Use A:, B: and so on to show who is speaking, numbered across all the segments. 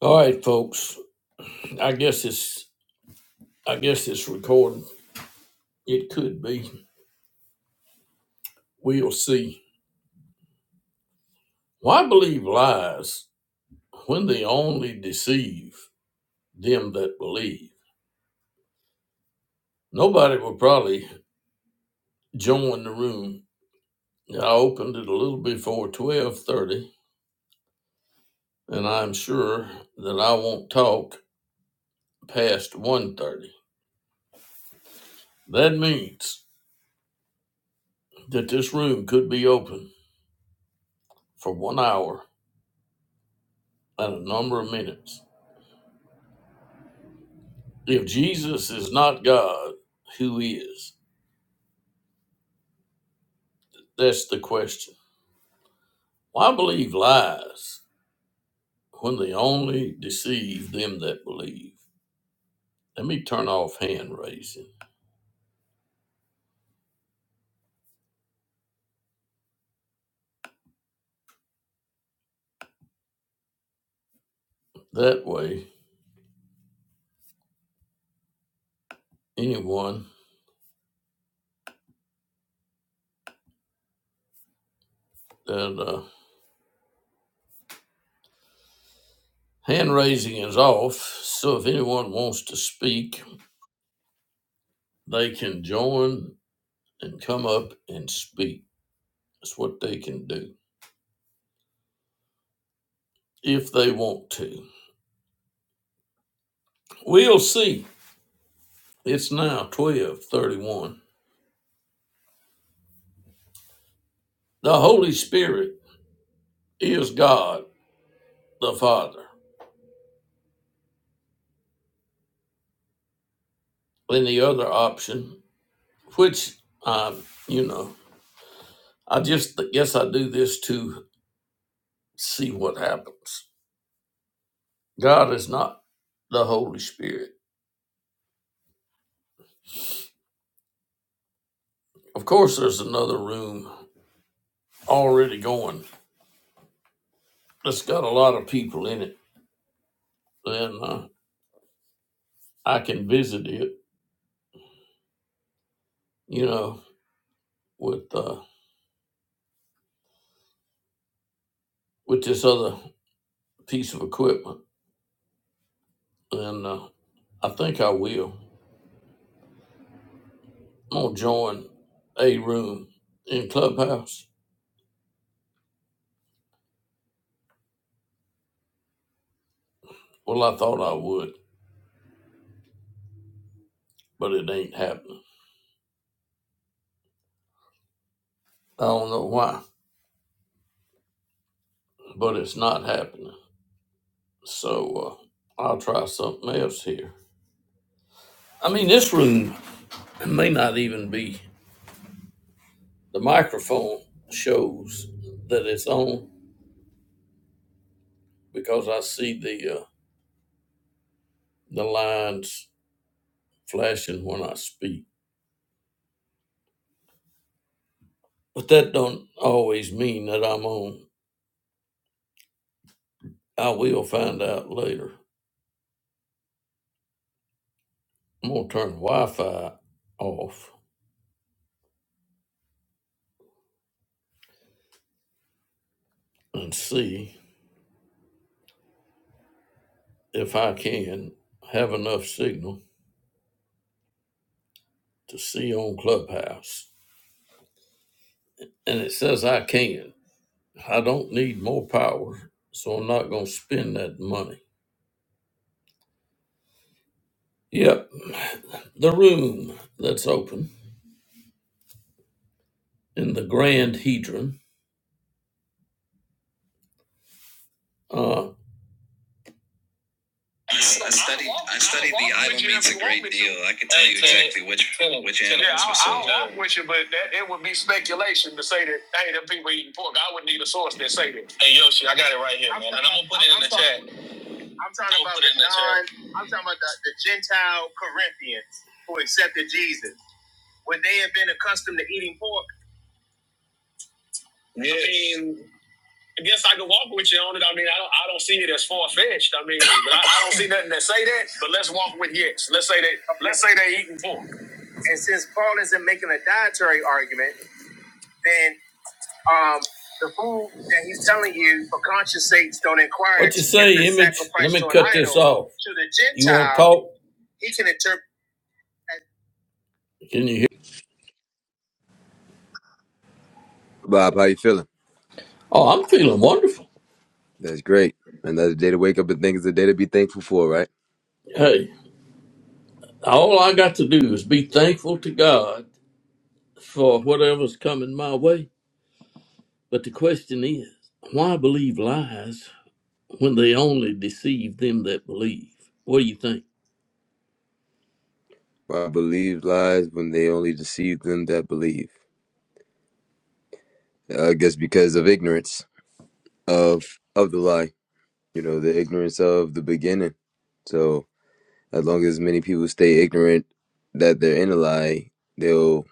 A: All right, folks. I guess it's I guess it's recording. It could be. We'll see. Why believe lies when they only deceive them that believe? Nobody will probably join the room. I opened it a little before twelve thirty, and I'm sure that I won't talk past one thirty. That means that this room could be open for one hour and a number of minutes. If Jesus is not God, who is? That's the question. Why believe lies when they only deceive them that believe? Let me turn off hand raising. That way, anyone that uh, hand raising is off, so if anyone wants to speak, they can join and come up and speak. That's what they can do if they want to. We'll see. It's now twelve thirty-one. The Holy Spirit is God the Father. And the other option, which I, you know, I just guess I do this to see what happens. God is not the Holy Spirit. Of course, there's another room already going that's got a lot of people in it, Then uh, I can visit it, you know, with uh, with this other piece of equipment, and uh, I think I will. I'm gonna join a room in Clubhouse. Well, I thought I would. but it ain't happening. I don't know why, but it's not happening. So uh, I'll try something else here. I mean, this room may not even be. The microphone shows that it's on because I see the uh, the lines flashing when I speak. But that don't always mean that I'm on. I will find out later. I'm gonna turn Wi-Fi off and see if I can have enough signal to see on Clubhouse. And it says I can. I don't need more power, so I'm not going to spend that money. Yep, the room that's open in the Grand Hedron. Uh, I studied, I studied the Idol meets a great deal. I can tell you exactly which which animals yeah, I, were sold. Yeah, I I walk with you, but that, it would be speculation to say that hey, them people eating pork. I would need a source that say that. Hey Yoshi, I got it right here, man, and I'm gonna put it in the chat. I'm talking about the non, I'm talking about the, the Gentile Corinthians who accepted Jesus. Would they have been accustomed to eating pork? Yes. I mean, I guess I can walk with you on it. I mean, I don't, I don't see it as far fetched. I mean, but I, I don't see nothing that say that. But let's walk with yes. Let's say they, let's say they eating pork. And since Paul isn't making a dietary argument, then um, the food that he's telling you for conscience sakes don't inquire. What you say, image? Let me cut this off. to the Gentile, You want to Gentile talk? he can interpret. Can you hear?
B: Bob, how you feeling?
A: Oh, I'm feeling wonderful.
B: That's great. Another day to wake up and think is a day to be thankful for, right?
A: Hey, all I got to do is be thankful to God for whatever's coming my way. But the question is, why believe lies when they only deceive them that believe? What do you think?
B: I believe lies when they only deceive them that believe. I guess because of ignorance of of the lie, you know, the ignorance of the beginning. So as long as many people stay ignorant that they're in a lie, they'll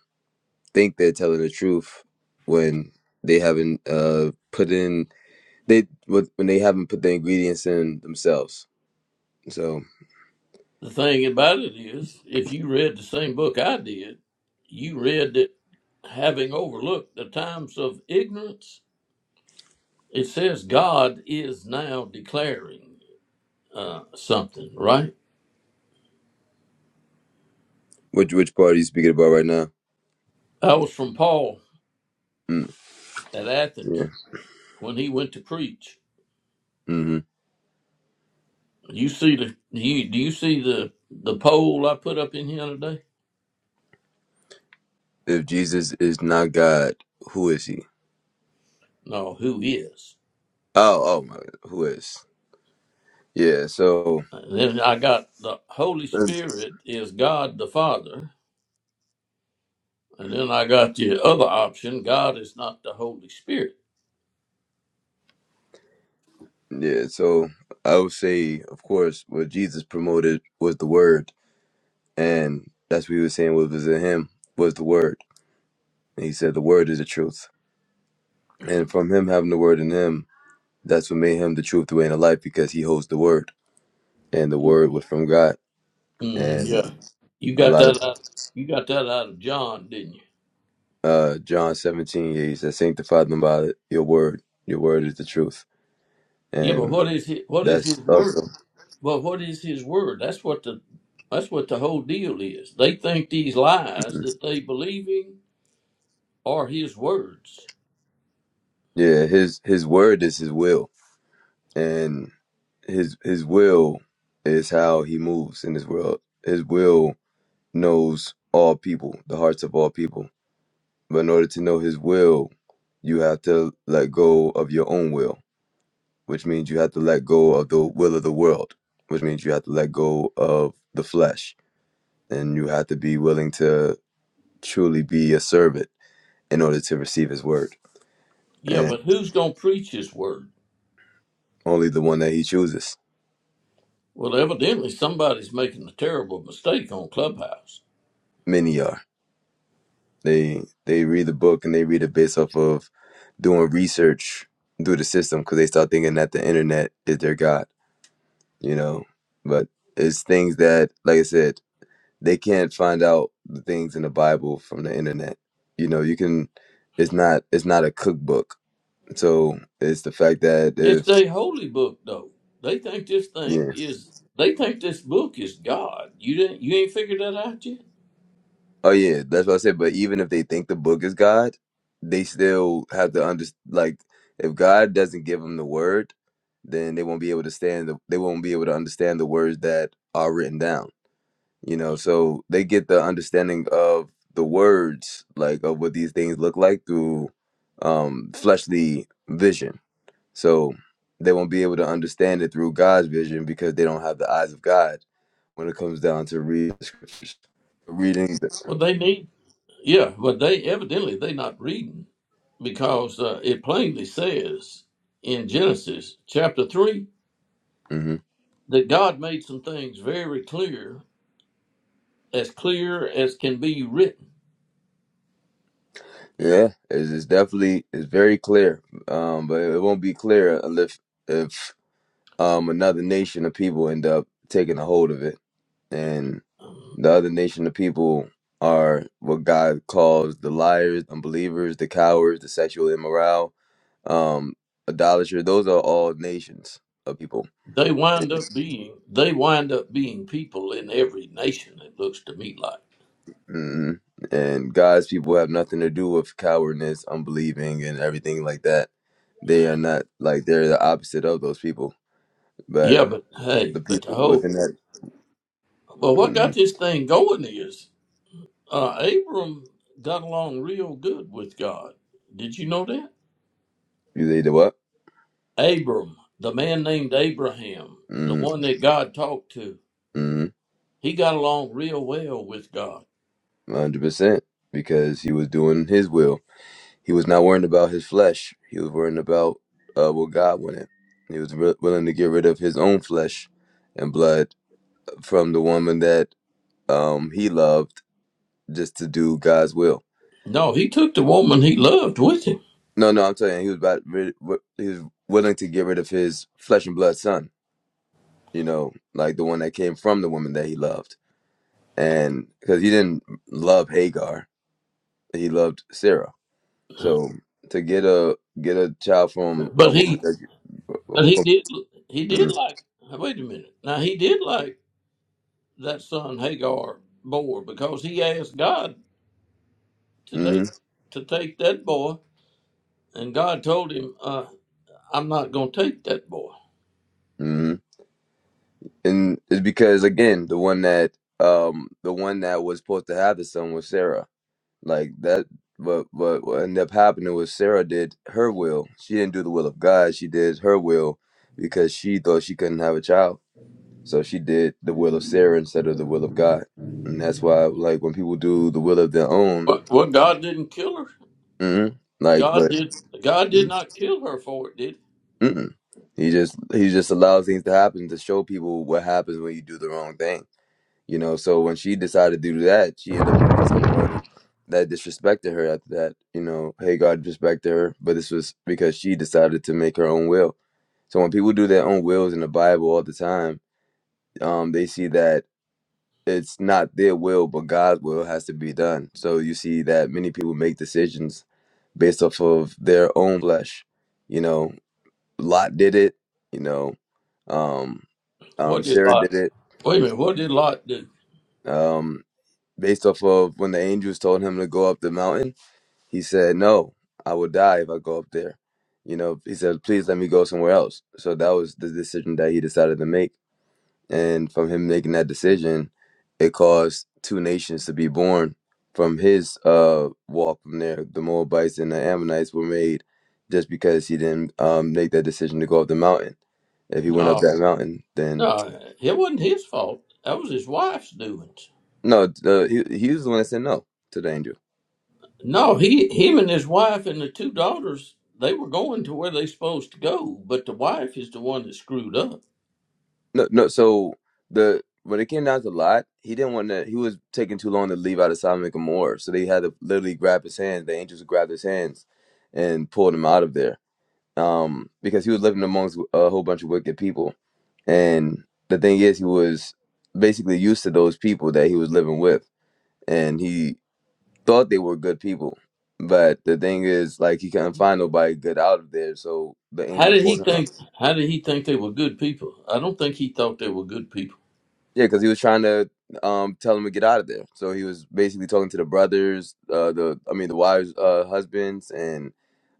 B: think they're telling the truth when they haven't uh, put in they when when they haven't put the ingredients in themselves. So
A: The thing about it is, if you read the same book I did, you read that having overlooked the times of ignorance, it says God is now declaring uh, something, right?
B: which which part are you speaking about right now?
A: That was from Paul
B: Hmm.
A: at
B: Yeah.
A: Athens. when he went to preach.
B: hmm
A: You see the you do you see the the poll I put up in here today?
B: If Jesus is not God, who is he?
A: No, who is?
B: Oh, oh my, who is? Yeah. So
A: And then I got the Holy
B: that's-
A: Spirit is God the Father, and then I got the other option: God is not the Holy Spirit.
B: yeah. So I would say, of course, what Jesus promoted was the Word, and that's what he was saying. What was in him was the Word, and he said the Word is the truth, and from him having the Word in him, that's what made him the truth, the way, and the life, because he holds the Word, and the Word was from God,
A: Mm,
B: and
A: yeah, you
B: a
A: got
B: lot of
A: that out. You got that out of John, didn't you?
B: uh John seventeen, yeah, he said, sanctify them by your Word. Your Word is the truth
A: Yeah, but
B: and
A: what is his, what is his
B: that's
A: word?
B: also
A: Well, what is his word? That's what the that's what the whole deal is. They think these lies
B: mhm.
A: that they believing are his words.
B: yeah. His his word is his will, and his his will is how he moves in this world. His will knows all people, the hearts of all people. But in order to know his will, you have to let go of your own will, which means you have to let go of the will of the world, which means you have to let go of the flesh, and you have to be willing to truly be a servant in order to receive his word.
A: Yeah, but who's going to preach his word?
B: only the one that he chooses.
A: Well, evidently somebody's making a terrible mistake on Clubhouse.
B: Many are. They they read the book and they read it based off of doing research through the system because they start thinking that the internet is their god, you know. But it's things that, like I said, they can't find out the things in the Bible from the internet. You know, you can. It's not. It's not a cookbook. So it's the fact that
A: It's
B: if
A: their holy book, though. They think this
B: yeah,
A: thing is. They think this book is God. You didn't. You ain't figured that out yet.
B: Oh yeah, that's what I said. But even if they think the book is God, they still have to understand. Like, if God doesn't give them the word, then they won't be able to stand. The, they won't be able to understand the words that are written down. You know, so they get the understanding of the words, like of what these things look like through um, fleshly vision. So they won't be able to understand it through God's vision because they don't have the eyes of God when it comes down to reading the scriptures, reading. The,
A: Well, they need. Yeah, but they evidently they not reading because uh, it plainly says in Genesis chapter three
B: Mhm.
A: that God made some things very clear, as clear as can be written.
B: Yeah, it's, it's definitely it's very clear. Um, but it won't be clear if if um another nation of people end up taking a hold of it, and the other nation of people are what God calls the liars, unbelievers, the cowards, the sexual immoral, um, idolatry. Those are all nations of people,
A: They wind up being they wind up being people in every nation. It looks to me like
B: hmm and God's people have nothing to do with cowardness, unbelieving, and everything like that. They are not like they're the opposite of those people, but
A: yeah, but hey,
B: the
A: but the
B: people
A: whole
B: within that.
A: well, what got
B: Mm,
A: this thing going is uh, Abram got along real good with God. Did you know that?
B: you they did what?
A: Abram, the man named Abraham, the
B: Mm,
A: one that God talked to,
B: mm,
A: he got along real well with God.
B: 100%. Because he was doing his will. He was not worrying about his flesh. He was worrying about uh, what God wanted. He was wi- willing to get rid of his own flesh and blood from the woman that um, he loved just to do God's will.
A: No, he took the woman he loved with him,
B: No, no, I'm telling you, he was about rid, wi- he was willing to get rid of his flesh and blood son. You know, like the one that came from the woman that he loved, and because he didn't love Hagar, he loved Sarah. So to get a get a child from a
A: but
B: woman
A: he
B: that you uh, uh,
A: but he
B: from,
A: did he did like wait a minute now he did like. that son Hagar bore because he asked God
B: mm,
A: to take
B: mm,
A: to take that boy, and God told him, uh, "I'm not going to take that boy."
B: mm. and it's because again the one that um the one that was supposed to have the son was Sarah. Like that, but but what ended up happening was Sarah did her will. She didn't do the will of God. She did her will because she thought she couldn't have a child. So she did the will of Sarah instead of the will of God, and that's why like when people do the will of their own,
A: But well, God didn't kill her.
B: mm, like
A: God
B: but.
A: did. God did not kill her for it. Did
B: Mm-mm. He just he just allows things to happen to show people what happens when you do the wrong thing. You know, so when she decided to do that, she ended up getting someone that disrespected her after that. You know, hey God disrespected her, but this was because she decided to make her own will. So when people do their own wills in the Bible all the time, um, they see that it's not their will, but God's will has to be done. So you see that many people make decisions based off of their own flesh, you know, Lot did it, you know. Um,
A: he?
B: um,
A: what did
B: Sarah
A: Lot?
B: did it.
A: Wait a minute. What did Lot do?
B: Um, based off of when the angels told him to go up the mountain, he said, "No, I will die if I go up there." You know, he said, "Please let me go somewhere else." So that was the decision that he decided to make. and from him making that decision, it caused two nations to be born from his uh walk from there. The Moabites and the Ammonites were made just because he didn't um make that decision to go up the mountain. If he went up that
A: No,
B: mountain, then
A: no, it wasn't his fault. That was his wife's doings.
B: no, the, he he was the one that said no to the angel.
A: No, he him and his wife and the two daughters they were going to where they supposed to go, but the wife is the one that screwed up.
B: No, no. So the when it came down to Lot, he didn't want to. He was taking too long to leave out of Sodom and Gomorrah, so they had to literally grab his hands. The angels grabbed his hands and pulled him out of there um, because he was living amongst a whole bunch of wicked people. And the thing is, he was basically used to those people that he was living with, and he thought they were good people. But the thing is, like, he couldn't find nobody good out of there, so the
A: How
B: angels
A: did
B: pulled
A: he
B: him out.
A: think? How did he think they were good people? I don't think he thought they were good people.
B: Yeah, because he was trying to um, tell him to get out of there. So he was basically talking to the brothers, uh, the I mean, the wives, uh, husbands, and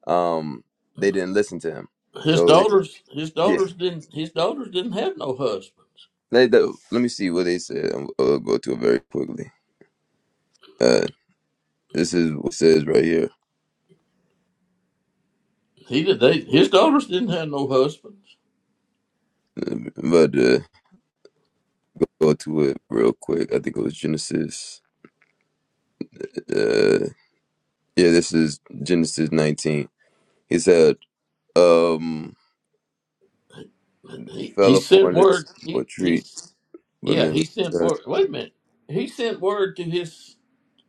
B: um, they didn't listen to him.
A: His
B: So
A: daughters, his
B: yeah,
A: daughters didn't. His daughters didn't have no husband.
B: Let, let, let me see what they said. I'll, I'll go to it very quickly. Uh, this is what it says right here.
A: He did. They, his daughters didn't have no husbands.
B: I'm about to go to it real quick. I think it was Genesis. Uh, yeah, this is Genesis 19. He said, um,
A: He,
B: fell
A: he sent
B: upon this
A: word.
B: what
A: He
B: treat,
A: he's
B: but
A: yeah. He
B: memory.
A: sent word.
B: served."
A: Wait a minute. He sent word to his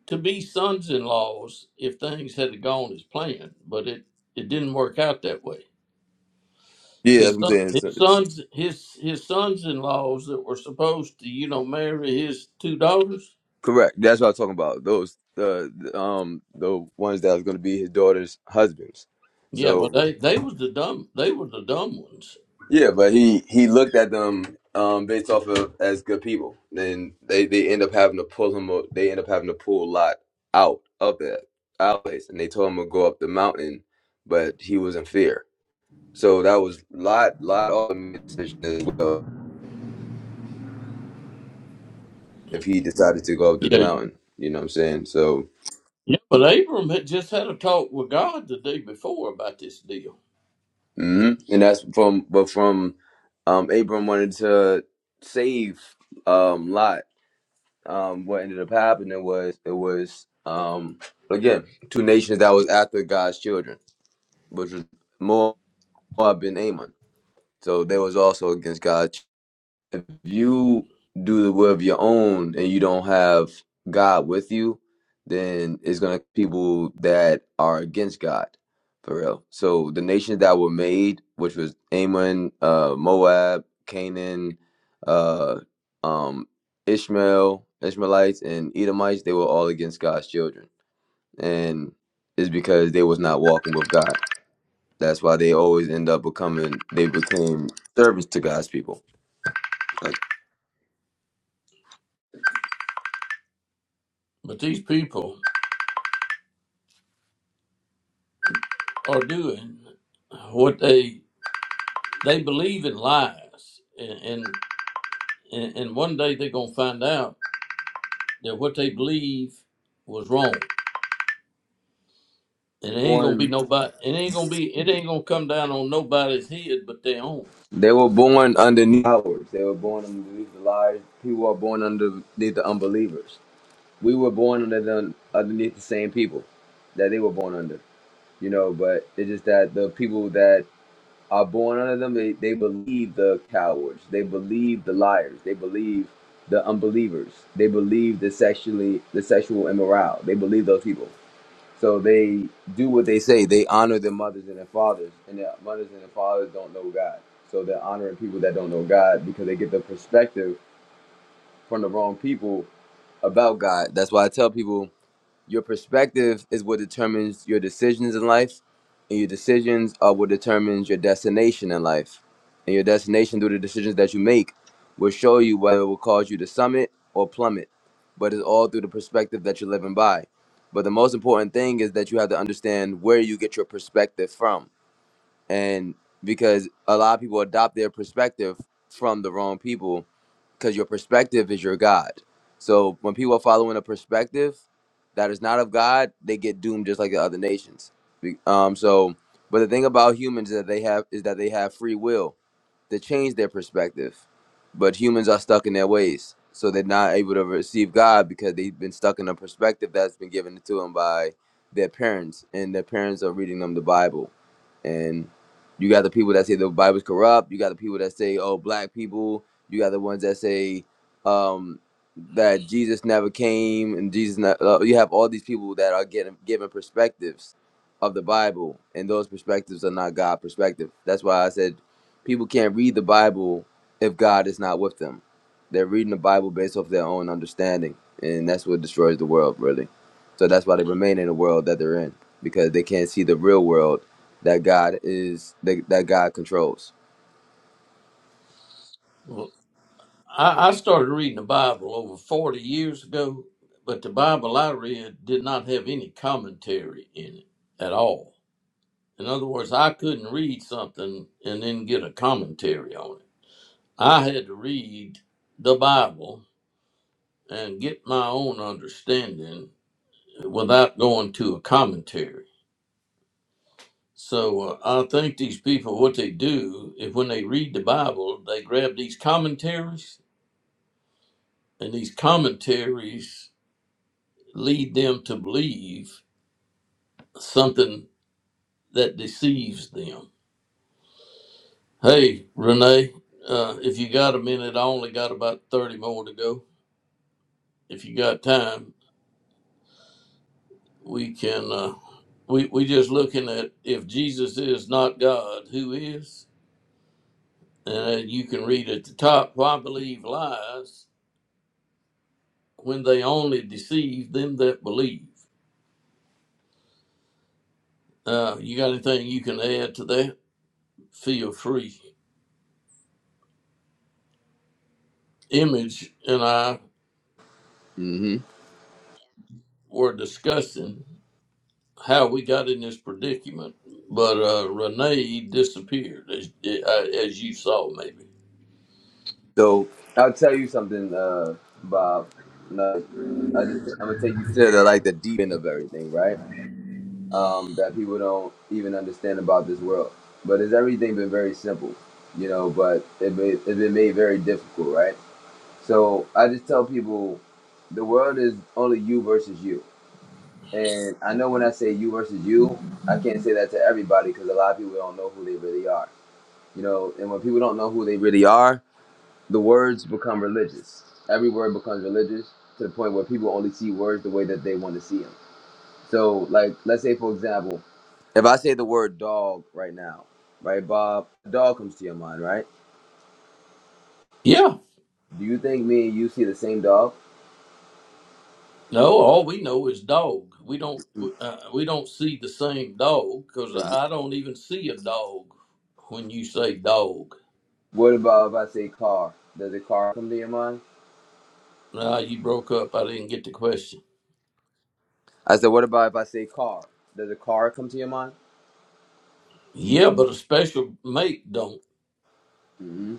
A: to be sons-in-laws if things had gone as planned, but it it didn't work out that way.
B: Yeah, that's
A: His
B: what I'm
A: son,
B: saying. It's,
A: his
B: it's,
A: sons, his his sons-in-laws that were supposed to you know marry his two daughters
B: correct. That's what I'm talking about. Those, uh, um, the ones that was going to be his daughter's husbands.
A: Yeah, well,
B: So.
A: they they was the dumb they were the dumb ones.
B: Yeah, but he he looked at them um, based off of as good people, and they they end up having to pull him. o- They end up having to pull Lot out of that out place, and they told him to go up the mountain, but he was in fear. So that was Lot Lot also made a decision as well if he decided to go up the
A: Yeah,
B: mountain. You know what I'm saying? So
A: yeah. But Abram had just had a talk with God the day before about this deal.
B: hmm and that's from but from um, Abram wanted to save um, Lot um, what ended up happening was it was um, again two nations that was after God's children, which was Moab and Ammon. So they was also against God if you do the will of your own and you don't have God with you, then it's gonna people that are against God, for real. So the nations that were made, which was Ammon, uh, Moab, Canaan, uh, um, Ishmael, Ishmaelites, and Edomites, they were all against God's children, and it's because they was not walking with God. That's why they always end up becoming they became servants to God's people. Uh,
A: But these people are doing what they they believe in lies, and and, and and one day they're gonna find out that what they believe was wrong, and it ain't gonna be
B: Born
A: nobody. It ain't gonna be. It ain't gonna come down on nobody's head but their own.
B: They were born underneath powers. They were born underneath the liars. People are born underneath the unbelievers. We were born under the, underneath the same people that they were born under. You know, but it's just that the people that are born under them, they, they believe the cowards. They believe the liars. They believe the unbelievers. They believe the sexually the sexual immoral. They believe those people. So they do what they say. They honor their mothers and their fathers, and their mothers and their fathers don't know God. So they're honoring people that don't know God because they get the perspective from the wrong people about God. That's why I tell people your perspective is what determines your decisions in life, and your decisions are what determines your destination in life. And your destination through the decisions that you make will show you whether it will cause you to summit or plummet. But it's all through the perspective that you're living by. But the most important thing is that you have to understand where you get your perspective from. And because a lot of people adopt their perspective from the wrong people because your perspective is your God. So when people are following a perspective that is not of God, they get doomed just like the other nations. Be- Um, so, but the thing about humans is that they have is that they have free will to change their perspective. But humans are stuck in their ways. So they're not able to receive God because they've been stuck in a perspective that's been given to them by their parents. And their parents are reading them the Bible. And you got the people that say the Bible's corrupt. You got the people that say, oh, black people. You got the ones that say um, that Jesus never came. And Jesus, not, uh, you have all these people that are getting given perspectives of the Bible. And those perspectives are not God perspective. That's why I said People can't read the Bible if God is not with them. They're reading the Bible based off their own understanding, and that's what destroys the world, really. So that's why they remain in the world that they're in because they can't see the real world that God is that, that God controls.
A: Well, I, I started reading the Bible over 40 years ago, but the Bible I read did not have any commentary in it at all. In other words, I couldn't read something and then get a commentary on it. I had to read the Bible and get my own understanding without going to a commentary. So uh, I think these people, what they do, if when they read the Bible, they grab these commentaries, and these commentaries lead them to believe something that deceives them. Hey, Renee, uh, if you got a minute, I only got about 30 more to go. If you got time, we can. Uh, we we just looking at if Jesus is not God, who is? And uh, you can read at the top, why believe lies when they only deceive them that believe? Uh, you got anything you can add to that? Feel free. Image and I
B: hmm
A: were discussing. how we got in this predicament, but uh, Renee disappeared, as, uh, as you saw, maybe.
B: So I'll tell you something, uh, Bob. Like, I just, I'm gonna take you to the, like the deep end of everything, right? um, that people don't even understand about this world. But it's everything been very simple, you know, but it made, it's been made very difficult, right? So I just tell people the world is only you versus you. And I know when I say you versus you, I can't say that to everybody because a lot of people don't know who they really are, you know, and when people don't know who they really are, the words become religious. Every word becomes religious to the point where people only see words the way that they want to see them. So, like, let's say, for example, if I say the word dog right now, right, Bob, dog comes to your mind, right?
A: Yeah,
B: Do you think me and you see the same dog?
A: no, all we know is dog. We don't uh, we don't see the same dog because
B: If-
A: I don't even see a dog when you say dog.
B: What about if I say car? Does a car come to your mind?
A: Nah, you broke up. I didn't get the question.
B: I said, what about if I say car? Does a car come to your mind?
A: Yeah, but a special mate don't.
B: hmm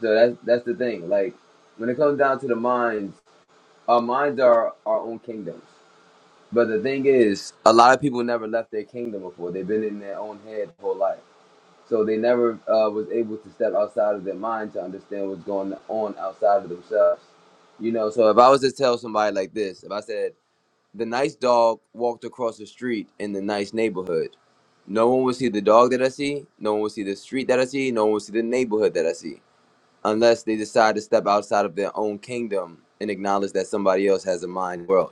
B: So that's that's the thing. Like, when it comes down to the minds, our minds are our own kingdoms. But the thing is, a lot of people never left their kingdom before. They've been in their own head their whole life. So they never uh, was able to step outside of their mind to understand what's going on outside of themselves. You know, so if I was to tell somebody like this, if I said the nice dog walked across the street in the nice neighborhood, no one would see the dog that I see, no one would see the street that I see, no one would see the neighborhood that I see, unless they decide to step outside of their own kingdom and acknowledge that somebody else has a mind world.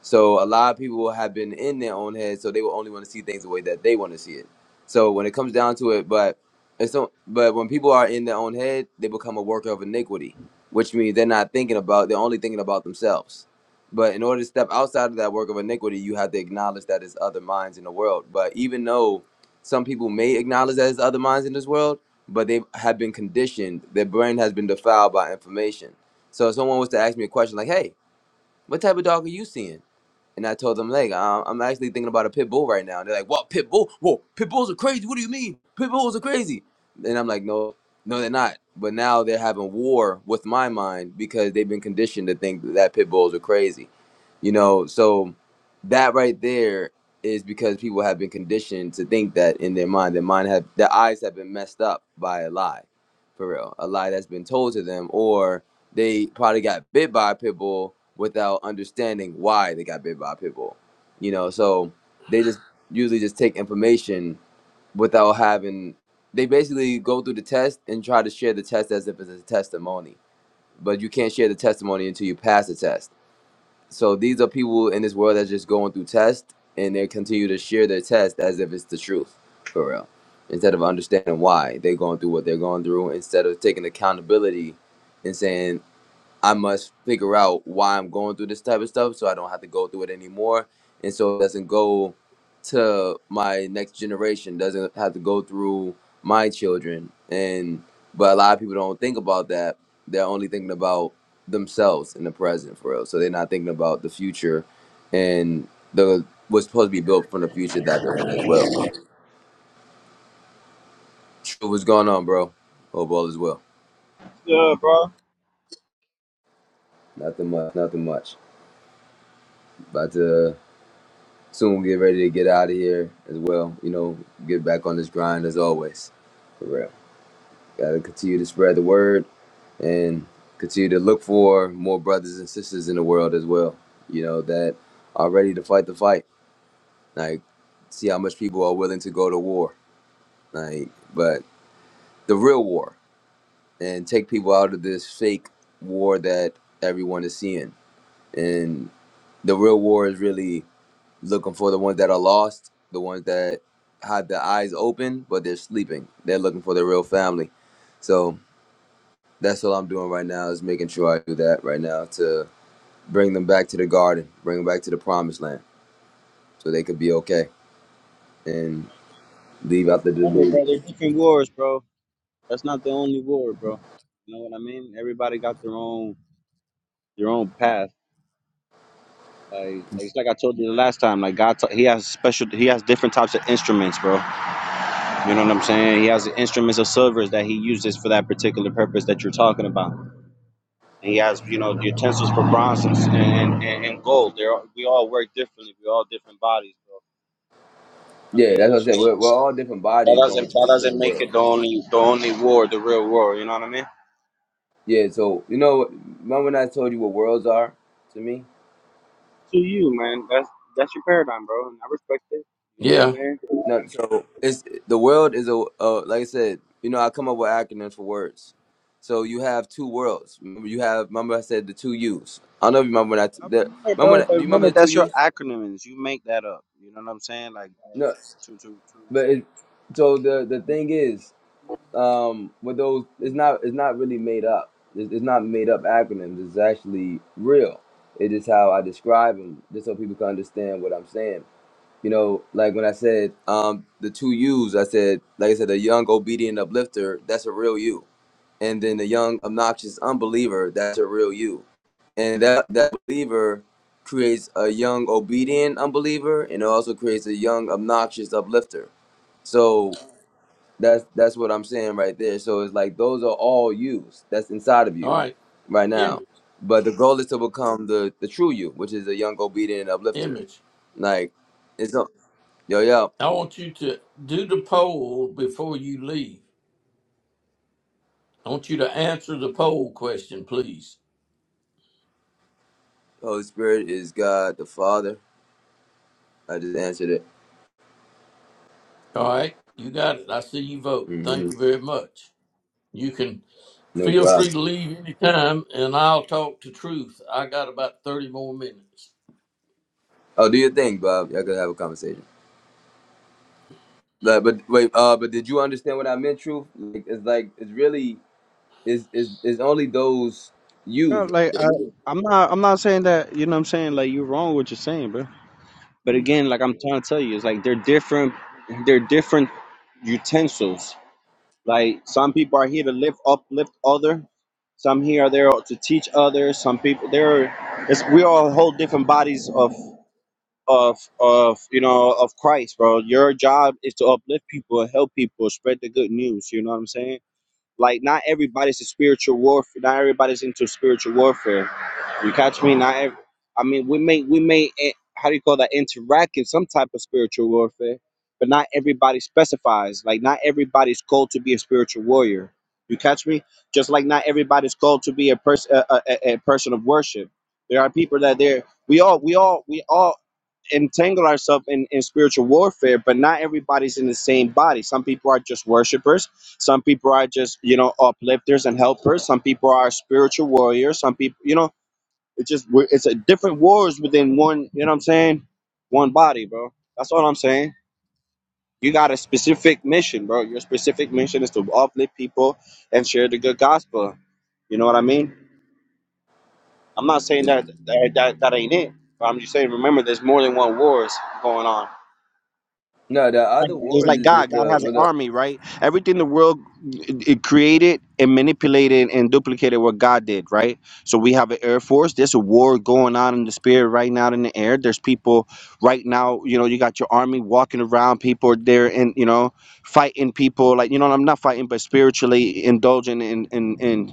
B: So a lot of people have been in their own head, so they will only want to see things the way that they want to see it. So when it comes down to it, but it's not, but when people are in their own head, they become a worker of iniquity, which means they're not thinking about they're only thinking about themselves. But in order to step outside of that work of iniquity, you have to acknowledge that there's other minds in the world. But even though some people may acknowledge that there's other minds in this world, but they have been conditioned, their brain has been defiled by information. So if someone was to ask me a question like, "Hey, what type of dog are you seeing?" And I told them, like, um, I'm actually thinking about a pit bull right now. And they're like, what, pit bull? Whoa, pit bulls are crazy. What do you mean? Pit bulls are crazy. And I'm like, no, no, they're not. But now they're having war with my mind because they've been conditioned to think that pit bulls are crazy. You know, so that right there is because people have been conditioned to think that in their mind, their mind have their eyes have been messed up by a lie, for real, a lie that's been told to them, or they probably got bit by a pit bull without understanding why they got bit by a pit bull. You know, so they just usually just take information without having. They basically go through the test and try to share the test as if it's a testimony, but you can't share the testimony until you pass the test so these are people in this world that's just going through tests, and they continue to share their test as if it's the truth, for real. Instead of understanding why they're going through what they're going through, instead of taking accountability and saying I must figure out why I'm going through this type of stuff so I don't have to go through it anymore. And so it doesn't go to my next generation, doesn't have to go through my children. And but a lot of people don't think about that. They're only thinking about themselves in the present for real. So they're not thinking about the future and the what's supposed to be built from the future that they're in as well. True, what's going on, bro? Hope all is well.
C: Yeah, bro.
B: Nothing much, nothing much. About to soon we get ready to get out of here as well. You know, get back on this grind as always. For real. Gotta continue to spread the word and continue to look for more brothers and sisters in the world as well. You know, that are ready to fight the fight. Like, see how much people are willing to go to war. Like, but the real war and take people out of this fake war that everyone is seeing. And the real war is really looking for the ones that are lost, the ones that had their eyes open but they're sleeping. They're looking for their real family. So that's all I'm doing right now is making sure I do that right now to bring them back to the garden, bring them back to the promised land, so they could be okay and leave out the
C: Remember, bro,
B: delusion.
C: they're different wars, bro. That's not the only war, bro. You know what I mean? Everybody got their own their own path. Like, like it's like I told you the last time. Like God, t- He has special. He has different types of instruments, bro. You know what I'm saying? He has the instruments of silvers that He uses for that particular purpose that you're talking about. And He has, you know, utensils for bronze and and, and, and gold. They're all, we all work differently. We're all different bodies, bro. You know what I
B: Yeah, that's
C: mean?
B: what I said. We're,
C: So
B: we're all different
C: that
B: bodies going
C: doesn't
B: to
C: that
B: the
C: doesn't
B: same
C: make
B: world.
C: it the only the only war, the real war. You know what I mean?
B: Yeah, so you know, remember when I told you what worlds are to me?
C: to you, man. That's that's your paradigm, bro, and I respect it. You know what I'm
A: Yeah.
C: saying?
B: No, so it's the world is a uh, like I said, you know, I come up with acronyms for words. So you have two worlds. Remember, you have remember I said the two U's. I don't know if you remember when I t-
C: Y'all
B: the
C: remember,
B: remember
C: bro,
B: that,
C: but
B: do you remember
C: remember
B: the two
C: that's your
B: U's?
C: acronyms. You make that up. You know what I'm saying? Like uh,
B: No,
C: to to
B: but
C: to.
B: it, so the the
C: um,
B: thing is, um, with those, it's not it's not really made up. It's, it's not made up acronyms. It's actually real. It is how I describe them, just so people can understand what I'm saying. you know, like when I said um, the two U's, I said, like I said, the young obedient uplifter, that's a real you. And then the young obnoxious unbeliever, that's a real you. And that, that believer creates a young obedient unbeliever and it also creates a young obnoxious uplifter. So that's that's what I'm saying right there. So it's like those are all yous that's inside of
A: All
B: you
A: right.
B: right now.
A: Image.
B: But the goal is to become the, the true you, which is a young obedient uplifter.
A: Image.
B: Like it's not yo yo.
A: I want you to do the poll before you leave. I want you to answer the poll question, please.
B: Holy Spirit is God the Father. I just answered it.
A: All right, you got it. I see you vote.
B: hmm
A: Thank you very much. You can
B: No
A: feel
B: problem.
A: free to leave anytime, and I'll talk to truth. I got about thirty more minutes.
B: Oh, do your thing, Bob. Y'all could have a conversation. But, but wait, uh, but did you understand what I meant, Truth? Like, it's like it's really it's it's, it's only those yous
C: Bro,
B: right
C: like
B: there.
C: I, I'm not, I'm not saying that. You know what I'm saying? Like you're wrong what you're saying, bro. But
B: Mm.
C: again, like I'm trying to tell you, it's like they're different. They're different utensils. Like some people are here to lift uplift other. Some here are there to teach others. Some people there, it's we all hold different bodies of of of you know of Christ, bro. Your job is to uplift people and help people spread the good news. You know what I'm saying? Like not everybody's a spiritual warfare. Not everybody's into spiritual warfare. You catch me? Not. Ev- I mean, we may we may eh, how do you call that interact in some type of spiritual warfare, but not everybody specifies. Like not everybody's called to be a spiritual warrior. You catch me? Just like not everybody's called to be a person a, a, a a person of worship. There are people that they're we all we all we all entangle ourselves in, in spiritual warfare, but not everybody's in the same body. Some people are just worshipers. Some people are just, you know, uplifters and helpers. Some people are spiritual warriors. Some people, you know, it's just, we're- it's a different wars within one, you know what I'm saying? One body, bro. That's all I'm saying. You got a specific mission, bro. Your specific mission is to uplift people and share the good gospel. You know what I mean? I'm not saying
B: It's-
C: that that, that, that ain't it. But I'm just saying, remember, there's more than one wars going on.
B: no, the other
C: It's
B: wars
C: like
B: is
C: God.
B: just
C: God
B: a
C: has an
B: with a
C: army, right? Everything the world it it created and manipulated and duplicated what God did, right? So we have an air force. There's a war going on in the spirit right now in the air. There's people right now. You know, you got your army walking around. People are there and you know fighting people. Like you know, I'm not fighting, but spiritually indulging in in in.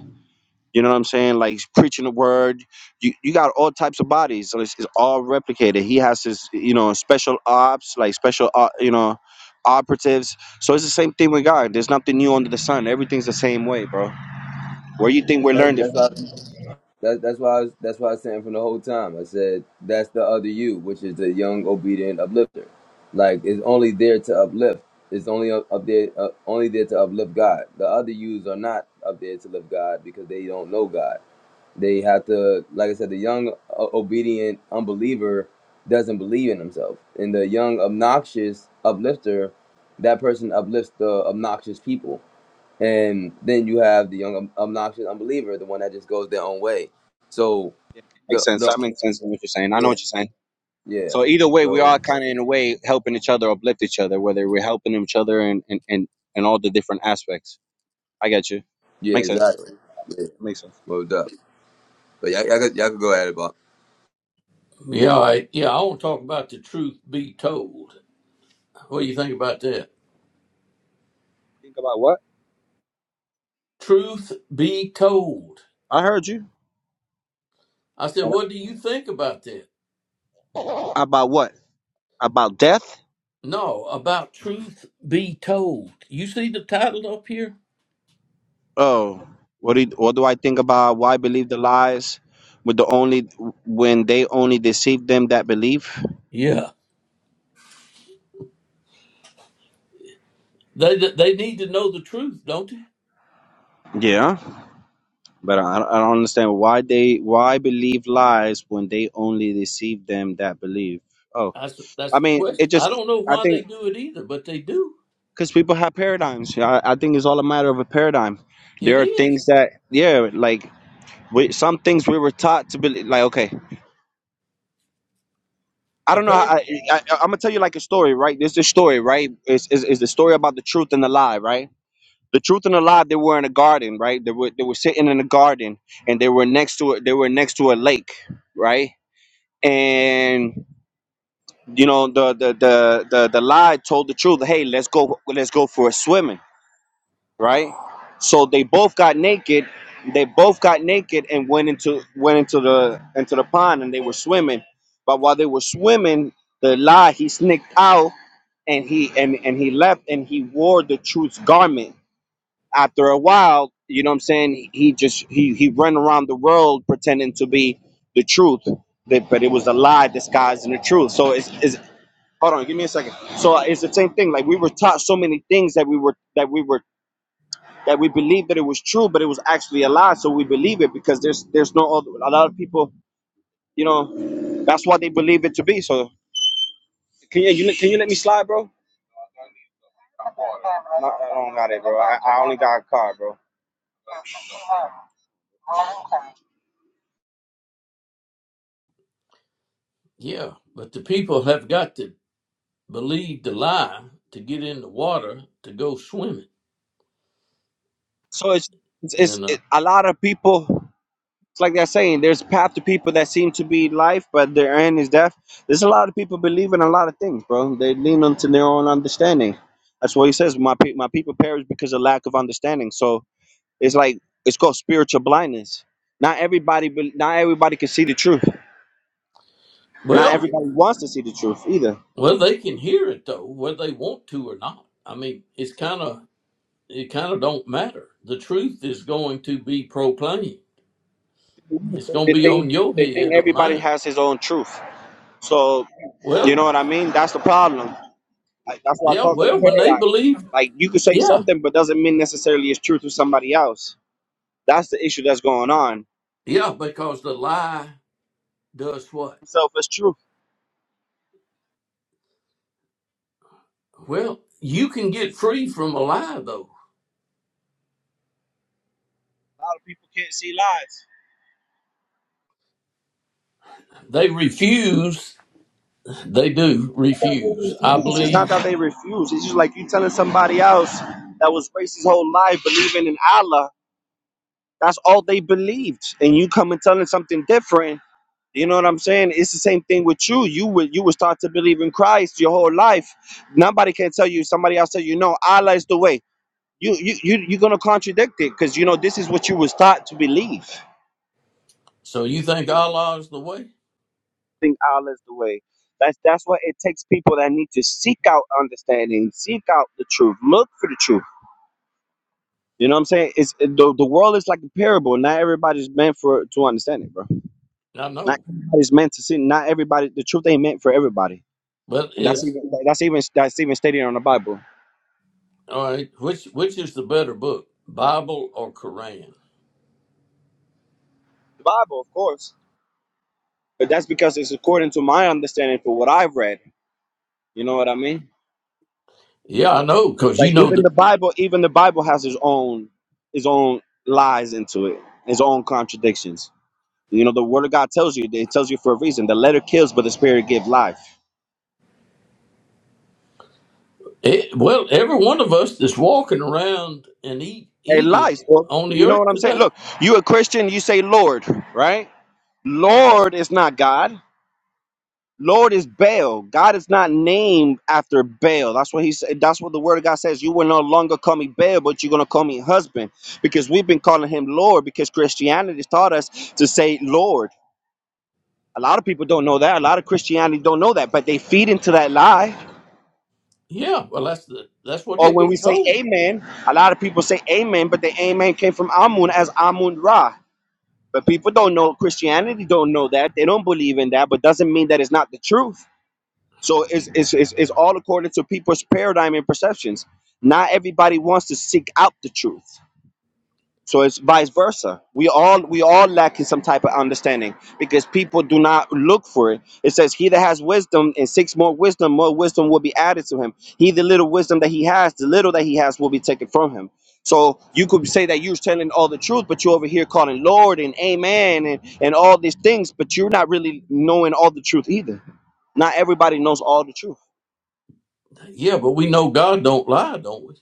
C: You know what I'm saying? Like he's preaching the word. You you got all types of bodies. So it's, it's all replicated. He has his, you know, special ops, like special, uh, you know, operatives. So it's the same thing with God. There's nothing new under the sun. Everything's the same way, bro. Where you think we
B: that's
C: learned it
B: that's
C: from?
B: all. That, that's why I was, that's why I was saying from the whole time. I said that's the other you, which is the young, obedient uplifter. Like it's only there to uplift. It's only up up there, uh, only there to uplift God. The other yous are not up there to lift God because they don't know God. They have to, like I said, the young, uh, obedient unbeliever doesn't believe in himself, and the young, obnoxious uplifter, that person uplifts the obnoxious people and then you have the young obnoxious unbeliever, the one that just goes their own way. So
C: Makes
B: the
C: sense.
B: the
C: That makes sense in what you're saying. I know
B: yeah
C: what you're saying.
B: yeah.
C: So either way, we
B: So
C: are kind of in a way helping each other, uplift each other, whether we're helping each other and and and and all the different aspects. I got you.
B: yeah,
C: Makes sense.
B: exactly. Yeah,
C: Makes sense.
B: moved up. But y'all, y'all, could, y'all could go at it, Bob.
A: Yeah, all right. Yeah, I want to talk about the truth be told. What do you think about that?
C: Think about what?
A: Truth be told.
C: I heard you.
A: I said, what do you think about that?
C: About what? about death.
A: No, about truth be told. You see the title up here?
C: Oh, what do you, what do I think about why believe the lies? With the only when they only deceive them that believe.
A: Yeah. They they need to know the truth, don't they?
C: Yeah, but I, I don't understand why they why believe lies when they only deceive them that believe. Oh,
A: That's that's
C: I
A: the
C: mean,
A: question.
C: it
A: I
C: just
A: don't know
C: I
A: why they
C: think
A: do it either, but they do.
C: because people have paradigms. Yeah, I, I think it's all a matter of a paradigm.
A: It
C: There are things
A: is.
C: that yeah, like we, some things we were taught to believe. Like okay, I don't know. How,
A: Apparently,
C: I, I, I'm gonna tell you like a story, right? This is a story, right? Is is is the story about the truth and the lie, right? The truth and the lie. They were in a garden, right? They were they were sitting in a garden, and they were next to it. They were next to a lake, right? And you know the the the the, the lie told the truth. Hey, let's go. Let's go for a swimming right? So they both got naked. They both got naked and went into went into the into the pond and they were swimming. But while they were swimming, the lie he sneaked out and he and and he left and he wore the truth's garment. After a while, you know what I'm saying? He just he he ran around the world pretending to be the truth, but but it was a lie disguised in the truth. So it's, it's hold on, give me a second. So uh, it's the same thing. Like we were taught so many things that we were that we were that we believed that it was true, but it was actually a lie. So we believe it because there's there's no other. A lot of people, you know, that's what they believe it to be. So No, I don't got it, bro. I, I only got a car, bro.
A: yeah. But the people have got to believe the lie to get in the water to go swimming.
C: so it's it's, it's
A: And, uh,
C: it, a lot of people. It's like they're saying there's a path to people that seem to be life, but their end is death. There's a lot of people believing a lot of things, bro. They lean onto their own understanding. That's what he says. My pe- my people perish because of lack of understanding. So It's like it's called spiritual blindness. Not everybody, bel- not everybody can see the truth. Not
A: well,
C: everybody wants to see the truth either.
A: well, they can hear it though, whether they want to or not. I mean, it's kind of, it kind of don't matter. The truth is going to be proclaimed. It's going
C: They
A: to be on
C: think
A: your
C: they think
A: head or
C: everybody
A: mine.
C: has his own truth. So you
A: Well,
C: know what I mean? That's the problem. Like, that's why I
A: yeah,
C: call it a
A: well, when they
C: paradigm.
A: believe,
C: Like you could say
A: yeah,
C: something, but doesn't mean necessarily it's true to somebody else. That's the issue that's going on.
A: yeah, because the lie does what?
C: Self is truth.
A: Well, you can get free from a lie though.
C: A lot of people can't see lies.
A: They refuse They do
C: Not that they
A: refuse. I
C: refuse. It's not
A: believe.
C: that they refuse. It's just like you telling somebody else that was raised his whole life believing in Allah That's all they believed. And you come and telling something different. You know what I'm saying? It's the same thing with you. You would you would start to believe in Christ your whole life. Nobody can tell you. Somebody else tell you, no, Allah is the way. You you you you're gonna contradict it because you know this is what you was taught to believe.
A: So you think Allah is the way?
C: Think Allah is the way. That's that's what it takes people that need to seek out understanding, seek out the truth, look for the truth. You know what I'm saying? It's the, the world is like a parable. Not everybody's meant for to understand it, bro.
A: I
C: Not
A: know,
C: everybody's meant to sin. Not everybody. The truth ain't meant for everybody,
A: but
C: and that's
A: is
C: even that's even that's even stated on the Bible.
A: all right. Which which is the better book, Bible or Quran?
C: The Bible, of course, but that's because it's according to my understanding for what I've read. You know what I mean?
A: Yeah, I know, because you
C: But
A: know
C: even
A: the
C: the Bible, even the Bible has its own its own lies into it, its own contradictions. You know, the Word of God tells you. It tells you for a reason. The letter kills, but the Spirit gives life.
A: eh, well. Every one of us that's walking around and eat
C: It lies.
A: eating
C: Well,
A: on the
C: you know what
A: earth
C: I'm saying?
A: today.
C: Look, you a Christian, you say Lord, right? Lord is not God. Lord is Baal. God is not named after Baal. That's what he said. That's what the word of God says. You will no longer call me Baal, but you're gonna call me husband. Because we've been calling him Lord because Christianity taught us to say Lord. A lot of people don't know that. A lot of Christianity don't know that, but they feed into that lie.
A: Yeah, well, that's the that's what
C: Or
A: they've
C: when we
A: been
C: say
A: told.
C: amen, a lot of people say amen, but the amen came from Amun as Amun Ra. But people don't know Christianity don't know that. They don't believe in that, but doesn't mean that it's not the truth. So it's, it's, it's, it's all according to people's paradigm and perceptions. Not everybody wants to seek out the truth. So it's vice versa. We all we all lack in some type of understanding because people do not look for it. It says, "He that has wisdom and seeks more wisdom, more wisdom will be added to him. He the little wisdom that he has, the little that he has will be taken from him." So you could say that you're telling all the truth, but you're over here calling Lord and Amen and and all these things, but you're not really knowing all the truth either. Not everybody knows all the truth.
A: Yeah, but we know God don't lie, don't we?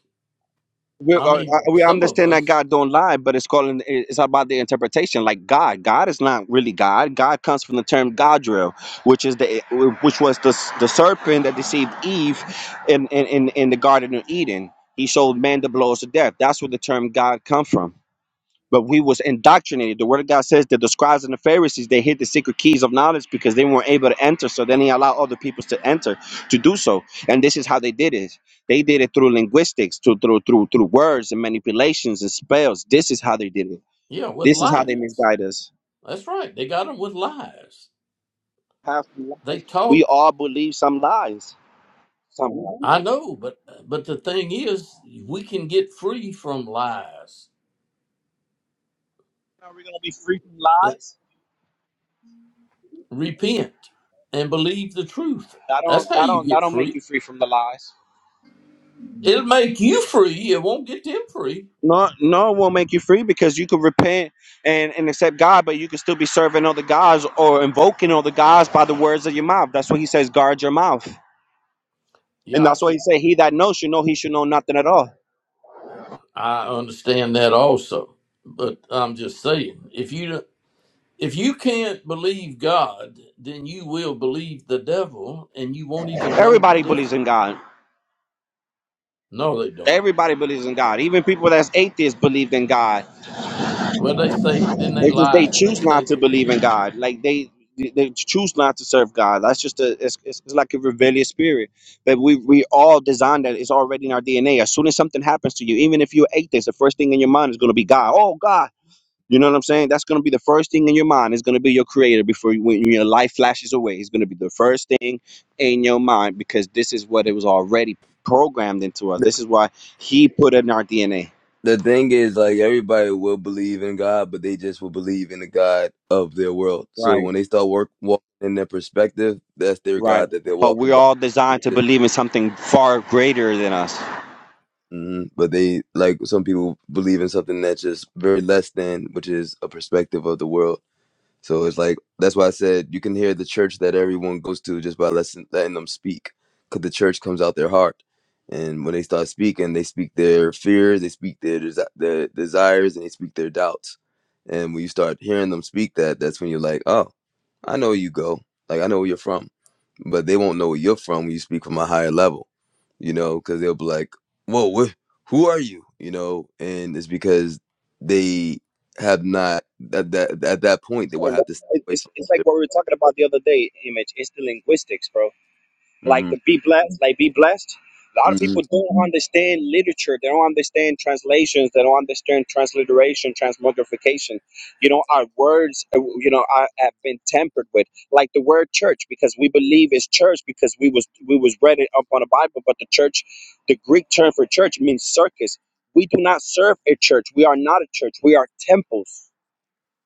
C: we, uh,
A: I
C: uh,
A: mean,
C: we
A: some of
C: understand that
A: us,
C: God don't lie, but it's calling it's about the interpretation. Like God, God is not really God. God comes from the term Godrill, which is the which was the the serpent that deceived Eve in in in, in the Garden of Eden. He showed man the blows of death. That's where the term God come from but we was indoctrinated. The word of God says that the scribes and the Pharisees they hid the secret keys of knowledge because they weren't able to enter. So then he allowed other people to enter to do so. And this is how they did it. They did it through linguistics, through through through through words and manipulations and spells. This is how they did it.
A: yeah, with
C: This is how
A: lies.
C: they misguide us.
A: That's right. They got them with lies.
C: Have
A: They
C: lies.
A: taught
C: We all believe some lies. Some lies.
A: I know, but but the thing is, we can get free from lies.
C: Are we gonna be free from
A: That-
C: lies?
A: Repent and believe the truth.
C: That don't
A: That's how
C: that
A: you
C: don't that
A: get
C: don't make you
A: free.
C: free from the lies.
A: It'll make you free. It won't get them free.
C: No, no, it won't make you free because you could repent and, and accept God, but you could still be serving other gods or invoking other gods by the words of your mouth. That's what he says, guard your mouth. And
A: Yeah, I
C: that's why
A: see.
C: he said, He that knows should know he should know nothing at all.
A: I understand that also, but I'm just saying, if you don't- if you can't believe God, then you will believe the devil, and you won't even know the
C: Everybody believes
A: difference.
C: in God.
A: No, they don't.
C: Everybody believes in God. Even people that's atheists believe in God.
A: Well, they say, didn't they
C: They just they
A: lie? They
C: choose
A: say
C: not to
A: they
C: believe
A: don't.
C: in God. Like they they choose not to serve God. That's just a it's, it's, it's like a rebellious spirit. But we we all designed that. It's already in our DNA. As soon as something happens to you, even if you're atheist, the first thing in your mind is going to be God. Oh God. You know what I'm saying? That's going to be the first thing in your mind. It's going to be your creator before you, when your life flashes away. It's going to be the first thing in your mind because this is what it was already programmed into us.
B: The
C: This is why he put it in our DNA.
B: the thing is, like everybody will believe in God, but they just will believe in the God of their world. So
C: Right.
B: when they start work walking in their perspective, that's their
C: Right.
B: God that they're
C: But
B: walking
C: we're
B: by.
C: all
B: It's
C: designed to
B: just-
C: believe in something far greater than us.
B: mhm. But they like some people believe in something that's just very less than, which is a perspective of the world. So it's like that's why I said you can hear the church that everyone goes to just by letting letting them speak, because the church comes out their heart, and when they start speaking, they speak their fears, they speak their desi- their desires, and they speak their doubts. And when you start hearing them speak that, that's when you're like, oh, I know where you go, like I know where you're from, but they won't know where you're from when you speak from a higher level, you know, because they'll be like, whoa, wh- who are you, you know, and it's because they have not at that at that point they will have to step away
C: It's,
B: from
C: it's like
B: it.
C: what we were talking about the other day, Image. It's the linguistics, bro. like
B: hmm
C: the be blessed, like be blessed. A lot of
B: hmm
C: people don't understand literature. They don't understand translations. They don't understand transliteration, transmogrification. You know, our words, uh, you know, are, have been tampered with. Like the word church, because we believe it's church because we was we was read it up on the Bible. But the church, the Greek term for church means circus. We do not serve a church. We are not a church. We are temples.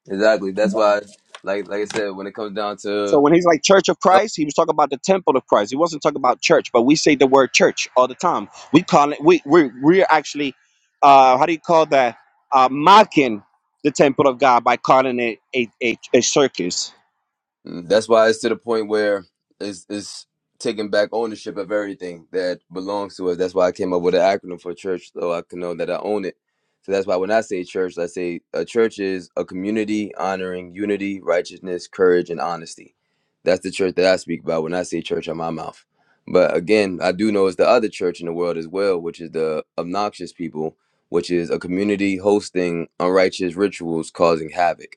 B: Exactly. That's why, like like I said, when it comes down
C: So
B: to
C: when he's like Church of Christ, he was talking about the temple of Christ. He wasn't talking about church, but we say the word church all the time. We call it we we we're actually uh how do you call that? Uh mocking the temple of God by calling it a, a, a circus.
B: That's why it's to the point where it's, it's taking back ownership of everything that belongs to us. That's why I came up with an acronym for church, so I can know that I own it. So that's why when I say church, I say a church is a community honoring unity, righteousness, courage, and honesty. That's the church that I speak about when I say church on my mouth. But again, I do know it's the other church in the world as well, which is the obnoxious people, which is a community hosting unrighteous rituals causing havoc.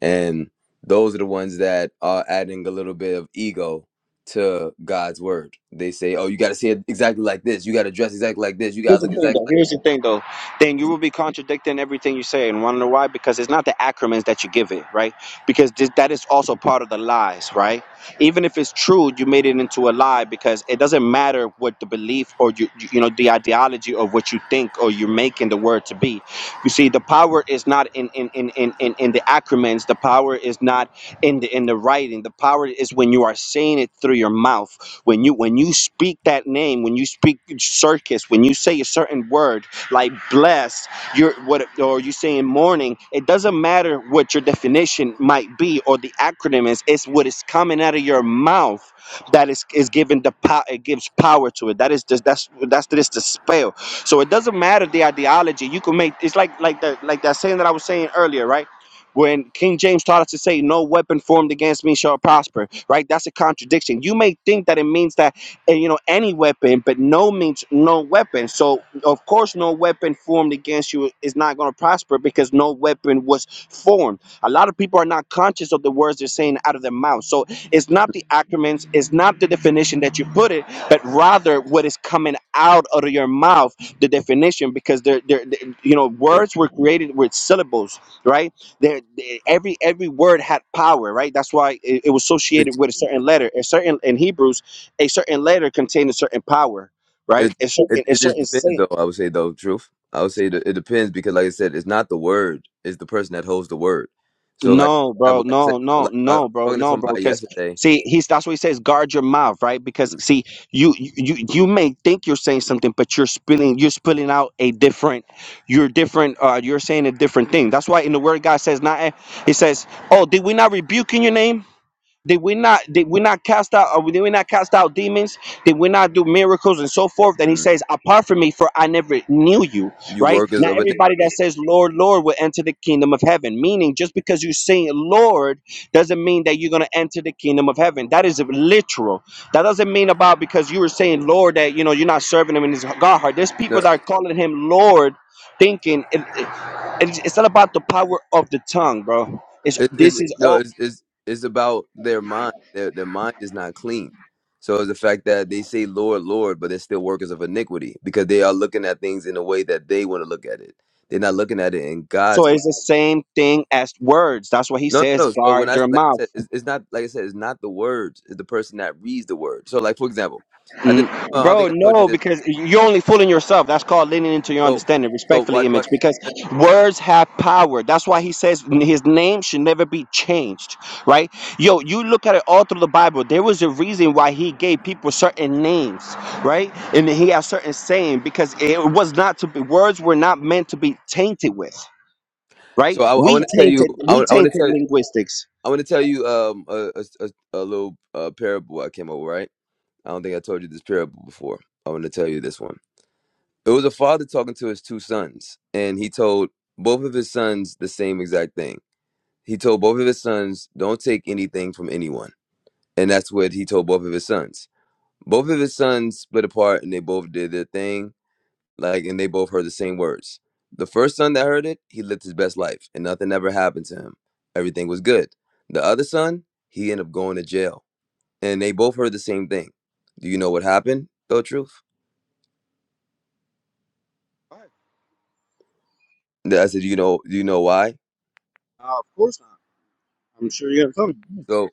B: And those are the ones that are adding a little bit of ego to God's word. They say, "Oh, you got to say it exactly like this. You got to dress exactly like this. You got
C: Here's
B: to
C: the
B: look
C: thing,
B: exactly
C: though. Here's the thing, though. Then you will be contradicting everything you say, and want to know why? Because it's not the acronyms that you give it, right? Because this, that is also part of the lies, right? Even if it's true, you made it into a lie because it doesn't matter what the belief or you, you, you know, the ideology of what you think or you're making the word to be. You see, the power is not in in in in in, in the acronyms. The power is not in the in the writing. The power is when you are saying it through your mouth when you when you speak that name, when you speak circus, when you say a certain word like blessed, you're what or you say in morning, it doesn't matter what your definition might be or the acronym is, it's what is coming out of your mouth that is is given the power it gives power to it. That is just that's that's this the spell. So it doesn't matter the ideology. You can make it's like like the like that saying that I was saying earlier, right? when King James taught us to say, No weapon formed against me shall prosper, right? That's a contradiction. You may think that it means that, eh, you know, any weapon, but no means no weapon. So, of course, no weapon formed against you is not going to prosper because no weapon was formed. A lot of people are not conscious of the words they're saying out of their mouth. So, it's not the acronyms, it's not the definition that you put it, but rather what is coming out of your mouth, the definition, because they're, they're, they you know,
B: like."
C: words were created with syllables, right? there there- every every word had power right that's why it, it was
B: It,
C: associated with a certain letter a certain in hebrews a certain letter contained a certain power
B: it,
C: right a
B: it,
C: certain, a
B: it just
C: certain
B: depends,
C: saint
B: though. I would say, though, truth. I would say that it depends because, like I said, it's not the word; it's the person that holds the word. So, like,
C: no
B: I
C: bro
B: would like I said,
C: no no
B: like I was
C: no bro
B: talking to
C: no bro
B: somebody
C: because
B: yesterday.
C: see he's that's what he says guard your mouth right because
B: mm,
C: see you you you you may think you're saying something but you're spilling you're spilling out a different you're different uh you're saying a different thing that's why in the word god says not he says oh did we not rebuke in your name Did we not did we not cast out or did we not cast out demons? Did we not do miracles and so forth? And he
B: mm,
C: says, Apart from me, for I never knew you.
B: You
C: Right?
B: workers
C: Now
B: of iniquity.
C: everybody that says Lord, Lord will enter the kingdom of heaven. Meaning just because you say Lord doesn't mean that you're gonna enter the kingdom of heaven. That is literal. That doesn't mean about because you were saying Lord that you know you're not serving him in his God heart. There's people
B: No,
C: that are calling him Lord thinking it, it- it's it's not about the power of the tongue, bro. It's
B: It,
C: this
B: it,
C: is
B: no,
C: all
B: it's, it's, it's about their mind. Their, their mind is not clean. So it's the fact that they say Lord, Lord, but they're still workers of iniquity because they are looking at things in a way that they want to look at it. They're not looking at it in
C: So
B: God's way.
C: it's the same thing as words. That's what he
B: No, no,
C: says,
B: no. So when
C: guard
B: I
C: your
B: like I
C: mouth.
B: said, it's, it's not like I said, it's not the words. It's the person that reads the word. So like for example, I did.
C: Mm,
B: Uh, I
C: Bro,
B: think I told you
C: no,
B: this.
C: because you're only fooling yourself. That's called leaning into your
B: So,
C: understanding,
B: so
C: respectfully,
B: what? What?
C: image, because words have power. That's why he says his name should never be changed, right? Yo, you look at it all through the Bible. There was a reason why he gave people certain names, right? And he has certain saying because it was not to be, words were not meant to be tainted with, right?
B: So I, I
C: We
B: want to tell you.
C: tainted,
B: I
C: we
B: want, I want to
C: tainted
B: tell.
C: linguistics.
B: I want to tell you um a, a, a a little uh, parable I came up with, right? I don't think I told you this parable before. I want to tell you this one. It was a father talking to his two sons, and he told both of his sons the same exact thing. He told both of his sons, Don't take anything from anyone. And that's what he told both of his sons. Both of his sons split apart and they both did their thing, like, and they both heard the same words. The first son that heard it, he lived his best life, and nothing ever happened to him. Everything was good. The other son, he ended up going to jail, and they both heard the same thing. Do you know what happened, though, Truth? I said, you know, you know why?
C: Of course. I'm sure you have some.
B: So,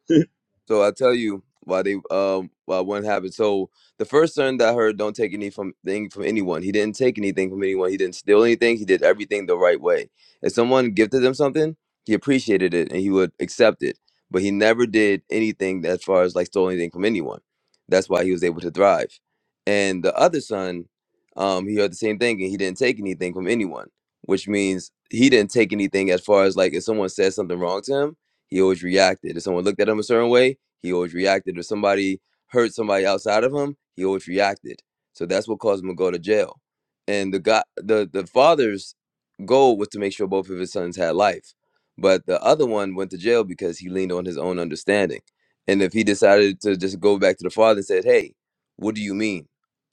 B: so I'll tell you why they um why one happened. So the first sermon that I heard, don't take anything from thing from anyone. He didn't take anything from anyone. He didn't steal anything. He did everything the right way. If someone gifted him something, he appreciated it and he would accept it. But he never did anything as far as like stole anything from anyone. That's why he was able to thrive. And the other son, um, he heard the same thing and he didn't take anything from anyone, which means he didn't take anything as far as like if someone said something wrong to him he always reacted. If someone looked at him a certain way, he always reacted. If somebody hurt somebody outside of him, he always reacted. So that's what caused him to go to jail. And the guy, the the father's goal was to make sure both of his sons had life, but the other one went to jail because he leaned on his own understanding. And if he decided to just go back to the father and said, "Hey, what do you mean?"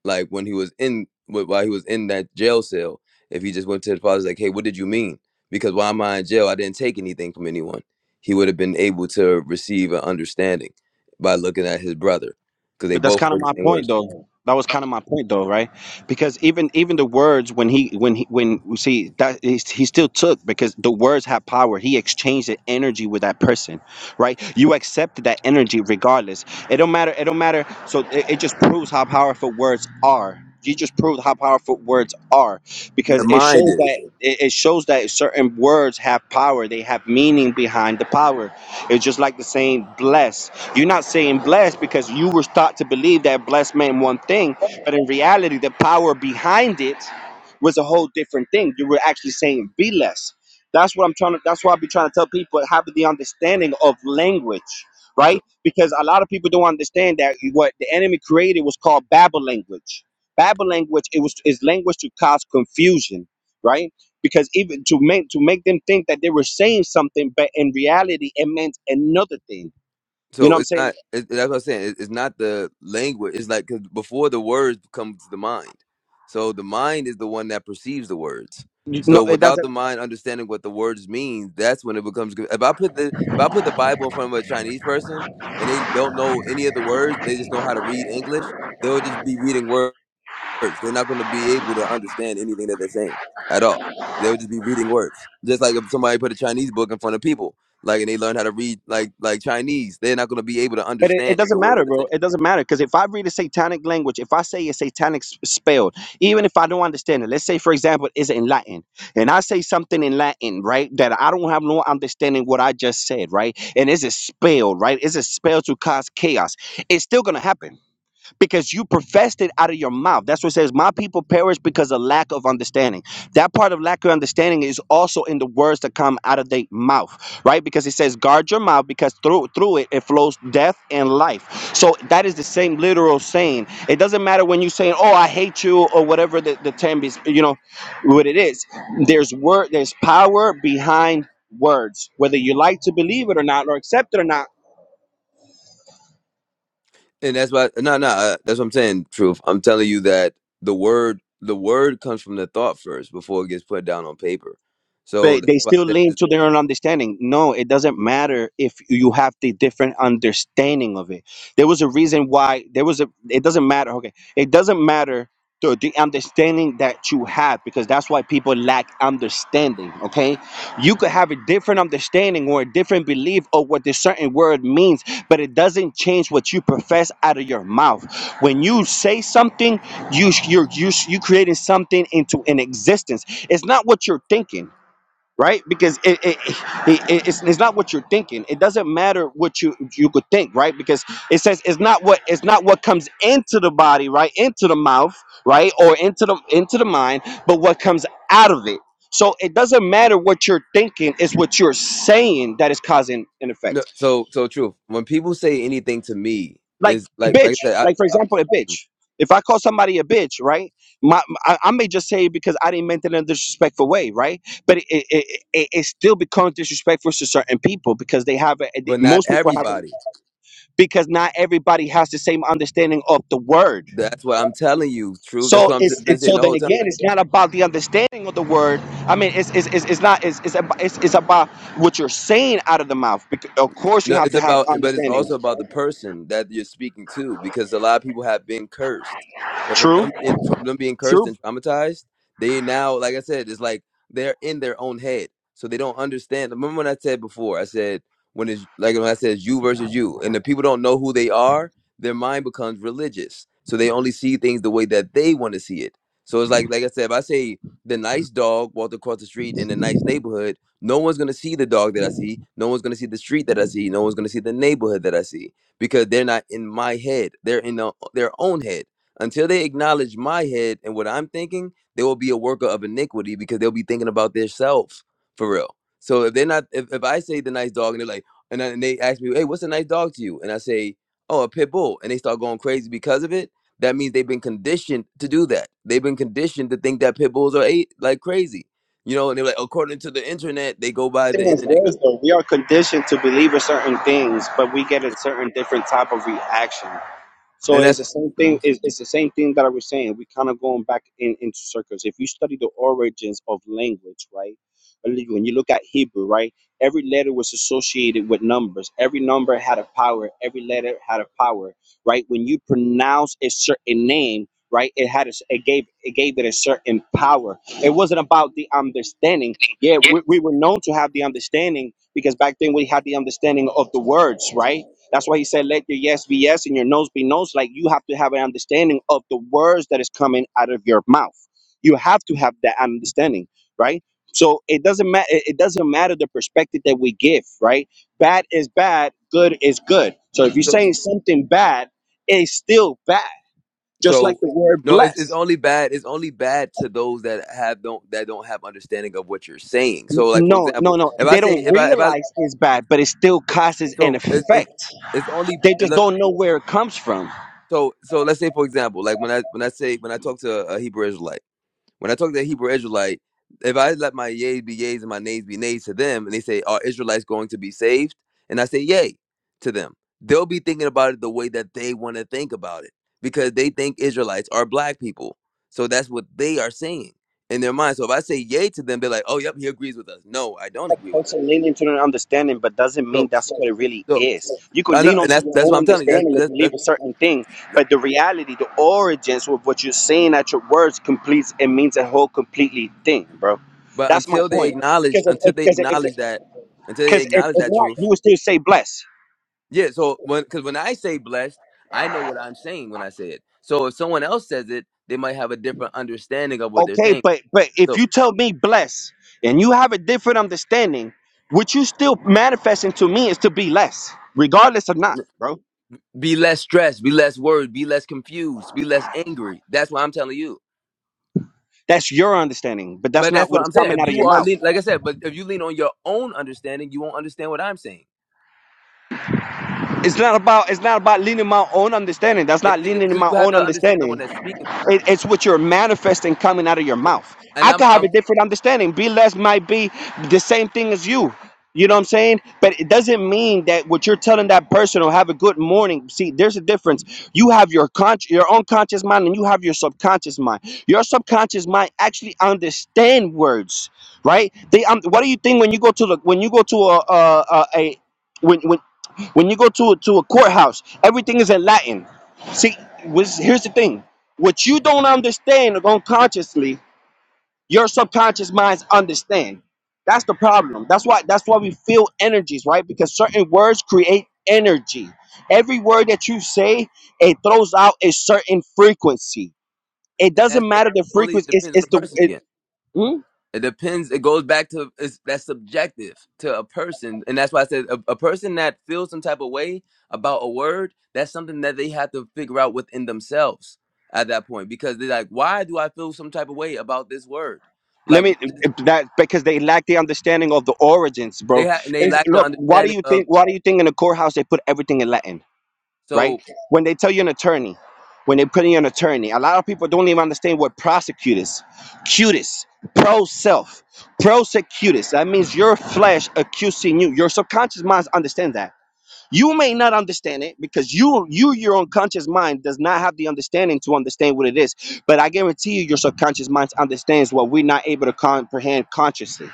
B: Like when he was in wh- while he was in that jail cell, if he just went to the father's like, "Hey, what did you mean?" Because while am I in jail? I didn't take anything from anyone he would have been able to receive an understanding by looking at his brother because they
C: But that's
B: both
C: kind of
B: heard
C: my
B: the same
C: point,
B: words.
C: though. That was kind of my point, though, right? Because even even the words when he when he when you see that he, he still took because the words have power. He exchanged the energy with that person, right? You accepted that energy regardless. It don't matter. It don't matter. So it, it just proves how powerful words are. You just proved how powerful words are
B: The
C: because it
B: mind
C: shows
B: is
C: that it it shows that certain words have power. They have meaning behind the power. It's just like the saying "bless." You're not saying blessed because you were taught to believe that blessed meant one thing, but in reality, the power behind it was a whole different thing. You were actually saying be less. That's what I'm trying to. That's why I be trying to tell people have the understanding of language,
B: so.
C: right? Because a lot of people don't understand that what the enemy created was called Babel language. Babel language it was is language to cause confusion, right? Because even to make to make them think that they were saying something, but in reality it meant another thing. You know
B: So
C: what I'm
B: it's
C: saying?
B: not. It, that's what I'm saying. It, it's not the language. It's like cause before the words come to the mind. So the mind is the one that perceives the words.
C: You- No,
B: So
C: it
B: without
C: doesn't.
B: the mind understanding what the words mean, that's when it becomes. If I put the if I put the Bible in front of a Chinese person and they don't know any of the words, they just know how to read English. They'll just be reading words. words. They're not going to be able to understand anything that they're saying at all. They would just be reading words. Just like if somebody put a Chinese book in front of people, like and they learn how to read like like Chinese, they're not going to be able to
C: But it, it
B: understand the
C: doesn't
B: words
C: matter,
B: that they're
C: bro.
B: saying.
C: It doesn't matter because if I read a satanic language, if I say a satanic s- spell, even if I don't understand it, let's say, for example, it's in Latin, and I say something in Latin, right, that I don't have no understanding what I just said, right, and it's a spell, right, it's a spell to cause chaos. It's still gonna happen. because you professed it out of your mouth. That's what it says, My people perish because of lack of understanding. That part of lack of understanding is also in the words that come out of their mouth, right? Because it says, Guard your mouth because through through it it flows death and life. So that is the same literal saying. It doesn't matter when you saying, Oh, I hate you, or whatever the, the term is, you know, what it is. There's word, there's power behind words, whether you like to believe it or not, or accept it or not
B: And that's why no no uh, that's what I'm saying. Truth, I'm telling you that the word the word comes from the thought first before it gets put down on paper. So
C: but
B: that's
C: they
B: why
C: still
B: I
C: lean
B: said-
C: to their own understanding no it doesn't matter if you have the different understanding of it there was a reason why there was a it doesn't matter okay it doesn't matter the, the understanding that you have because that's why people lack understanding okay you could have a different understanding or a different belief of what this certain word means but it doesn't change what you profess out of your mouth when you say something you you're you you creating something into an existence it's not what you're thinking right? Because it, it, it, it- it's, it's not what you're thinking. It doesn't matter what you you could think, right? Because it says it's not what it's not what comes into the body, right? Into the mouth, right? Or into the into the mind, but what comes out of it. So it doesn't matter what you're thinking, it's what you're saying that is causing an effect
B: no, so so truth. When people say anything to me
C: like
B: is like
C: bitch
B: like I said,
C: like for
B: I, I,
C: example a bitch if i call somebody a bitch right my, I, I may just say it because i didn't mean it in a disrespectful way right but it it, it, it it still becomes disrespectful to certain people because they have a, they-
B: but not
C: most people have
B: everybody.
C: a- because not everybody has the same understanding of the word
B: That's what I'm telling you. True. That's
C: so
B: what
C: it's,
B: I've been
C: it's
B: saying
C: so
B: the
C: then
B: whole time.
C: again it's not about the understanding of the word i mean it's it's, it's, it's not it's, it's, about, it's it's about what you're saying out of the mouth because of course you
B: No,
C: have
B: it's
C: to have
B: about, but it's also
C: understanding
B: about the person that you're speaking to, because a lot of people have been cursed. So from
C: true
B: them, being from them being cursed
C: true,
B: and traumatized, they now, like I said, it's like they're in their own head, so they don't understand. Remember when I said before? I said when it's like when I said you versus you, and the people don't know who they are. Their mind becomes religious, so they only see things the way that they want to see it. So it's like, like I said, if I say the nice dog walked across the street in a nice neighborhood No one's gonna see the dog that I see. No one's gonna see the street that I see. No one's gonna see the neighborhood that I see because they're not in my head. They're in the, their own head. Until they acknowledge my head and what I'm thinking, they will be a worker of iniquity because they'll be thinking about their self for real. So if they're not, if, if I say the nice dog and they're like, and, I- and they ask me, hey, what's a nice dog to you? And I say, oh, a pit bull, and they start going crazy because of it. That means they've been conditioned to do that. They've been conditioned to think that pit bulls are like crazy you know, and they're like, according to the internet, they go by the
C: thing is
B: internet guy,
C: worse though, We are conditioned to believe in certain things, but we get a certain different type of reaction. So
B: and
C: it's
B: that's
C: the same thing.
B: Mhm.
C: It's, it's the same thing that I was saying. We kind of going back in, into circles. If you study the origins of language, right? When you when you look at Hebrew, right? Every letter was associated with numbers. Every number had a power. Every letter had a power, right? When you pronounce a certain name, right? It had a, s- it gave it gave it a certain power. It wasn't about the understanding. Yeah, we, we were known to have the understanding because back then we had the understanding of the words, right? That's why he said, let your yes be yes and your no's be no's. Like you have to have an understanding of the words that is coming out of your mouth. You have to have that understanding, right? So it doesn't matter. It it doesn't matter the perspective that we give, right? Bad is bad. Good is good. So if you're
B: so.
C: saying something bad, it's still bad. Just like
B: So,
C: the word
B: no, it's,
C: bless.
B: it's only bad. It's only bad to those that have don't that don't have understanding of what you're saying. So,
C: N-
B: like for
C: No, no,
B: example,
C: no.
B: if I
C: They
B: say
C: don't
B: if I if I
C: realize it's bad, but it still causes an
B: so it's it's,
C: effect.
B: it's only
C: They just
B: look
C: don't know where it comes from.
B: so so let's say for example, like when I when I say when I talk to a Hebrew Israelite. When I talk to a Hebrew Israelite, if I let my yays be yays and my nays be nays to them, and they say, Are Israelites going to be saved? And I say, Yay to them, they'll be thinking about it the way that they want to think about it because they think Israelites are black people. So that's what they are saying in their mind. So if I say yay to them, they're like, Oh, yep, he agrees with us. No, I don't agree with them.
C: person leaning to their understanding, but doesn't mean
B: So,
C: that's what it really
B: so
C: is. You could
B: I know,
C: lean
B: and
C: onto
B: that's
C: your
B: that's
C: own
B: what I'm telling you. That's
C: understanding and
B: that's that's.
C: believe a
B: that-
C: certain thing, but the reality, the origins of what you're saying at your words completes it means a whole completely thing, bro.
B: But
C: That's my
B: until they
C: point.
B: acknowledge,
C: Because
B: until
C: if,
B: they
C: because if, because
B: acknowledge
C: if,
B: that, until they
C: 'cause if
B: acknowledge
C: if
B: that
C: not,
B: truth,
C: you would still say bless.
B: Yeah, so when because when I say blessed, I know what I'm saying when I say it. So if someone else says it, they might have a different understanding of what they're
C: Okay,
B: saying.
C: but but if
B: So
C: you tell me bless and you have a different understanding, what you still manifesting to me is to be less, regardless of not,
B: n-
C: bro.
B: be less stressed, be less worried, be less confused, be less angry. That's what I'm telling you.
C: That's your understanding, but that's
B: But
C: not
B: that's
C: what
B: what
C: is
B: I'm saying.
C: coming
B: If
C: out of
B: you
C: your
B: are
C: mouth.
B: lean, like I said, but if you lean on your own understanding, you won't understand what I'm saying.
C: It's not about it's not about leaning my own understanding. That's
B: It
C: not leaning in
B: because
C: my
B: you have
C: own
B: to understand the one
C: understanding.
B: that's speaking.
C: It- it's what you're manifesting coming out of your
B: No,
C: mouth.
B: And
C: I
B: I'm
C: could have a
B: I'm
C: different understanding. Be less might be the same thing as you. You know what I'm saying? But it doesn't mean that what you're telling that person or have a good morning. See, there's a difference. You have your con- your own conscious mind and you have your subconscious mind. Your subconscious mind actually understand words, right? They um, what do you think when you go to the when you go to a a, a, a when when when you go to a, to a courthouse, everything is in Latin. See, was here's the thing. What you don't understand unconsciously, your subconscious minds understand. That's the problem. That's why that's why we feel energies, right? Because certain words create energy. Every word that you say, it throws out a certain frequency. It
B: and
C: doesn't
B: that's, that
C: matter the
B: only
C: frequency. It's
B: depends on
C: it's
B: the
C: the
B: person again.
C: it, Hmm?
B: It depends. It goes back to it's, that's subjective to a person, and that's why I said a, a person that feels some type of way about a word. That's something that they have to figure out within themselves at that point, because they're like, "Why do I feel some type of way about this word?"
C: let
B: Like
C: me
B: what is,
C: that because they lack the understanding of the origins, bro.
B: they ha- and they
C: It's-
B: lack the
C: look, why do
B: understanding
C: you think
B: of.
C: why do you think in the courthouse they put everything in Latin? right?
B: So
C: When they tell you an attorney, when they put in an attorney, a lot of people don't even understand what prosecutors, cutis, pro self, prosecutus. That means your flesh accusing you. Your subconscious mind understands that. You may not understand it because you, you, your unconscious mind does not have the understanding to understand what it is. But I guarantee you, your subconscious mind understands what we're not able to comprehend consciously.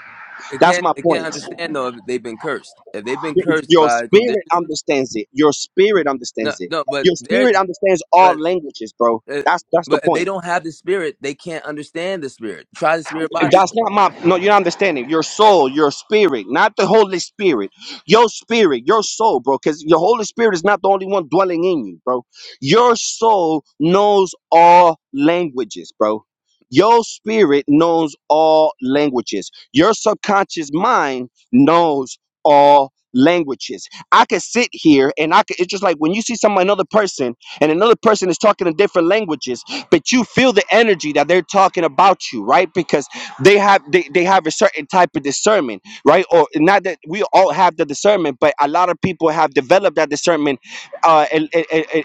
B: it
C: That's
B: can't
C: my
B: it can't
C: point.
B: understand though if they've been cursed. If they've been cursed
C: Your
B: by
C: spirit
B: condition,
C: understands it. Your spirit
B: no,
C: understands it.
B: no, but
C: Your
B: they're
C: spirit understands all
B: but
C: languages, bro.
B: uh,
C: That's that's the
B: but if
C: point.
B: they don't have the spirit. They can't understand the spirit. Try the spirit by the
C: That's not my no, you're not understanding. Your soul, your spirit, not the Holy Spirit. Your spirit, your soul, bro, because your Holy Spirit is not the only one dwelling in you, bro. Your soul knows all languages, bro. Your spirit knows all languages. Your subconscious mind knows all languages. I could sit here and I could it's just like when you see some another person and another person is talking in different languages, but you feel the energy that they're talking about you, right? Because they have they, they have a certain type of discernment right or not that we all have the discernment but a lot of people have developed that discernment uh a, a, a, a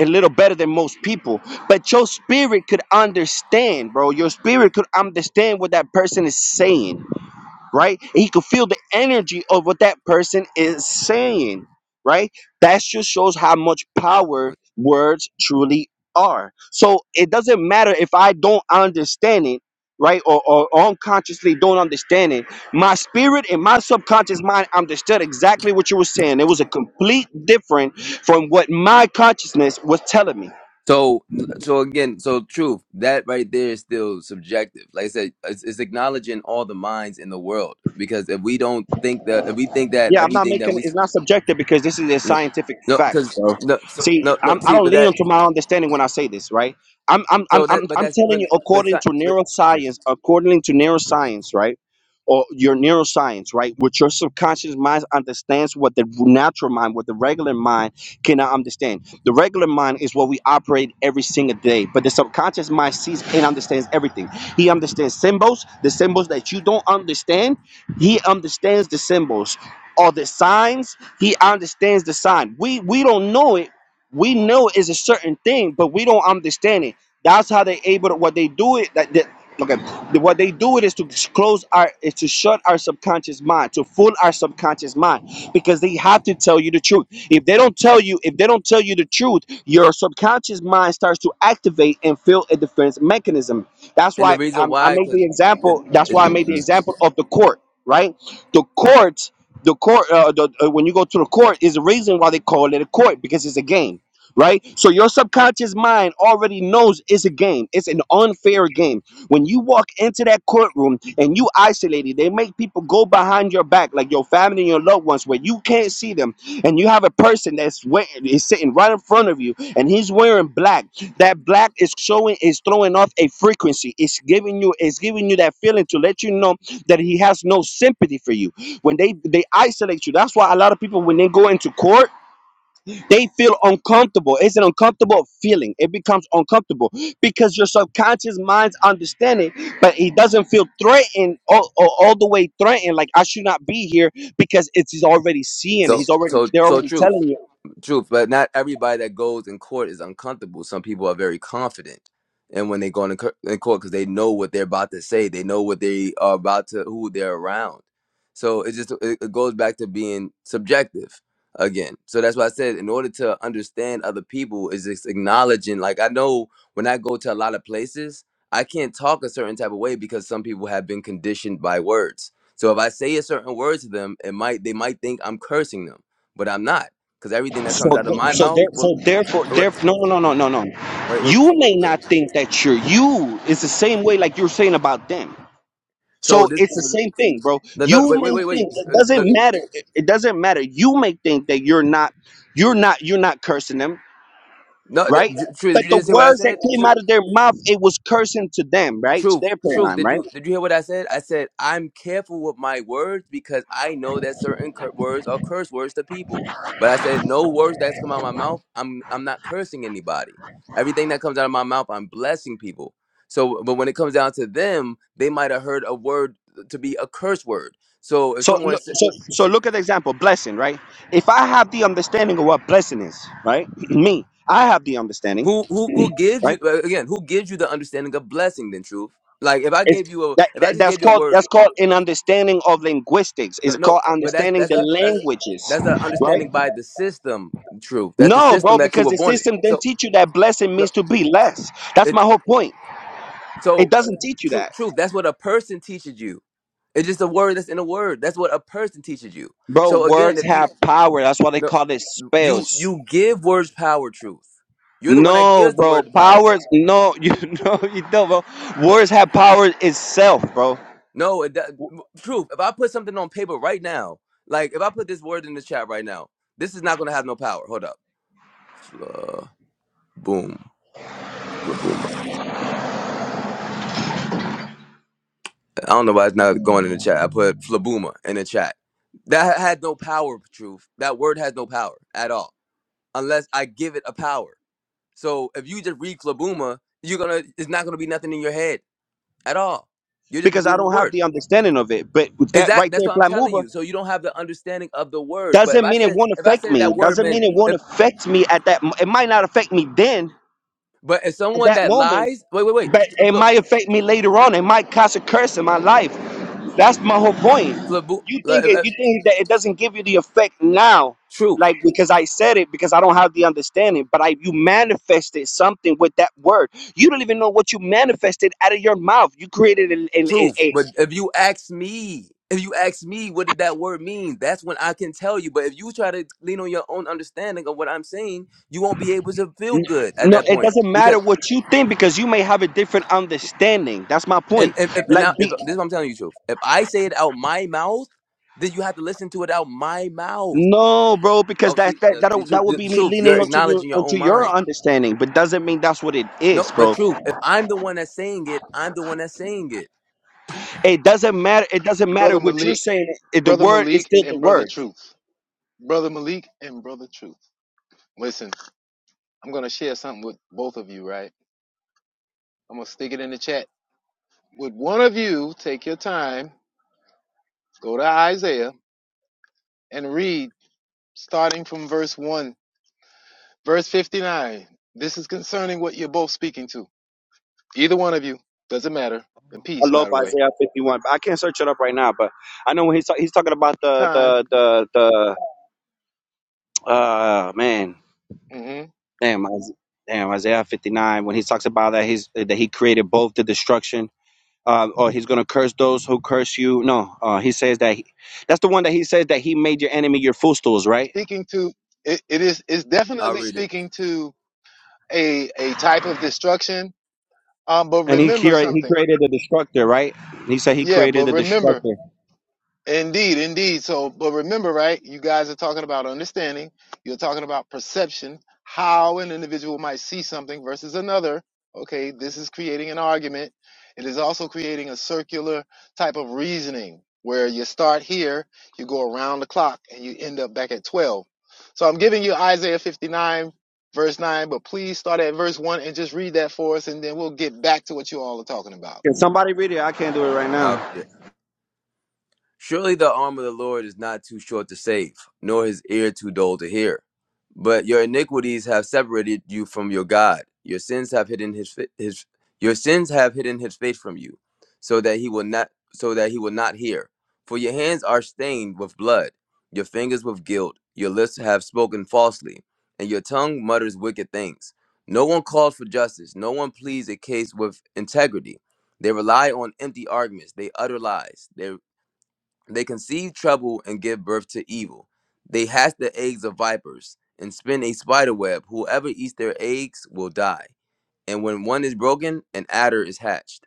C: a little better than most people but your spirit could understand bro your spirit could understand what that person is saying right? And you can feel the energy of what that person is saying, right? That just shows how much power
B: spirit.
C: words truly are. So it doesn't matter if I don't understand it, right? Or, or unconsciously don't understand it. My spirit and my subconscious mind understood exactly what you were saying. It was a complete different from what my consciousness was telling me.
B: So, so again, so truth that right there is still subjective. Like I said, it's, it's acknowledging all the minds in the world because if we don't think that, if we think that
C: Yeah, I'm not
B: everything that
C: making
B: we
C: it's not subjective because this is a
B: no,
C: scientific
B: no,
C: fact.
B: because no, so,
C: See,
B: no, no.
C: I'm, I
B: See,
C: don't
B: but
C: lean
B: that,
C: onto my understanding when I say this, right? I'm, I'm, I'm,
B: so that,
C: I'm,
B: but
C: I'm
B: that's,
C: telling
B: but,
C: you,
B: but, it's
C: according
B: not-
C: to
B: but
C: neuroscience, according to neuroscience, right? Or your neuroscience, right? What your subconscious mind understands, what the natural mind, what the regular mind cannot understand. The regular mind is what we operate every single day, but the subconscious mind sees and understands everything. He understands symbols, the symbols that you don't understand. He understands the symbols or the signs he understands the sign. We we don't know it we know it's a certain thing, but we don't understand it. That's how they able to what they do it that, that okay the- what they do it is to close our is to shut our subconscious mind to fool our subconscious mind because they have to tell you the truth if they don't tell you if they don't tell you the truth your subconscious mind starts to activate and feel a defense mechanism that's
B: and the
C: why
B: reason
C: I, I
B: why,
C: made the
B: because it,
C: example that's
B: it,
C: why i made the
B: mm,
C: example of the court right the court the court uh, the, uh, when you go to the court is the reason why they call it a court because it's a game right? So your subconscious mind already knows it's a game. It's an unfair game. When you walk into that courtroom and you isolated, they make people go behind your back, like your family and your loved ones, where you can't see them, and you have a person that's we- is sitting right in front of you, and he's wearing black. That black is showing is throwing off a frequency. It's giving you it's giving you that feeling to let you know that he has no sympathy for you. When they they isolate you, that's why a lot of people when they go into court they feel uncomfortable. It's an uncomfortable feeling. It becomes uncomfortable because your subconscious mind's understanding, but he doesn't feel threatened all, all, all the way threatened. Like I should not be here because it's he's already seeing. it.
B: so,
C: He's already
B: so,
C: they're
B: so
C: already
B: truth.
C: telling you.
B: True, but not everybody that goes in court is uncomfortable. Some people are very confident, and when they go in, co- in court, because they know what they're about to say, they know what they are about to, who they're around. So it just it it goes back to being subjective again. So that's why I said, in order to understand other people, is just acknowledging. Like I know when I go to a lot of places, I can't talk a certain type of way because some people have been conditioned by words. So if I say a certain word to them, it might they might think I'm cursing them, but I'm not because everything that
C: So
B: comes out of
C: th-
B: my
C: so
B: mouth.
C: there
B: What,
C: so therefore therefore no no no no no no.
B: wait, wait. wait.
C: You may
B: okay.
C: not think that you're you. It's the same way like you're saying about them
B: So
C: So
B: this,
C: it's the same thing, bro.
B: no, no,
C: You
B: wait, wait,
C: may
B: wait, wait.
C: think it
B: Uh,
C: doesn't
B: Look,
C: matter. It it doesn't matter. You may think that you're not, you're not, you're not cursing them,
B: no, that,
C: right?
B: true. Did
C: But
B: you
C: the
B: just hear what I
C: words that
B: said?
C: came
B: True,
C: out of their mouth, it was cursing to them, right? To
B: truth,
C: their
B: truth.
C: paradigm,
B: Did
C: right?
B: you did you hear what I said? I said I'm careful with my words because I know that certain cur- words are curse words to people. But I said no words that's come out of my mouth. I'm I'm not cursing anybody. Everything that comes out of my mouth, I'm blessing people. So, but when it comes down to them, they might have heard a word to be a curse word. So if
C: So,
B: someone
C: look-
B: said.
C: so, so look at the example, blessing, right? If I have the understanding of what blessing is, right? Me, I have the understanding,
B: Who who who gives you
C: right?
B: uh, again? Who gives you the understanding of blessing? Then truth. Like if I
C: It's
B: gave you a,
C: that,
B: if I
C: that
B: just
C: that's
B: gave you a
C: called
B: word,
C: that's called an understanding of linguistics.
B: no,
C: It's called
B: no. But that's
C: understanding
B: that's
C: the
B: a that's
C: languages,
B: that's an
C: right?
B: understanding by the system. Truth. That's the
C: No,
B: system
C: bro,
B: that you
C: because
B: were
C: the
B: born in.
C: system didn't
B: So
C: teach you that blessing
B: no,
C: means to be less. That's
B: it
C: my whole point. It
B: so uh,
C: doesn't teach you
B: truth.
C: that.
B: Truth. That's what a person teaches you. It's just a word that's in a word. That's what a person teaches you.
C: Bro,
B: So again,
C: words
B: if you
C: have power. That's why they
B: no,
C: call it
B: you
C: spells.
B: you give words power. Truth. You're the one that
C: No,
B: gives the
C: bro,
B: word the power.
C: powers. No, you know, you don't, bro. Words have power itself, bro,
B: No, it, that, truth. If I put something on paper right now, like if I put this word in the chat right now, this is not gonna have no power. Hold up, Fla, boom, Flabooma. I don't know why it's not going in the chat. I put Flabooma in the chat. That had no power, truth. That word has no power at all unless I give it a power. So if you just read Flabooma, you're gonna, it's not gonna be nothing in your head at all. You'll just be
C: because I
B: reading the
C: don't have
B: word.
C: the understanding of it. But with that
B: Exactly.
C: right
B: That's
C: there,
B: what I'm telling
C: Flamuba,
B: you. So you don't have the understanding of the word. But if
C: doesn't
B: I
C: mean it
B: said,
C: won't
B: if I
C: affect
B: said
C: me.
B: that word
C: Doesn't
B: meant
C: mean it won't affect me at that. mo- It might not affect me then
B: But as
C: at
B: someone
C: that
B: that
C: moment,
B: lies, wait, wait, wait.
C: but it
B: Fl-
C: might affect me later on. It might cause a curse in my life. That's my whole point.
B: flabu-
C: You
B: uh,
C: think
B: uh, uh,
C: it, you think that it doesn't give you the effect now,
B: truth,
C: like because I said it because I don't have the understanding. But I you manifested something with that word. You don't even know what you manifested out of your mouth. You created a, a, a,
B: truth.
C: a
B: But if you ask me, if you ask me, what did that word mean? That's when I can tell you. But if you try to lean on your own understanding of what I'm saying, you won't be able to feel
C: n-
B: good at
C: no.
B: that
C: It
B: point.
C: doesn't matter
B: Because
C: what you think because you may have a different understanding. That's my
B: and
C: point.
B: and, and and
C: Like
B: now, if,
C: be,
B: this is what I'm telling you, truth. If I say it out my mouth, then you have to listen to it out my mouth.
C: No, bro, because
B: Oh,
C: that
B: see,
C: that
B: the,
C: that
B: the, truth,
C: that would
B: the
C: be me
B: truth.
C: leaning
B: You're
C: onto your
B: acknowledging your
C: onto
B: own
C: your
B: mind.
C: understanding, but doesn't mean that's what it
B: No,
C: is,
B: but
C: bro.
B: truth. If I'm the one that's saying it, I'm the one that's saying it.
C: It doesn't matter. It doesn't matter
D: Brother
C: what you're
D: Malik,
C: saying. It, the
D: Brother
C: word is
D: Malik,
C: still the
D: and Brother
C: word.
D: Truth. Brother Malik and Brother Truth. Listen, I'm going to share something with both of you, right? I'm going to stick it in the chat. Would one of you take your time, go to Isaiah, and read starting from verse 1, verse 59? This is concerning what you're both speaking to. Either one of you, doesn't matter. In
C: I
D: peace,
C: love
D: by the way.
C: Isaiah 51. But I can't search it up right now, but I know when he's ta- he's talking about the
D: Time.
C: the the the uh man,
D: hmm
C: damn, Is- damn Isaiah 59 when he talks about that he's that he created both the destruction. Uh, or he's gonna curse those who curse you. No, uh, he says that he, that's the one that he says that he made your enemy your footstools, right?
D: Speaking to, it, it is it's
B: I'll
D: definitely
B: read it.
D: speaking to a, a type of destruction Um, but
C: And he
D: remember
C: created he
D: something.
C: created a destructor, right? He said he
D: Yeah, but
C: created a
D: remember,
C: destructor.
D: indeed, indeed. So, but remember, right? You guys are talking about understanding. You're talking about perception, how an individual might see something versus another. Okay, this is creating an argument. It is also creating a circular type of reasoning where you start here, you go around the clock, and you end up back at 12. So, I'm giving you Isaiah 59, verse 9, but please start at verse 1 and just read that for us, and then we'll get back to what you all are talking about.
C: Can somebody read it? I can't do it right now.
B: Aria. Surely the arm of the Lord is not too short to save, nor his ear too dull to hear. But your iniquities have separated you from your God. Your sins have hidden his fa- his your sins have hidden his face from you, so that he will not so that he will not hear. For your hands are stained with blood, your fingers with guilt, your lips have spoken falsely, and your tongue mutters wicked things. No one calls for justice, no one pleads a case with integrity. They rely on empty arguments. They utter lies. They they conceive trouble and give birth to evil. They hatch the eggs of vipers and spin a spider web. Whoever eats their eggs will die. And when one is broken, an adder is hatched.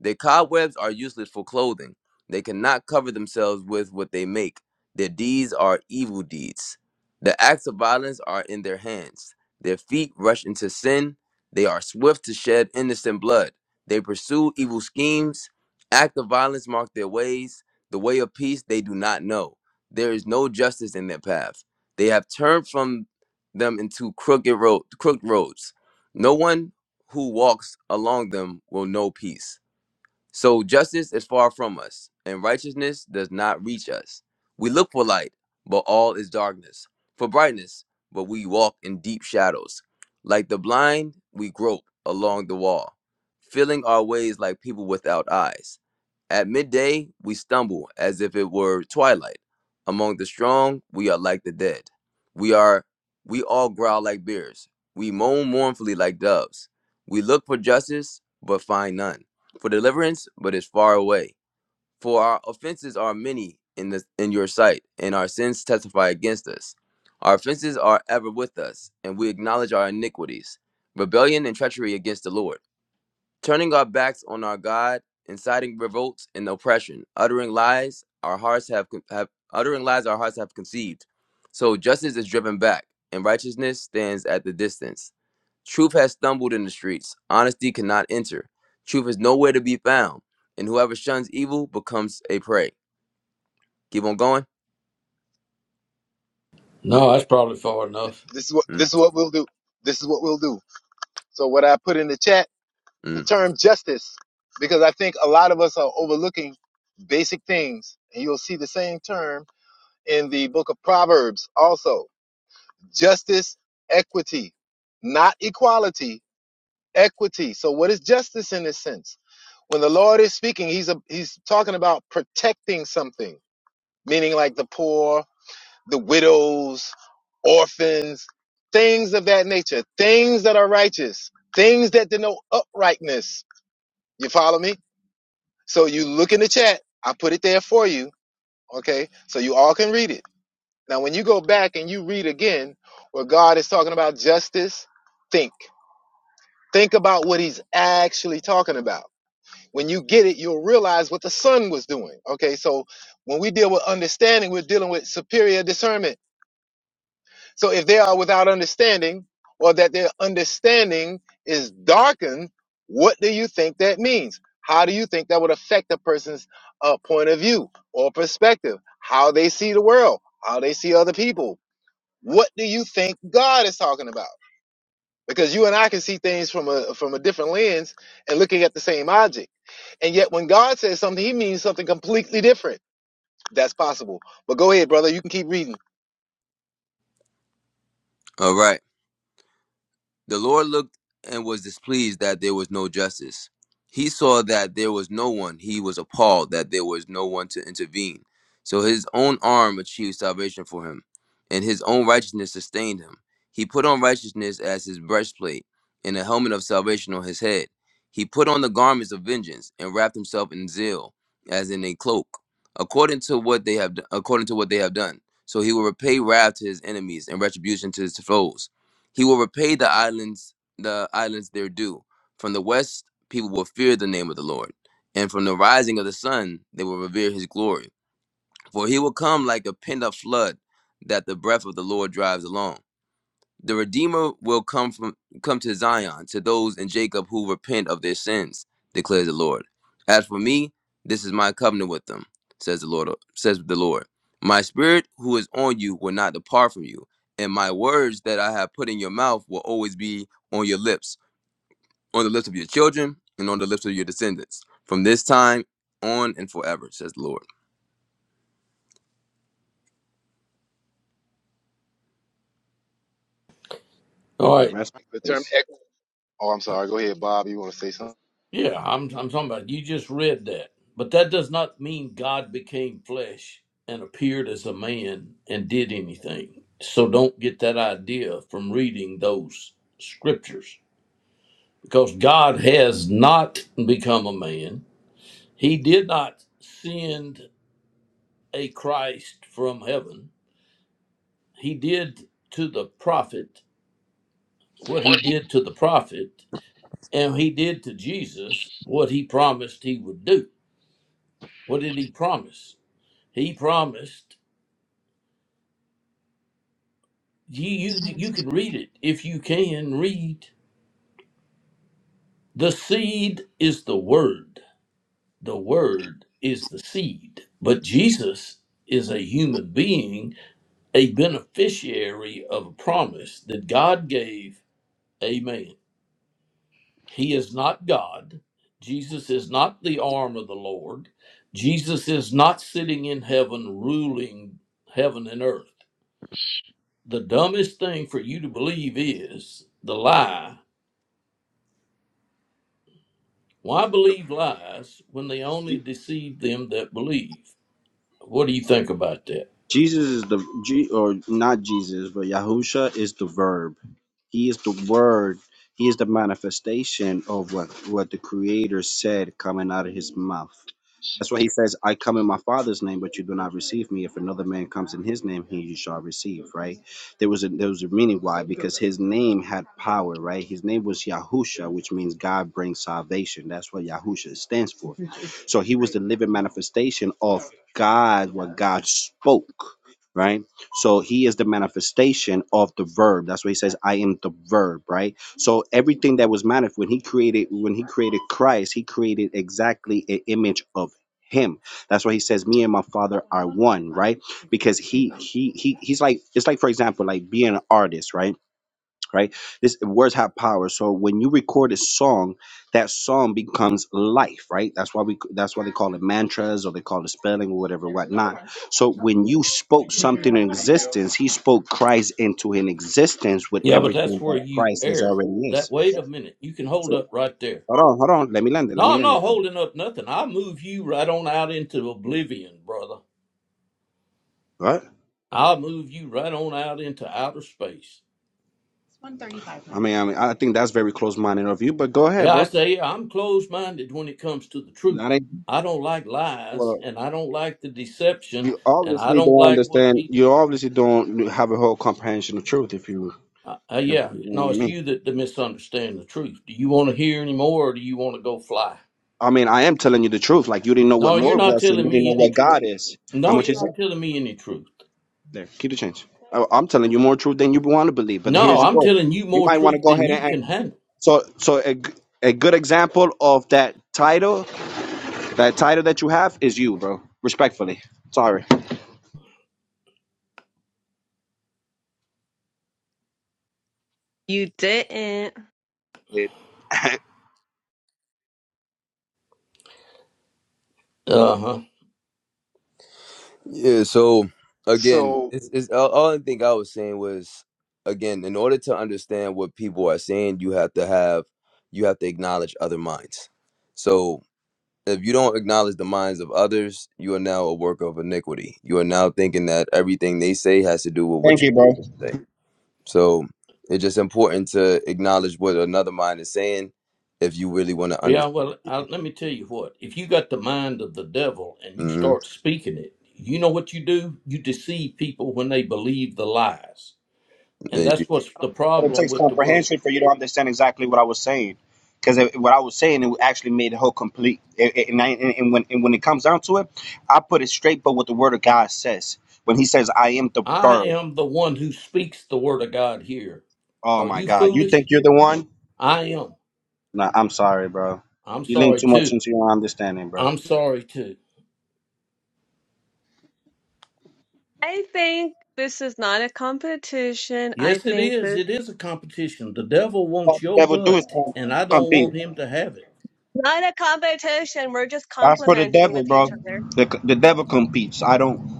B: Their cobwebs are useless for clothing. They cannot cover themselves with what they make. Their deeds are evil deeds. The acts of violence are in their hands. Their feet rush into sin. They are swift to shed innocent blood. They pursue evil schemes. Act of violence mark their ways. The way of peace they do not know. There is no justice in their path. They have turned from them into crooked road, crooked roads. No one who walks along them will know peace. So justice is far from us, and righteousness does not reach us. We look for light, but all is darkness. For brightness, but we walk in deep shadows. Like the blind, we grope along the wall, feeling our ways like people without eyes. At midday, we stumble as if it were twilight. Among the strong, we are like the dead. We are we all growl like bears. We moan mournfully like doves. We look for justice, but find none for deliverance, but is far away. For our offenses are many in the in your sight, and our sins testify against us. Our offenses are ever with us, and we acknowledge our iniquities, rebellion and treachery against the Lord turning our backs on our God, inciting revolts and oppression, uttering lies our hearts have, have uttering lies our hearts have conceived. So justice is driven back, and righteousness stands at the distance. Truth has stumbled in the streets; honesty cannot enter. Truth is nowhere to be found, and whoever shuns evil becomes a prey. Keep on going.
A: No, that's probably far enough.
D: This is what this
B: Mm,
D: is what we'll do. This is what we'll do. So what I put in the chat, the
B: mm.
D: term justice, because I think a lot of us are overlooking basic things. And you'll see the same term in the book of Proverbs also. Justice, equity, not equality, equity. So what is justice in this sense? When the Lord is speaking, he's a, he's talking about protecting something, meaning like the poor the widows, orphans, things of that nature, things that are righteous, things that denote uprightness. You follow me? So you look in the chat. I put it there for you. Okay. So you all can read it. Now, when you go back and you read again where God is talking about justice, think. Think about what he's actually talking about. When you get it, you'll realize what the son was doing. Okay. So when we deal with understanding, we're dealing with superior discernment So if they are without understanding or that their understanding is darkened, what do you think that means? How do you think that would affect a person's uh, point of view or perspective? How they see the world, how they see other people? What do you think God is talking about? Because you and I can see things from a from a different lens and looking at the same object. And yet when God says something, he means something completely different. That's possible. But go ahead, brother, you can keep reading.
B: All right. The Lord looked and was displeased that there was no justice. He saw that there was no one. He was appalled that there was no one to intervene. So his own arm achieved salvation for him, and his own righteousness sustained him. He put on righteousness as his breastplate, and a helmet of salvation on his head. He put on the garments of vengeance and wrapped himself in zeal, as in a cloak, according to what they have, according to what they have done. So he will repay wrath to his enemies and retribution to his foes he will repay the islands the islands their due. From the west people will fear the name of the Lord, and from the rising of the sun they will revere his glory. For he will come like a pent up flood that the breath of the Lord drives along. The Redeemer will come from come to Zion to those in Jacob who repent of their sins, declares the Lord. As for me, this is my covenant with them, says the Lord says the Lord. My spirit who is on you will not depart from you, and my words that I have put in your mouth will always be on your lips, on the lips of your children, and on the lips of your descendants, from this time on and forever, says the Lord.
A: All
C: All
A: right.
C: right, rest
D: The
C: in
D: term
C: peace.
D: ex- Oh, I'm sorry. Go ahead, Bob. You want to say something?
A: Yeah, I'm I'm talking about you just read that. But that does not mean God became flesh and appeared as a man and did anything. So don't get that idea from reading those scriptures. Because God has not become a man. He did not send a Christ from heaven. He did to the prophet what he did to the prophet, and he did to Jesus what he promised he would do. What did he promise? He promised. You, you, you can read it if you can read. The seed is the word, the word is the seed. But Jesus is a human being, a beneficiary of a promise that God gave. Amen. He is not God. Jesus is not the arm of the Lord. Jesus is not sitting in heaven ruling heaven and earth. The dumbest thing for you to believe is the lie Why
C: Jesus is
A: believe lies when they only
C: the
A: deceive them that believe? What do you think about that?
C: Jesus is the G or not Jesus, but Yahusha is the verb. He is the word. He is the manifestation of what what the Creator said coming out of His mouth. That's why He says, "I come in My Father's name, but you do not receive Me. If another man comes in His name, He you shall receive." Right? There was a there was a meaning why because His name had power. Right? His name was Yahusha, which means God brings salvation. That's what Yahusha stands for. So He was the living manifestation of. God what God spoke, right? So he is the manifestation of the verb. That's why he says, I am the verb, right? So everything that was manifest when he created when he created Christ, he created exactly an image of him. That's why he says, Me and my father are one, right? Because he he he he's like it's like for example, like being an artist, right? right? This words have power. So when you record a song, that song becomes life, right? That's why we that's why they call it mantras or they call it spelling or whatever, whatnot. So when you spoke something in existence, he spoke Christ into an existence with
A: Yeah, but that's
C: everything
A: where
C: that
A: you
C: Christ is
A: err.
C: already
A: That
C: is.
A: wait a minute, you can hold
C: So
A: up right there.
C: hold on, hold on. Let me land it. Let me
A: No, I'm
C: land it.
A: not
C: There.
A: holding up nothing. I'll move you right on out into oblivion, brother.
C: What?
A: I'll move you right on out into outer space.
C: I mean, I mean, I think that's very close-minded of you, but go ahead,
A: Yeah, I
C: bro.
A: say yeah, I'm closed minded when it comes to the truth.
C: That ain't
A: I don't like lies
C: well.
A: and I don't like the deception
C: You
A: and I
C: obviously
A: don't
C: don't
A: like what
C: understand.
A: people
C: You obviously don't have a whole comprehension of truth. If you,
A: Uh, uh,
C: if
A: yeah,
C: you know
A: no,
C: what I
A: it's
C: mean.
A: you that, that misunderstand the truth. Do you want to hear any more, or do you want to go fly?
C: I mean, I am telling you the truth. Like you didn't know what
A: No, you're
C: Lord
A: not
C: was, and you
A: telling
C: didn't know
A: me any
C: what God
A: truth.
C: is. How
A: No,
C: much
A: you're
C: is it?
A: not telling me any truth.
C: There, keep the change. I, I'm telling you more truth than you want to believe. But here's
A: No,
C: the
A: I'm
C: go.
A: telling you
C: You
A: more
C: might want to
A: truth
C: go
A: than
C: ahead
A: you
C: and
A: can handle.
C: so so a, g- a good example of that title, that title that you have is you, bro. Respectfully, sorry.
E: You didn't.
A: Uh huh.
B: Yeah. So again,
D: So
B: it's, it's all, all I think I was saying was again, in order to understand what people are saying, you have to have you have to acknowledge other minds. So if you don't acknowledge the minds of others, you are now a work of iniquity. You are now thinking that everything they say has to do with what
C: Thank
B: you
C: you, bro.
B: say. So it's just important to acknowledge what another mind is saying if you really want to
A: Yeah,
B: understand
A: well, I,
B: people.
A: let me tell you what. If you got the mind of the devil and you
B: Mm-hmm.
A: start speaking it, you know what you do? You deceive people when they believe the lies. And that's what's the
C: But it
A: problem
C: takes
A: with the world.
C: comprehension for you to understand exactly what I was saying. Because what I was saying, it actually made the whole complete. It, it- and, I, and, and when, and when it comes down to it, I put it straight, but what the word of God says. When he says, I am the
A: I
C: verb,
A: am the one who speaks the word of God here.
C: oh
A: Are
C: my
A: you
C: God, you
A: foolish?
C: think you're the one?
A: I am.
C: Nah, I'm sorry, bro.
A: I'm
C: You lean
A: sorry
C: too much
A: too.
C: into your understanding, bro.
A: I'm sorry too.
E: I think this is not a competition. I
A: Yes, it
E: think
A: is.
E: this
A: It is a competition. The devil
C: All
A: wants
C: the
A: your
C: devil do is
A: butt,
C: com-
A: and I don't
C: compete.
A: want him to have it.
E: not a competition. We're just
C: That's for the
E: complimenting
C: devil,
E: with
C: bro.
E: each other.
C: The, the devil competes. I don't.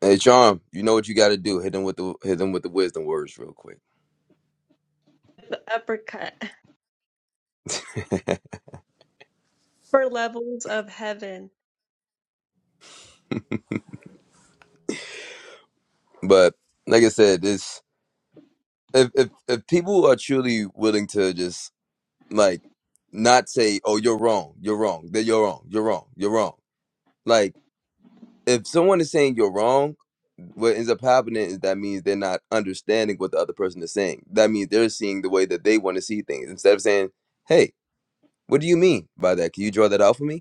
B: Hey, Charm, you know what you got to do. Hit them with the hit them with the wisdom words real quick.
E: The uppercut for levels of heaven.
B: But like I said, this if if if people are truly willing to just like not say, "Oh, you're wrong, you're wrong, that you're wrong, you're wrong, you're wrong," like if someone is saying you're wrong, what ends up happening is that means they're not understanding what the other person is saying. That means they're seeing the way that they want to see things instead of saying, "Hey, what do you mean by that? Can you draw that out for me?"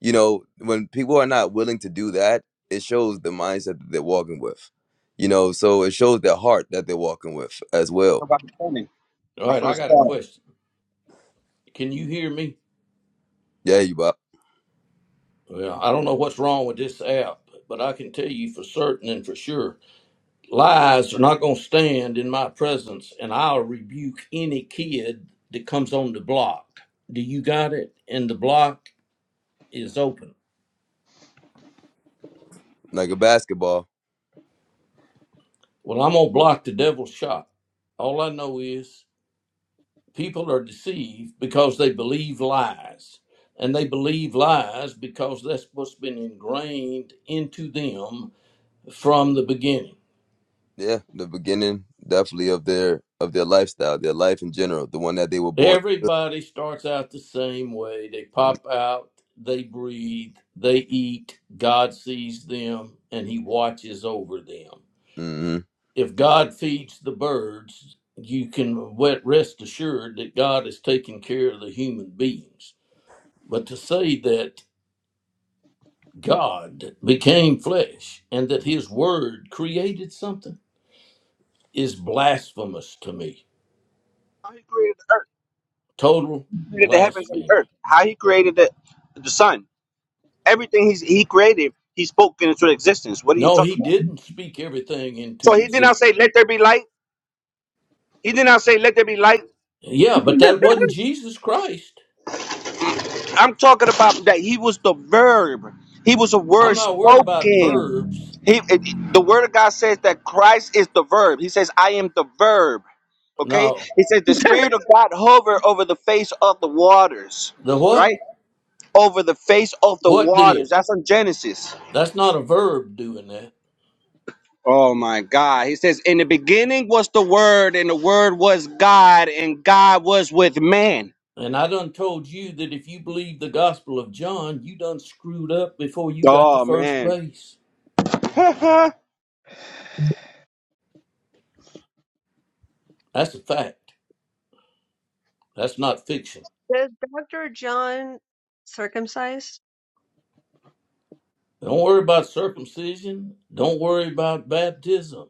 B: You know, when people are not willing to do that, it shows the mindset that they're walking with. You know, so it shows their heart that they're walking with as well.
C: Nobody's funny.
A: All
C: That's
A: right,
C: what
A: I
C: it's
A: got a
C: called.
A: question. Can you hear me?
B: Yeah, you bop.
A: Well, I don't know what's wrong with this app, but I can tell you for certain and for sure lies are not going to stand in my presence, and I'll rebuke any kid that comes on the block. Do you got it? And the block is open.
B: Like a basketball.
A: Well, I'm going to block the devil's shot. All I know is People are deceived because they believe lies. And they believe lies because that's what's been ingrained into them from the beginning.
B: Yeah, the beginning definitely of their of their lifestyle, their life in general, the one that they were born.
A: Everybody starts out the same way. They
B: mm,
A: pop out, they breathe, they eat. God sees them and He watches over them.
B: Mm-hmm.
A: If God feeds the birds, you can wet- rest assured that God is taking care of the human beings. But to say that God became flesh and that his word created something is blasphemous to me.
C: How he created the earth,
A: Total
C: he created the heavens and
A: blasphemy.
C: earth. How he created the, the sun. Everything he's, he created, he spoke into existence. What are you
A: No, he
C: talking about?
A: didn't speak everything
C: So
A: into
C: he did not
A: existence.
C: say, let there be light. He did not say, let there be light.
A: Yeah, but that wasn't Jesus Christ.
C: I'm talking about that he was the verb. He was a word
A: I'm not worried about
C: spoken.
A: verbs.
C: He, it- the word of God says that Christ is the verb. He says, I am the verb. Okay?
A: No.
C: He says, the spirit of God hover over the face of the waters.
A: The what?
C: Right? Over the face of the
A: What
C: waters.
A: did?
C: That's in Genesis.
A: That's not a verb doing that.
C: Oh my God. He says, In the beginning was the Word, and the Word was God, and God was with man.
A: And I done told you that if you believe the gospel of John, you done screwed up before you got to
C: Oh
A: first
C: man.
A: base. That's a fact. That's not fiction.
E: Is Dr. John circumcised?
A: Don't worry about circumcision. Don't worry about baptism.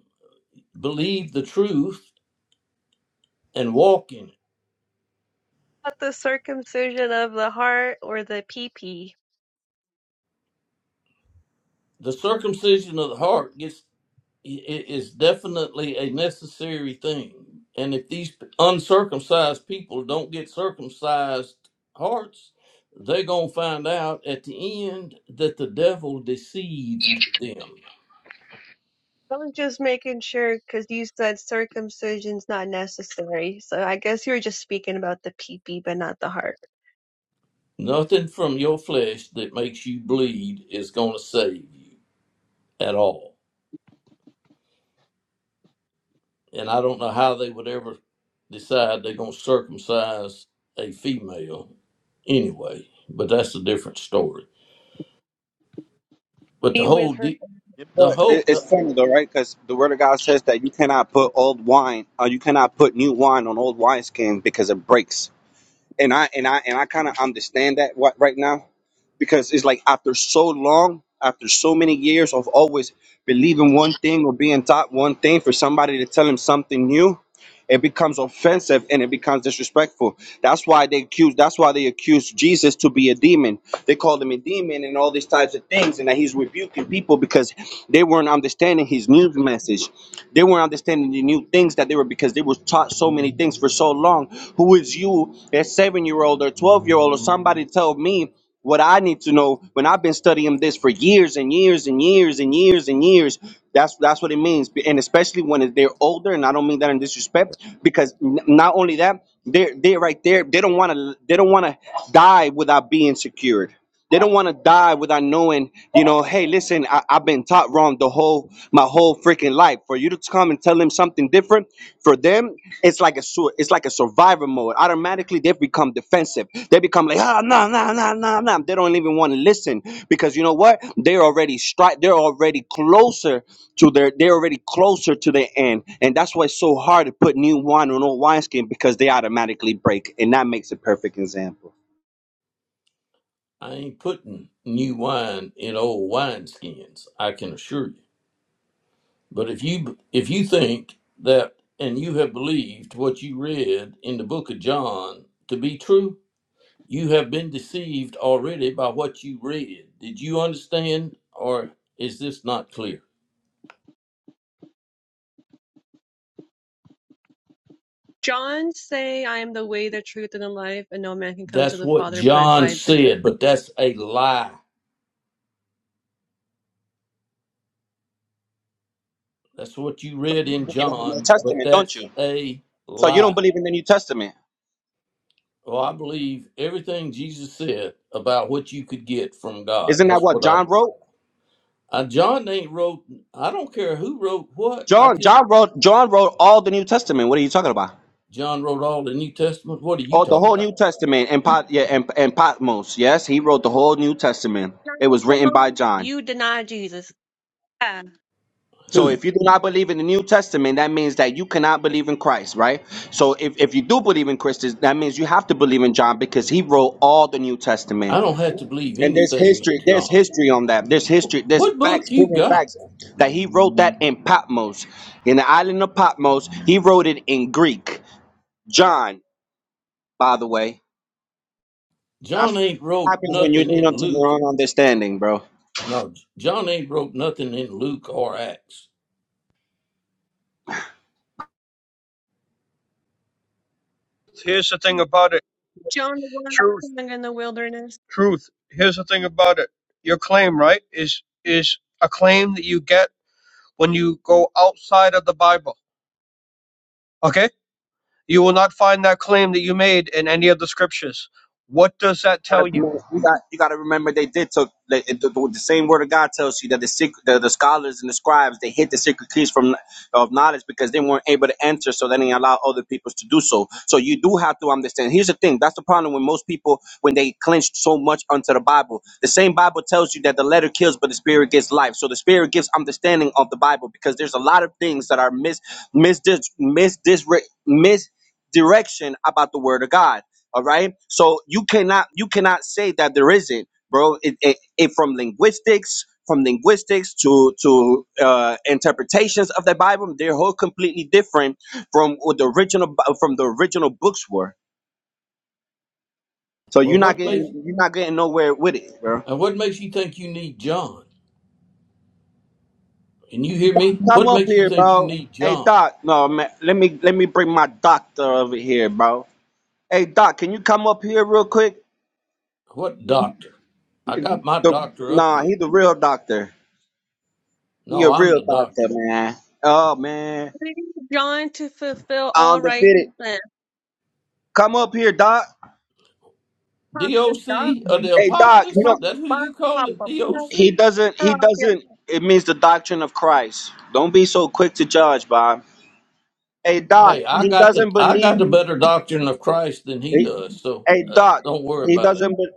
A: Believe the truth and walk in it.
E: Not the circumcision of the heart or the pee-pee.
A: The circumcision of the heart gets i- i- is definitely a necessary thing. And if these uncircumcised people don't get circumcised hearts, they're going to find out at the end that the devil deceived them.
E: I was just making sure because you said circumcision's not necessary. So I guess you were just speaking about the pee-pee, but not the heart.
A: Nothing from your flesh that makes you bleed is going to save you at all. and I don't know how they would ever decide they're going to circumcise a female anyway. But that's a different story. But the
E: Be
A: whole
E: with her.
A: de- the
C: But
E: her
C: it,
A: whole the,
C: it's funny though, right? Because the Word of God says that you cannot put old wine, or you cannot put new wine on old wineskin because it breaks. And I and I and I kind of understand that what right now because it's like after so long after so many years of always believing one thing or being taught one thing for somebody to tell him something new it becomes offensive and it becomes disrespectful that's why they accuse that's why they accuse jesus to be a demon they called him a demon and all these types of things and that he's rebuking people because they weren't understanding his new message they weren't understanding the new things that they were because they were taught so many things for so long who is you a seven year old or 12 year old or somebody tell me what I need to know when I've been studying this for years and years and years and years and years, that's that's what it means. And especially when they're older, and I don't mean that in disrespect, because n- not only that, they're they're right there. They don't want to they don't want to die without being secured. They don't want to die without knowing, you know, hey, listen, I, I've been taught wrong the whole my whole freaking life. For you to come and tell them something different, for them it's like a sur- it's like a survivor mode. Automatically, they become defensive. They become like, ah, no, no, no, no, no. They don't even want to listen because you know what? They're already stri- They're already closer to their. They're already closer to the end, and that's why it's so hard to put new wine on old wineskin because they automatically break, and that makes a perfect example.
A: I ain't putting new wine in old wineskins. I can assure you. But if you if you think that and you have believed what you read in the book of John to be true, you have been deceived already by what you read. Did you understand, or is this not clear?
E: John say, I am the way, the truth, and the life, and no man can come to
A: That's
E: the
A: what
E: Father but
A: John
E: by the.
A: said, but that's a lie. That's what you
C: So you
A: read
C: don't
A: in
C: believe in the New
A: John, but
C: Testament, don't
A: that's
C: you?
A: a
C: So you don't
A: lie.
C: believe in the New Testament?
A: Well, I believe everything Jesus said about what you could get from God.
C: Isn't that
A: That's
C: what
A: what I
C: John
A: believe.
C: wrote?
A: Uh, John ain't wrote, I don't care who wrote what. I
C: John,
A: just,
C: John wrote, John wrote all the New Testament. What are you talking about?
A: John wrote all the New Testament. What are you
C: Oh, the
A: talking
C: whole
A: about?
C: New Testament and Pot yeah and, and Patmos. Yes, he wrote the whole New Testament. It was
E: John,
C: written by John.
E: You deny Jesus. Yeah.
C: So
A: Who?
C: if you do not believe in the New Testament, that means that you cannot believe in Christ, right? So if, if you do believe in Christ, that means you have to believe in John because he wrote all the New Testament.
A: I don't have to believe
C: And there's
A: anything in
C: history, there's
A: John.
C: history on that. There's history, there's
A: What
C: facts,
A: book you
C: proven
A: got?
C: facts that he wrote that in Patmos. In the island of Patmos, he wrote it in Greek. John, by the way. That's
A: John ain't
C: what
A: wrote
C: happens when you
A: nothing
C: lean
A: in
C: onto your
A: Luke.
C: own understanding, bro.
A: No, John ain't wrote nothing in Luke or Acts.
F: Here's the thing about it.
E: John the one
F: Truth,
E: sung in the wilderness.
F: truth. Here's the thing about it. Your claim, right, is is a claim that you get when you go outside of the Bible. Okay? You will not find that claim that you made in any of the scriptures. What does
C: But you
F: that tell
C: gotta,
F: you?
C: remember- you got you gotta remember they did took the, the, the same word of God tells you that the, secret, the the scholars and the scribes they hid the secret keys from of knowledge because they weren't able to enter, so they didn't allow other people to do so. So you do have to understand. Here's the thing: that's the problem with most people when they clinch so much onto the Bible. The same Bible tells you that the letter kills, but the spirit gives life. So the spirit gives understanding of the Bible because there's a lot of things that are mis mis mis, mis, mis, mis, mis, mis, mis, mis, mis, all right. So you cannot you cannot say that there isn't, bro. It, it, it from linguistics from linguistics to to uh, interpretations of the Bible, they're whole completely different from what the original Bi- from the original books were. So
A: Well,
C: you're not
A: what makes
C: getting you're not getting nowhere with it, bro.
A: and what makes you think you need John? And you hear me?
C: Come
A: What
C: up
A: makes you
C: here,
A: think you
C: bro.
A: need
C: Hey
A: John?
C: Doc, no man. Let me let me bring my doctor over here, bro. Hey Doc, can you come up here real quick?
A: What doctor? I got my
C: The,
A: doctor up
C: nah,
A: here.
C: he's the real doctor. He a
A: No, I'm
C: real
A: the
C: doctor,
A: doctor.
C: man. Oh man,
E: John to fulfill all
C: undefeated.
E: righteousness.
C: Come up here, Doc.
E: Pop the dog,
A: DOC of the
C: Hey, Doc. You
A: apocalypse?
E: pop
C: know
E: the
A: That who
E: box.
A: you
E: pop
A: calling
E: the box.
C: he
A: DOC?
C: doesn't. He
E: Oh, yep.
C: doesn't. It means the doctrine of Christ. Don't be so quick to judge, Bob. Hey, Doc.
A: Hey, I
C: He
A: got the
C: doesn't
A: I
C: believe.
A: got the better doctrine of Christ than he
C: He,
A: does, so
C: hey,
A: uh,
C: Doc.
A: don't worry
C: He
A: about it.
C: doesn't. Be,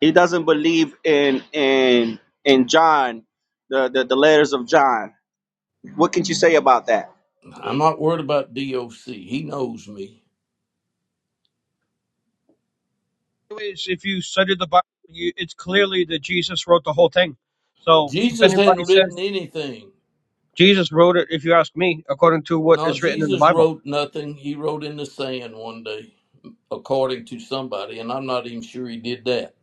C: he doesn't believe in in in John, the, the the letters of John. What can you say about that,
A: I'm not worried about DOC. He knows me.
F: Anyways, if you study the Bible, you, it's clearly that Jesus wrote the whole thing. So if
A: Jesus
F: anybody
A: hadn't written
F: says
A: anything.
F: Jesus wrote it, if you ask me, according to what
A: No,
F: is written in the
A: Jesus
F: Bible,
A: wrote nothing. He wrote in the sand one day. according to somebody, and I'm not even sure he did that.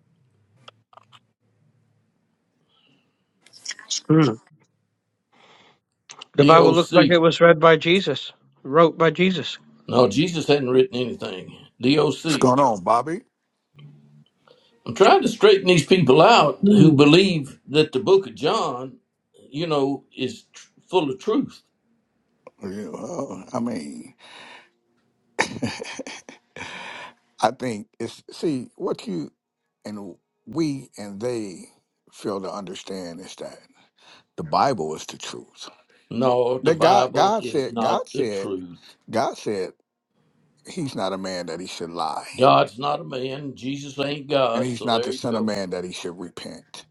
F: Hmm. the Bible looks like
A: DOC.
F: it was read by Jesus, wrote by Jesus.
A: No, Jesus hadn't written anything.
G: What's
A: DOC.
G: going on, Bobby?
A: I'm trying to straighten these people out who believe that the book of John, you know, is tr- full of truth.
G: You know, I mean, I think it's see what you and we and they fail to understand is that the Bible is the truth.
A: No, the
G: That God,
A: Bible
G: God
A: is
G: said,
A: not
G: God
A: the
G: said,
A: truth.
G: God said, He's not a man that He should lie,
A: God's not a man. Jesus ain't
G: and
A: God.
G: He's
A: So
G: not
A: there
G: the
A: you
G: Son of
A: go.
G: Man that He should repent.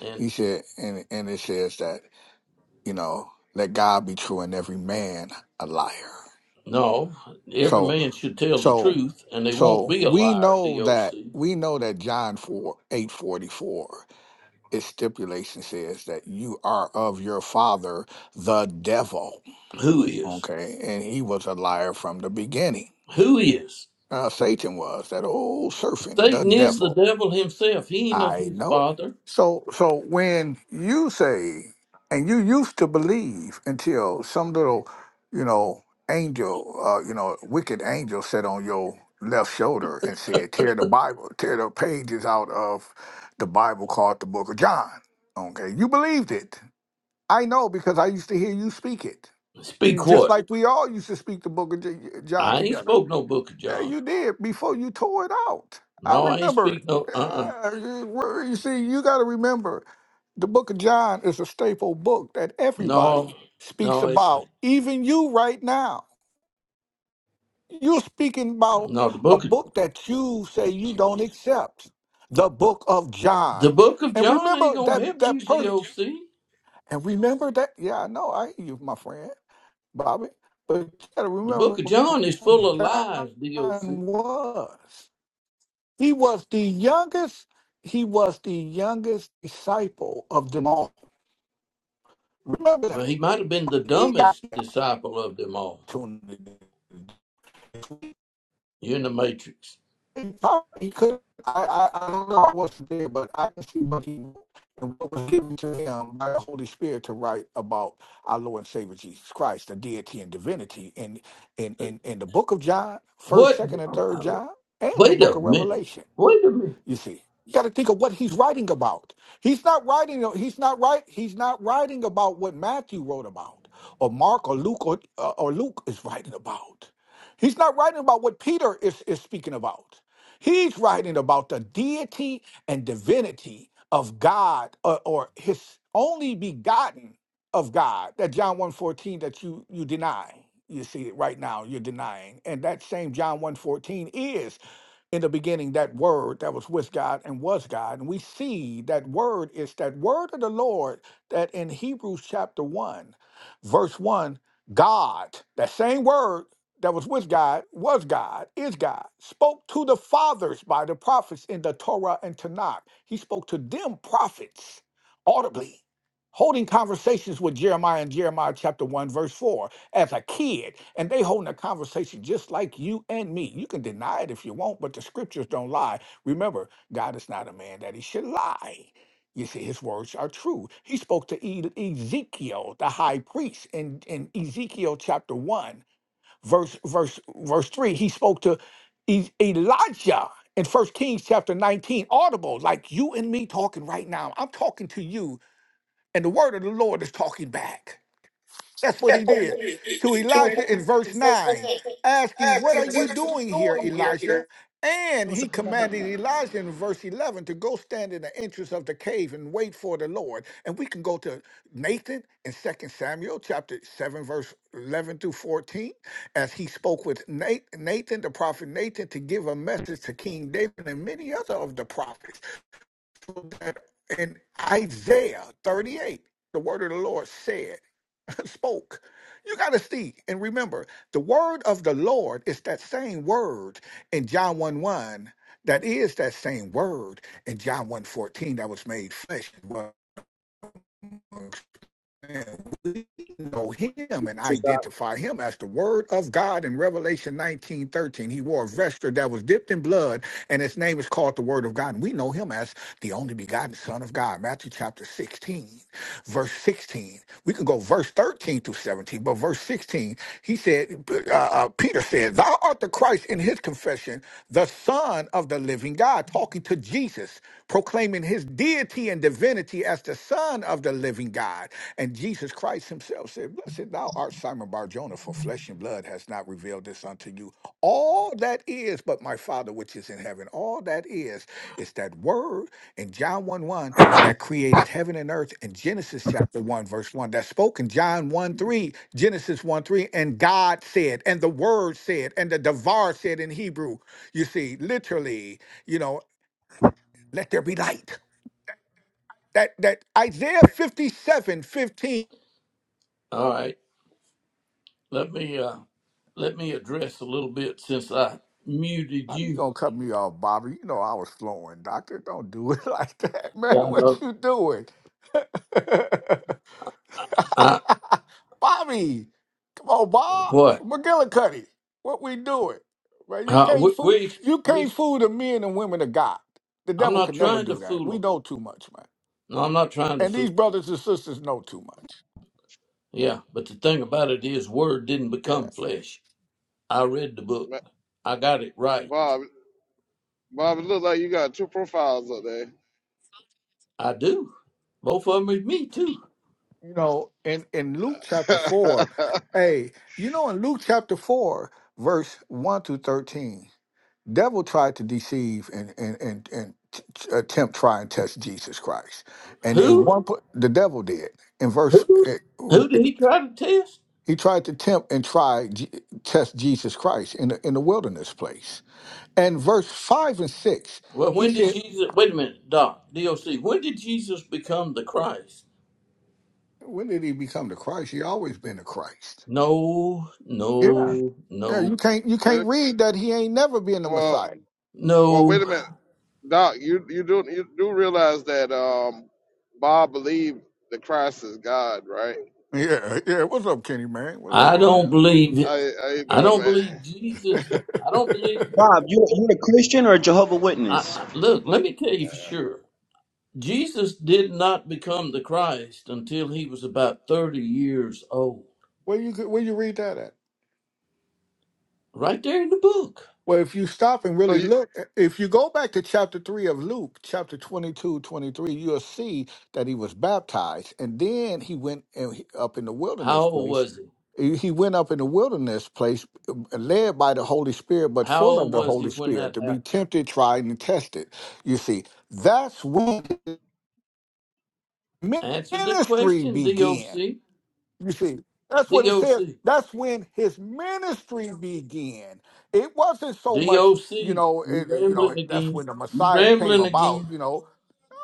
A: And
G: He said, and and it says that you know, let God be true and every man a liar.
A: no, every
G: So.
A: man should tell the
G: So
A: truth, and they won't
G: so
A: be a
G: we
A: liar,
G: know that
A: DOC.
G: we know that John 4 844 its stipulation says that you are of your father the devil.
A: Who is?
G: Okay. And he was a liar from the beginning.
A: Who is?
G: Uh, Satan was that old serpent, the
A: Satan is the
G: devil.
A: devil himself. He ain't of
G: I
A: his
G: know.
A: father.
G: So so when you say and you used to believe until some little, you know, angel, uh, you know, wicked angel sat on your left shoulder and said, Tear the Bible, tear the pages out of the Bible called the Book of John. Okay. You believed it. I know because I used to hear you speak it. You
A: Speak
G: just
A: what?
G: like we all used to speak the book of J- John
A: I ain't
G: together.
A: spoke no book of
G: Yeah,
A: John.
G: you did before you tore it out. I
A: No, I ain't
G: remember.
A: speak no uh uh
G: Uh, you well, you see, you got to remember, the Book of John is a staple book that everybody
A: No,
G: speaks
A: no, it's
G: about. Even you, right now, you're speaking about
A: no the
G: a
A: book of
G: book that you say you don't accept, the Book of
A: the
G: John.
A: book of
G: And
A: John ain't
G: remember that
A: gonna help
G: that
A: you,
G: person.
A: DOC.
G: And remember that. Yeah, I know. I hear you, my friend, Bobby. But you got to
A: The
G: remember
A: book of John is
G: who
A: full of
G: John
A: lies, DOC.
G: was. He was the youngest. He was the youngest disciple of them all. Remember
A: Well,
G: that
A: he might have been the
G: he got
A: dumbest
G: the
A: disciple of them all.
G: opportunity.
A: You're in the matrix.
G: He probably he could. I, I I don't know. I wasn't there, but I can see what he and what was given to him by the Holy Spirit to write about our Lord and Savior Jesus Christ, the deity and divinity, in in in, in the Book of John, First,
A: What
G: Second, and Third John, and the
A: wait
G: Book
A: a
G: of
A: minute.
G: Revelation.
A: Wait a minute.
G: You see, you got to think of what he's writing about. He's not writing. He's not right. He's not writing about what Matthew wrote about, or Mark, or Luke, or, uh, or Luke is writing about. He's not writing about what Peter is is speaking about. He's writing about the deity and divinity of God, or, or His only begotten of God. That John one fourteen that you you deny. You see it right now. You're denying, and that same John one fourteen is in the beginning that word that was with God and was God. And we see that word is that word of the Lord that in Hebrews chapter 1, verse 1, God, that same word that was with God, was God, is God, spoke to the fathers by the prophets in the Torah and Tanakh. He spoke to them prophets audibly, holding conversations with Jeremiah in Jeremiah chapter 1, verse 4 as a kid and they holding a conversation just like you and me you can deny it if you want but the scriptures don't lie remember god is not a man that he should lie you see his words are true he spoke to e- ezekiel the high priest in, in ezekiel chapter 1 verse verse verse 3 he spoke to e- elijah in first kings chapter 19 audible like you and me talking right now i'm talking to you and the word of the lord is talking back that's what
H: That's
G: he
H: what he
G: did to
H: did. To Elijah
G: Elijah in verse
H: and said,
G: 9, asking, What
H: acting,
G: are you
H: what are
G: doing here,
H: you doing here?
G: Elijah? And he commanded Elijah in verse 11 to go stand in the entrance of the cave and wait for the Lord. And we can go to Nathan in Second Samuel chapter 7, verse 11 through 14, as he spoke with Na- Nathan, the prophet Nathan, to give a message to King David and many other of the prophets. So that In Isaiah 38, the word of the Lord said. spoke. You got to see and remember the word of the Lord is that same word in John 1 1. That is that same word in John one fourteen that was made flesh. and was and we know him and
C: Doc?
G: identify him as the word of God in Revelation 19 13. He wore a vesture that was dipped in blood, and his name is called the Word of God. And we know him as the only begotten Son of God. Matthew chapter 16, verse 16. We can go verse 13 through 17, but verse 16, he said, uh, uh, Peter said, Thou art the Christ in his confession, the Son of the living God, talking to Jesus, proclaiming his deity and divinity as the Son of the living God. And Jesus Christ himself said, Blessed thou art Simon Barjona, for flesh and blood has not revealed this unto you. All that is but my Father which is in heaven. All that is is that word in John 1 1 that created heaven and earth in Genesis chapter 1, verse 1, that spoke in John 1 3, Genesis 1 3, and God said, and the word said, and the Devar said in Hebrew. You see, literally, you know, let there be light. That that Isaiah 57, 15
A: All right. Let me uh let me address a little bit since I muted
G: How you
A: you.
G: gonna cut me off, Bobby? You know I was flowing, Doctor. Don't do it like that, man.
A: Y'all
G: What
A: know.
G: you doing,
A: I,
G: Bobby? Come on, Bob
A: what?
G: McGillicuddy. What we doing, man? You
A: Uh,
G: can't
A: we,
G: fool.
A: we,
G: You
A: we,
G: can't fool the men and women of God. The
A: I'm
G: devil
A: not
G: can never
A: trying to
G: do that. We
A: fool them.
G: know too much, man.
A: No, I'm not trying to
G: And these
A: fool.
G: brothers and sisters know too much.
A: Yeah, but the thing about it is, word didn't
G: Yeah.
A: become flesh. I read the book.
I: Ma-
A: I got it right.
I: Bob, Bob, it looks like you got two profiles up there.
A: I do. Both of them is me too.
G: You know, in in Luke chapter four, hey, you know, in Luke chapter four, verse one through thirteen. devil tried to deceive and and and and t- t- attempt try and test Jesus Christ. And in
A: Who?
G: one pla- the devil did in verse
A: Who?
G: eh,
A: Who did he try to test?
G: he tried to tempt and try Je- test Jesus Christ in the, in the wilderness place. And verse 5 and 6
A: Well,
G: he
A: when did
G: said
A: Jesus? Wait a minute, Doc. DOC. When did Jesus become the Christ?
G: when did he become the Christ? He always been the Christ.
A: No,
G: Yeah.
A: no,
G: Yeah, you
A: no,
G: can't you
I: wait,
G: can't read that he ain't never been the
I: well,
G: Messiah.
I: well, wait a minute,
A: no.
I: Doc. You you do you do realize that um, Bob believed the Christ is God, right?
G: Yeah, yeah. What's up, Kenny man? What's up,
A: I
G: bro?
A: don't believe.
I: I I you
A: I
I: doing,
A: don't
I: man?
A: believe Jesus. I don't believe.
C: Bob, you you a Christian or a Jehovah
A: I,
C: Witness?
A: I, look, let me tell you for sure. Jesus did not become the Christ until he was about 30 years old.
G: Where you could- where you read that at?
A: Right there in the book.
G: Well, if you stop and
I: So
G: really
I: you did
G: look, eh, if you go back to chapter 3 of Luke, chapter twenty-two, twenty-three, you'll see that he was baptized. And then he went and he- up in the
A: How
G: wilderness
A: old
G: place.
A: was he?
G: He he went up in the wilderness place, uh, led by the Holy Spirit, but
A: How
G: full of
A: old
G: the
A: was he
G: Holy
A: when
G: Spirit
A: that
G: to
A: happened?
G: be tempted, tried, and tested. You see, that's when
A: Answer the
G: ministry
A: question,
G: began.
A: DOC.
G: You see, that's what it
A: DOC.
G: says. That's when his ministry began. It wasn't so much,
A: DOC.
G: you know,
A: You
G: it, you know.
A: rambling
G: That's
A: again.
G: when the
A: You
G: Messiah came
A: rambling
G: about.
A: again.
G: You know,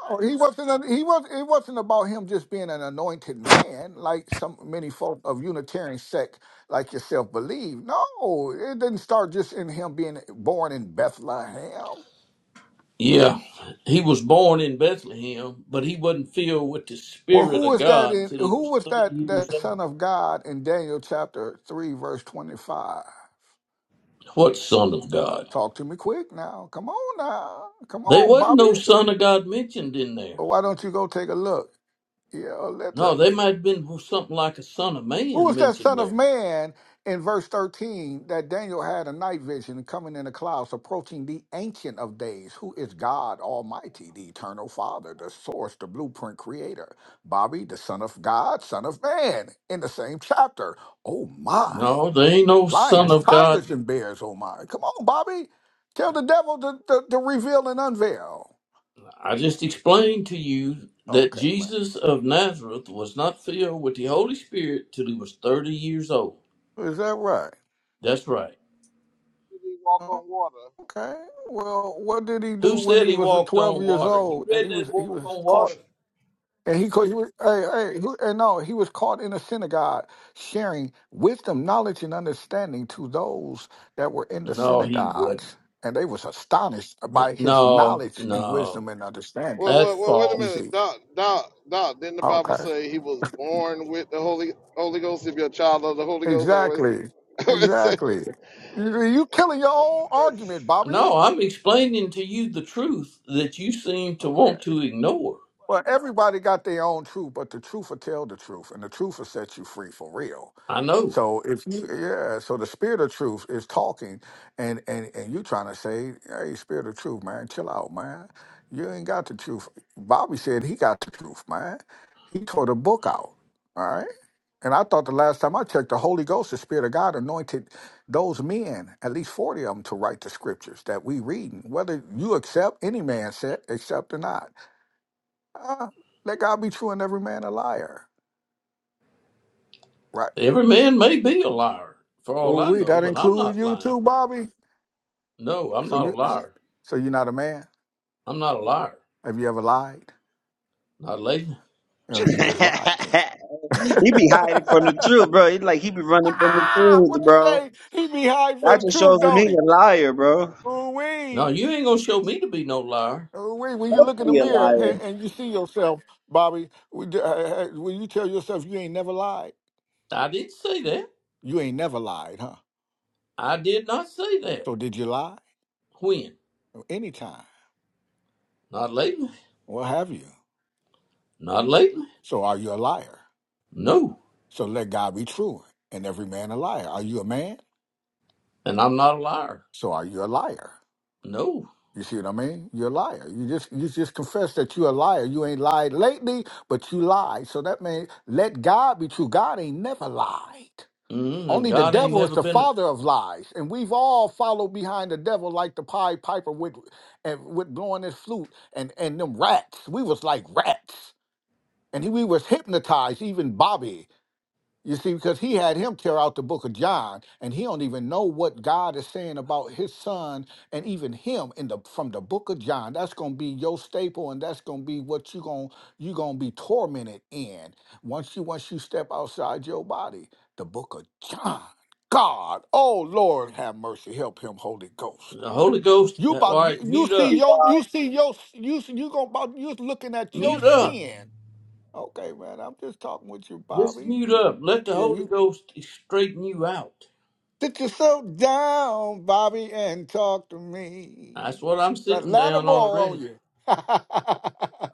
G: No, he wasn't. a- he was. It wasn't about him just being an anointed man, like some many folk of Unitarian sect like yourself believe. No, it didn't start just in him being born in Bethlehem.
A: Yeah, he was born in Bethlehem, but he wasn't filled with the
G: Well,
A: Spirit
G: who
A: of
G: was that
A: God
G: in?
A: till he
G: Who
A: was
G: was
A: 30
G: that? That
A: years old.
G: son of God in Daniel chapter three, verse twenty-five.
A: What son of God?
G: Talk to me quick now. Come on now. Come
A: There
G: on,
A: wasn't
G: Bobby.
A: no son of God mentioned in there.
G: Or why don't you go take a look? Yeah,
A: No, they
G: literally.
A: might have been something like a son of
G: Who
A: man
G: was that
A: mentioned
G: son of
A: there.
G: man in verse 13 that Daniel had a night vision coming in the clouds, approaching the ancient of days, who is God Almighty, the eternal Father, the source, the blueprint creator? Bobby, the son of God, son of man, in the same chapter. Oh my.
A: No, there ain't no son
G: Lions,
A: of God.
G: tigers, and bears, oh my. Come on, Bobby. Tell the devil to, to, to reveal and unveil.
A: I just explained to you that
G: Okay, man.
A: Jesus of Nazareth was not filled with the Holy Spirit till he was 30 years old.
G: Is that right?
A: That's right.
I: walk on water?
G: Okay. Well, what did he do
A: Who
G: when
A: said
G: he
A: he
G: was
A: walked
G: 12
A: on
G: years
A: water? You
G: old and he
A: read
G: was
A: that
G: he
A: walk
G: was
A: on
G: caught
A: water?
G: and he, caught- he was hey hey who, and no he was caught in a synagogue sharing wisdom, knowledge, and understanding to those that were in the
A: No, he wouldn't.
G: synagogues, and they was astonished by his
A: No,
G: knowledge and wisdom
A: no,
G: and understanding.
I: Well,
A: that's
I: well, well, wait a
G: You
A: false.
G: see?
I: minute, Doc, Doc, Doc. Didn't the Bible
G: Okay.
I: say he was born with the Holy Holy Ghost? If you're a child of the Holy Ghost, that
G: Exactly.
I: was.
G: Exactly. You you killing your own argument, Bobby.
A: No, I'm explaining to you the truth that you seem to
G: Okay.
A: want to ignore.
G: Well, everybody got their own truth, but the truth will tell the truth, and the truth will set you free for real.
A: I know.
G: So if you, yeah, so the spirit of truth is talking, and and and you trying to say, hey, spirit of truth, man, chill out, man. You ain't got the truth. Bobby said he got the truth, man. He tore the book out. All right. And I thought the last time I checked, the Holy Ghost, the Spirit of God, anointed those men, at least 40 of them, to write the scriptures that we reading, whether you accept any man said, accept or not. Uh, let God be true and every man a liar. Right.
A: Every man may be a liar, for all
G: Oh,
A: I
G: we
A: know,
G: that
A: but I'm
G: includes
A: not
G: you
A: lying.
G: too, Bobby.
A: No, I'm
G: So
A: not a
G: you
A: liar.
G: so you're not a man?
A: I'm not a liar.
G: Have you ever lied?
A: Not lately.
G: You know, you just lied then.
C: He be hiding from the truth, bro. He like he be running from the
G: ah,
C: truth,
G: what you
C: bro.
G: say? He be hiding for
C: That
G: the
C: just
G: truth,
C: shows him he
G: don't he?
C: a liar, bro.
G: Ooh
A: No,
G: wee.
A: you ain't gonna show me to be no liar.
G: Ooh wee. When you look in
C: Don't
G: the
C: be a
G: mirror and,
C: liar.
G: and you see yourself, Bobby, we d- uh, uh, when you tell yourself you ain't never lied,
A: I didn't say that.
G: you ain't never lied, huh?
A: I did not say that.
G: So did you lie?
A: When?
G: Anytime.
A: Not lately.
G: What have you?
A: Not lately.
G: So are you a liar?
A: No.
G: So let God be true and every man a liar. Are you a man?
A: And I'm not a liar.
G: So are you a liar?
A: No.
G: You see what I mean? You're a liar. You just you just confess that you're a liar. You ain't lied lately, but you lied. So that means let God be true. God ain't never lied.
A: mm And
G: Only the
A: God ain't
G: devil is
A: never
G: the
A: been. A,
G: father of lies, and we've all followed behind the devil like the Pied Piper with and with blowing his flute and and them rats. We was like rats, and he, we was hypnotized. Even Bobby, You see, because he had him tear out the book of John, and he don't even know what God is saying about his son and even him in the from the book of John. That's gonna be your staple, and that's gonna be what you gonna you gonna be tormented in once you once you step outside your body. The book of John. God, oh Lord, have mercy, help him, Holy Ghost.
A: the Holy Ghost.
G: You
A: uh, All
G: about you,
A: right,
G: you
A: mute
G: see
C: You
A: up.
G: your
C: God
G: you see your you see- you gonna about you looking at your
A: Mute up.
G: sin. Okay, man, I'm just talking with you,
A: Just
G: Bobby.
A: mute
G: Y-
A: up. Let the
G: Yeah,
A: Holy
G: you.
A: Ghost straighten you out.
G: Sit yourself down, Bobby, and talk to
A: That's
G: me.
A: what I'm
G: That
A: sitting
G: ladder
A: down
G: more on
A: already.
G: you.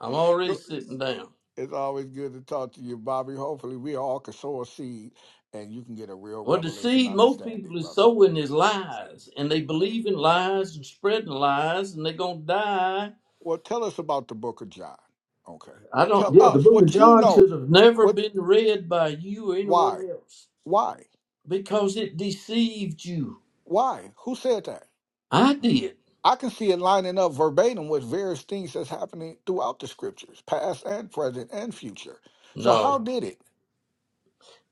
A: I'm already
G: Go-
A: sitting down.
G: it's always good to talk to you, Bobby. Hopefully, we all can sow a seed and you can get a real
A: Well, the
G: revelation
A: seed most
G: understanding,
A: people is
G: brother.
A: sowing is
G: So,
A: lies, and they
G: okay.
A: believe in lies and spreading lies, and they're gonna die.
G: Well, tell us about the book of John. Okay.
A: I don't.
G: Tell
A: Yeah, the
G: us
A: Book of
G: what you
A: John
G: know.
A: should have never
G: What?
A: been read by you or
G: Why?
A: anyone else
G: Why?
A: because it deceived you.
G: Why? Who said that?
A: I did.
G: I can see it lining up verbatim with various things that's happening throughout the scriptures, past and present and future. So how
A: No,
G: did it?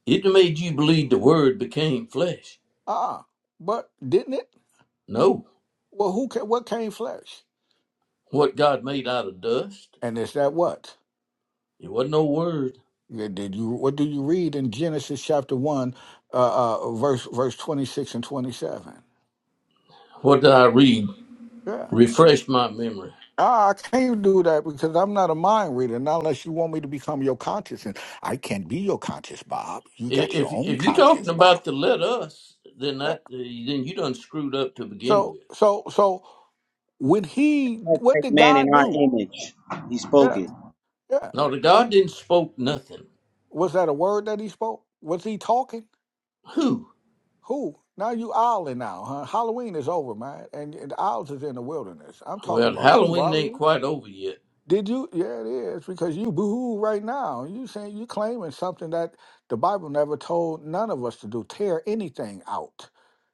A: it made you believe the Word became flesh.
G: Ah, but didn't it?
A: No,
G: Well, who ca what came flesh?
A: what God made out of dust.
G: And is that what?
A: It wasn't no word.
G: Yeah, Did you what do you read in Genesis chapter one, uh, uh verse verse twenty six and twenty seven?
A: What did I read?
G: Yeah.
A: Refresh my memory.
G: Ah, I can't do that because I'm not a mind reader, not unless you want me to become your conscious. And I can't be your conscious, Bob. You got your
A: If
G: own
A: if you talking
G: conscious, Bob.
A: about the let us, then
G: Yeah.
A: that then you done screwed up to begin
G: So,
A: with.
G: so, so When he,
C: us
G: what
C: make
G: did
C: man in
G: God
C: our
G: do?
C: image. He spoke
G: Yeah,
C: it.
G: yeah.
A: No, the God didn't spoke nothing.
G: Was that a word that he spoke? Was he talking?
A: Who?
G: Who? Now you owling now, huh? Halloween is over, man, and, and owls is in the wilderness. I'm talking
A: Well,
G: about you,
A: Halloween ain't
G: Bobby.
A: quite over yet.
G: Did you? Yeah, it is because you boohoo right now. You saying you claiming something that the Bible never told none of us to do. Tear anything out.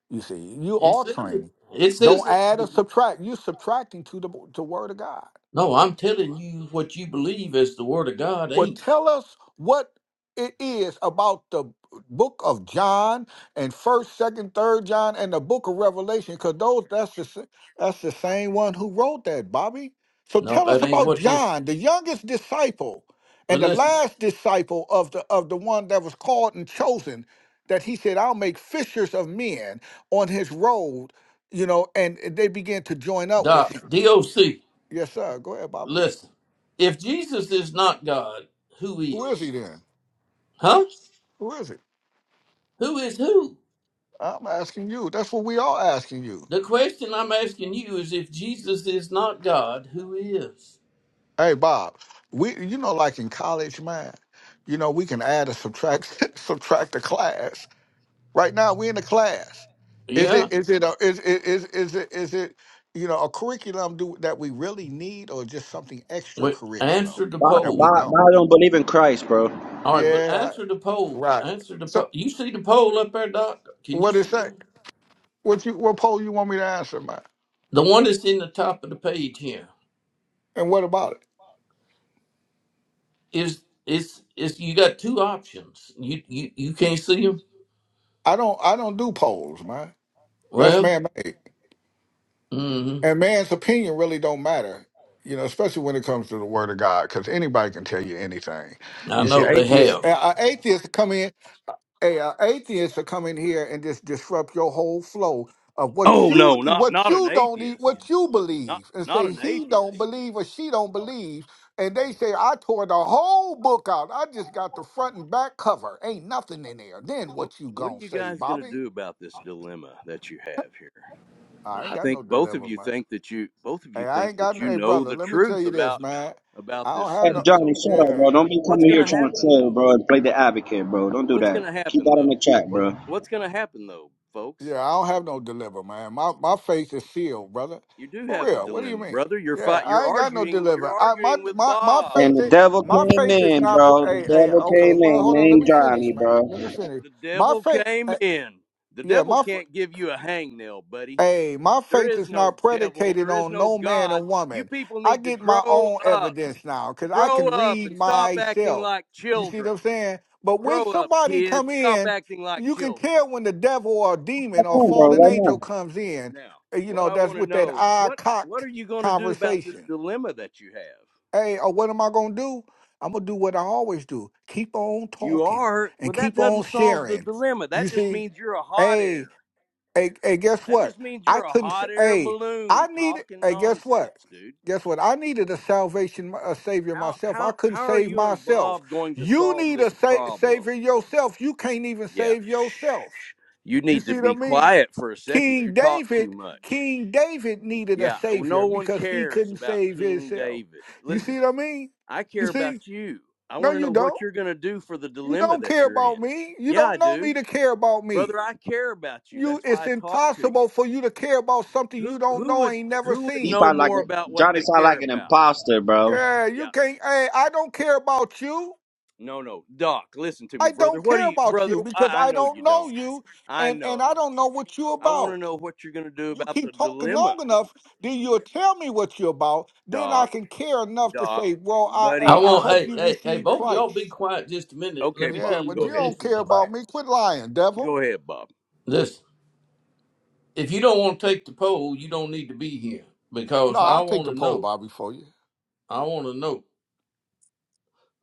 G: You see, you
A: It says it.
G: altering.
A: It
G: Don't
A: says it in
G: add
A: the
G: or
A: beginning.
G: subtract. You subtracting to the to word of God.
A: No, I'm telling you what you believe as the word of God
G: Well,
A: ain't.
G: tell us what it is about the book of John and First, Second, Third John and the book of Revelation, because those that's the sa- that's the same one who wrote that, Bobby. So
A: No,
G: tell us
A: that ain't
G: about
A: what this.
G: John, the youngest disciple
A: Well,
G: and the
A: listen,
G: last disciple of the of the one that was called and chosen, that he said, "I'll make fishers of men on his road," you know, and they began to join up with
A: Doc,
G: him.
A: DOC,
G: Yes, sir. Go ahead, Bobby.
A: listen. If Jesus is not God, who
G: Who is
A: is?
G: he then?
A: Huh?
G: Who is he?
A: Who is who?
G: I'm asking you. That's what we all asking you.
A: The question I'm asking you is if Jesus is not God, who is?
G: Hey, Bob, we you know, like in college, man, you know, we can add a subtract subtract a class. Right now, we in a class. Is it
A: Yeah.
G: is it a, is it is is it is it you know a curriculum do that we really need or just something extra
A: Wait,
G: curriculum
A: answer the
C: But
G: that we
A: poll.
G: don't?
C: I don't believe in Christ, bro.
A: All right, but
G: Yeah,
A: answer the
G: I-
A: poll.
G: right.
A: Answer the poll.
G: So
A: You see the poll up there, Doc? Can
G: what
A: you
G: what is
A: see that?
G: say? What you what poll you want me to answer, man?
A: The one that's in the top of the page here
G: And what about it?
A: is is is. you got two options. You you, you can't see them.
G: I don't I don't do polls, man. That's
A: Well,
G: man made.
A: hmm
G: And man's opinion really don't matter, you know, especially when it comes to the word of God, because anybody can tell you anything.
A: I
G: You see,
A: know they
G: atheists,
A: have.
G: a uh, atheists come in, a uh, atheist to come in here and just disrupt your whole flow of what
J: Oh
G: you
J: no, not
G: what
J: not an
G: you don't eat,
J: atheist.
G: what you
J: Not
G: believe, and
J: not
G: say
J: an
G: he don't
J: atheist.
G: believe or she don't believe, and they say I tore the whole book out. I just got the front and back cover. Ain't nothing in there. Then
J: What
G: what you
J: what are
G: gonna
J: you
G: say,
J: guys going to
G: Bobby?
J: do about this dilemma that you have here?
G: I ain't
J: I
G: got
J: think
G: no
J: both of you
G: deliverance.
J: think that you both of you
G: Hey, I
J: think
G: ain't got
J: that
G: no.
J: you
G: Hey,
J: know
G: brother,
J: the
G: let me tell
J: truth
G: you this,
J: about
G: man. I
J: about this
G: don't have
C: Hey,
G: no.
J: stuff.
C: Johnny,
J: So
C: shut up,
G: Yeah,
C: bro. Don't be
J: what's
C: coming
J: going
C: here
J: to
C: trying to
J: happen
C: troll,
J: though?
C: bro, and play the advocate, bro. Don't do
J: What's
C: that.
J: going to
C: Keep
J: happen
C: that in the
J: though?
C: chat,
J: What
C: bro.
J: what's going to happen though, folks?
G: yeah, I don't have no deliver, man. My my faith is sealed, brother.
J: You do
G: For
J: have a
G: real. What do you
J: dilemma,
G: mean?
J: brother. You're
G: Yeah,
J: fight
G: I
J: you're
G: ain't got no
J: arguing you're
G: deliver. I my
J: arguing with
G: my my
J: Bob.
C: And
G: faith
C: the
G: is
C: devil
G: my
C: came
G: faith is
C: in,
G: not.
C: bro. The
G: Hey, hey,
C: devil
G: okay.
C: came
G: Well,
C: in,
G: hold on. Let
C: named
G: me finish,
C: Johnny,
G: man.
C: bro.
G: Let me finish.
J: The
G: My
J: devil
G: faith.
J: came
G: eh,
J: in. The
G: Yeah,
J: devil
G: my f-
J: can't give you a hangnail, buddy.
G: Hey, my
J: There
G: faith
J: is
G: is
J: no
G: not
J: devil.
G: predicated
J: There is
G: on
J: no
G: no man or
J: God. You
G: woman.
J: people
G: I
J: need to
G: get my
J: grow
G: own
J: up.
G: evidence now because I
J: Grow
G: can
J: up and
G: read
J: stop acting
G: myself.
J: like
G: You see what
J: children.
G: I'm saying? But when
J: Grow up,
G: somebody come
J: kids. Stop
G: in,
J: acting like
G: you can
J: children.
G: tell when the devil or a
C: Come
G: demon or
C: on, bro,
G: fallen
C: right
G: angel
C: now.
G: comes in.
J: Now,
G: uh, You
J: what
G: know,
J: I
G: that's
J: want to
G: with that
J: know is
G: eye
J: what what are
G: cocked
J: you going to do about this
G: conversation.
J: dilemma that you have?
G: Hey, or what am I gonna do? I'm gonna do what I always do. Keep on
J: You
G: talking
J: are,
G: and
J: well, that
G: keep on
J: doesn't solve the
G: sharing.
J: dilemma.
G: You
J: That just
G: see?
J: means you're a hot air.
G: Hey. Hey, hey, guess
J: That
G: what?
J: just means
G: I
J: you're a
G: couldn't. s-
J: hot air
G: Hey, I
J: balloon
G: needed.
J: talking
G: Hey, guess what?
J: nonsense, dude.
G: Guess what? I needed a salvation, a savior
J: How
G: myself. I
J: how
G: couldn't
J: how are
G: save
J: you and
G: myself.
J: Bob going to
G: You
J: solve
G: need a
J: this
G: sa-
J: problem?
G: savior yourself. You can't even
J: Yeah.
G: save yourself.
J: You
G: You
J: need to
G: see what I
J: be
G: mean?
J: quiet for a second. You
G: King
J: talk too
G: David,
J: much.
G: King David needed a
J: Yeah. uh,
G: savior
J: No one
G: because he
J: cares
G: couldn't
J: about
G: save
J: King
G: himself.
J: David.
G: You see
J: Listen,
G: what I mean?
J: I
G: You
J: care
G: see?
J: about you. I
G: No,
J: want to
G: you
J: know what
G: don't.
J: you're going to do for the
G: You
J: dilemma
G: don't
J: that
G: care
J: you're in.
G: about me. You
J: Yeah, I
G: don't know me
J: do.
G: to care about me.
J: Brother, I care about you.
G: You
J: That's why
G: it's
J: I talk to you.
G: impossible for you to care about something
J: Who
G: you don't
J: who
G: know
J: would
G: ain't never
J: who would
C: He
G: seen.
J: know
C: sound like
J: more
C: a,
J: about what
C: Johnny
J: they
C: sound
J: care
C: like an
J: about?
C: imposter, bro.
G: Yeah, you
J: Yeah.
G: can't hey, I don't care about you.
J: No, no. Doc, listen to me,
G: I
J: brother.
G: don't
J: What do
G: care
J: you
G: about
J: brother?
G: you because
J: I, I
G: I
J: know you
G: don't know
J: don't.
G: you
J: I
G: and and
J: know.
G: I don't know what you're
J: I want to
G: about.
J: know what you're going to do
G: You
J: about the
G: keep talking long
J: dilemma,
G: enough, then you'll tell me what you're about. Then I
J: Doc.
G: can care enough to
J: Doc,
G: say, well, I
A: I
G: hey,
J: buddy.
G: I
A: want
G: hope
A: hey
G: you
A: hey hey
G: receive
A: both of y'all be
G: Christ.
A: quiet just a minute. Let
J: Okay,
A: me tell
G: Yeah,
J: Bob,
A: you
G: but
J: go
G: you
A: what
J: ahead.
G: don't
A: this is
G: care about
A: about.
G: me. Quit lying, devil.
J: Go ahead, Bob.
A: This. if you don't want to take the poll, you don't need to be here
G: No,
A: because I
G: I'll take
A: want
G: the
A: to
G: pole,
A: know.
G: Bobby, for you.
A: I want to know.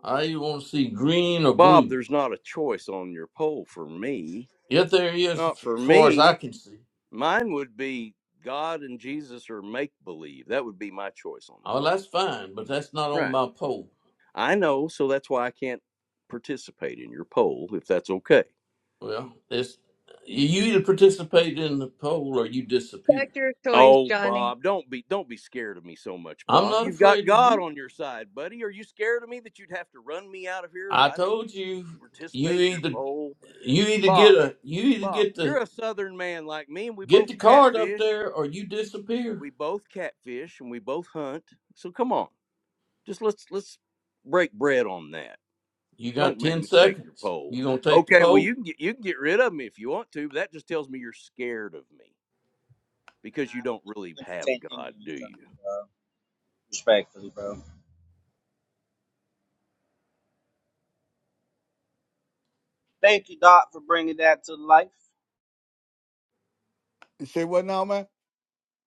A: I either want to see green or
J: Bob,
A: blue.
J: there's not a choice on your poll for me.
A: If there is, as
J: Not for
A: far as I
J: me.
A: can see,
J: Mine would be God and Jesus or make believe. That would be my choice on the
A: oh,
J: poll.
A: that's fine, but that's not on
J: Right.
A: my poll.
J: I know, so that's why I can't participate in your poll if that's okay.
A: Well, it's you either participate in the poll or you
E: Check
A: disappear.
E: your choice,
J: Oh,
E: Johnny.
J: Bob, don't be don't be scared of me so much,
A: I'm
J: Bob.
A: not
J: You've got
A: afraid of
J: God
A: you.
J: on your side, buddy. Are you scared of me that you'd have to run me out of here if
A: I
J: I don't
A: told you, you
J: participate in your
A: either
J: poll?
A: you either get
J: Bob,
A: a you either
J: Bob,
A: get the
J: you're a southern man like me, and we
A: get
J: both
A: the card up
J: catfish.
A: there or you disappear.
J: We both catfish and we both hunt. So come on. Just let's let's break bread on that.
A: You got
J: Don't make
A: ten
J: me take your
A: seconds.
J: pole.
A: You gonna take the
J: Okay, well
A: poll?
J: you can get you can get rid of me if you want to, but that just tells me you're scared of me because you
C: I would
J: don't
C: just
J: really have
C: entertain
J: God, do
C: ignorance, John,
J: you?
C: bro. respectfully, bro. Thank you, Doc, for bringing that to life.
G: You say what now, man?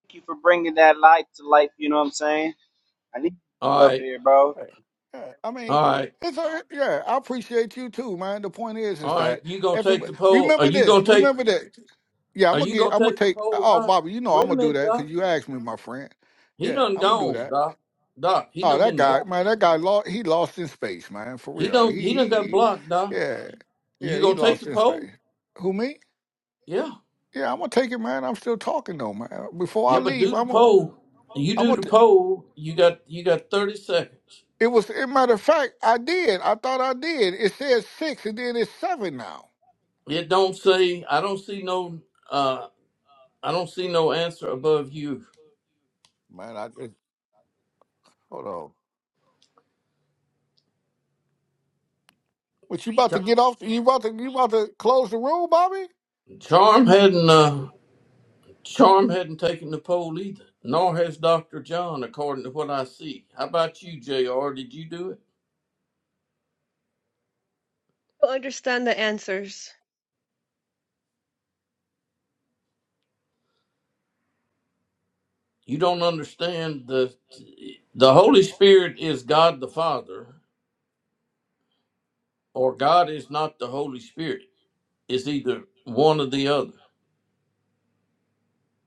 C: Thank you for bringing that light to life. You know what I'm saying? I need
A: All
C: you up
A: right.
C: here, bro.
G: Right. Yeah, I mean,
A: All right,
G: it's a, yeah. I appreciate you too, man. The point is, is
A: all right.
G: that
A: You gonna take
G: everybody
A: the poll? Are
G: remember
A: you
G: this.
A: gonna take?
G: Remember this. Yeah, I'm
A: Are
G: gonna
A: you
G: get.
A: gonna
G: I'm gonna
A: take the
G: take.
A: poll,
G: Oh,
A: Doc?
G: Bobby, you know I'm
A: Wait a
G: gonna do
A: minute,
G: that because
A: Doc.
G: you asked me, my friend.
A: He
G: Yeah,
A: done
G: I'm gonna do
A: gone,
G: that.
A: Doc. Doc, he
G: Oh,
A: done
G: that
A: been
G: guy,
A: blocked.
G: man, that guy lost. He lost in space, man, for
A: He
G: real.
A: done
G: He,
A: he
G: he,
A: done got
G: he
A: blocked, Doc.
G: yeah, yeah,
A: You
G: he
A: gonna take
G: lost
A: the
G: in space.
A: poll?
G: Who me?
A: Yeah,
G: Yeah, I'm gonna take it, man. I'm still talking though, man. Before I
A: yeah. But
G: leave,
A: do the
G: I'm gonna,
A: poll. You
G: I'm
A: do the
G: gonna.
A: poll. You got you got thirty seconds.
G: It was, as a matter of fact, I did. I thought I did. It says six, and then it's seven now.
A: It don't say. I don't see no. Uh, I don't see no answer above you.
G: Man, I just hold on. What you about to get off? You about to you about to close the room, Bobby?
A: Charm hadn't. uh Charm hadn't taken the poll either, nor has Dr. John, according to what I see. How about you, J.R.? Did you do it?
E: To understand the answers.
A: You don't understand the the Holy Spirit is God the Father, or God is not the Holy Spirit. It's either one or the other.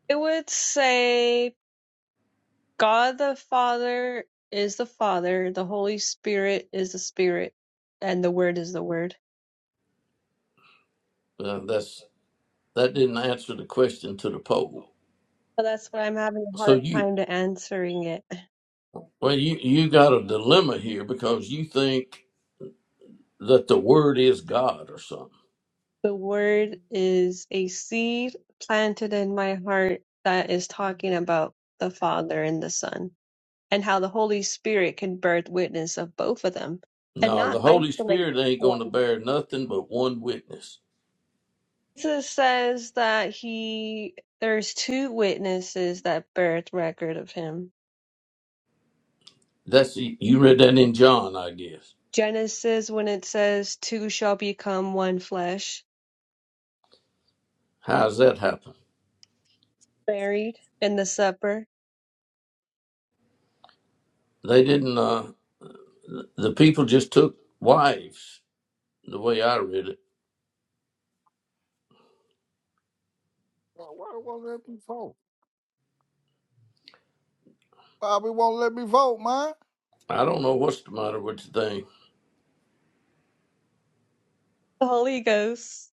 E: It would say God the Father is the Father, the Holy Spirit is the Spirit, and the Word is the Word.
A: Uh, that's that didn't answer the question to the poll.
E: Well, that's why I'm having a
A: So
E: hard
A: you
E: time to answering it.
A: well you you got a dilemma here because you think that the Word is God or something.
E: The word is a seed planted in my heart that is talking about the Father and the Son and how the Holy Spirit can birth witness of both of them and
A: No,
E: not
A: the Holy
E: isolate
A: Spirit ain't
E: one.
A: going to bear nothing but one witness
E: Jesus says that he there's two witnesses that birth record of him.
A: That's you read that in John, I guess.
E: Genesis when it says two shall become one flesh,
A: How's that happen?
E: married in the supper.
A: They didn't. Uh, the people just took wives. The way I read it,
G: Why why won't let me vote? Bobby won't let me vote, man.
A: I don't know what's the matter with the thing.
E: The Holy Ghost.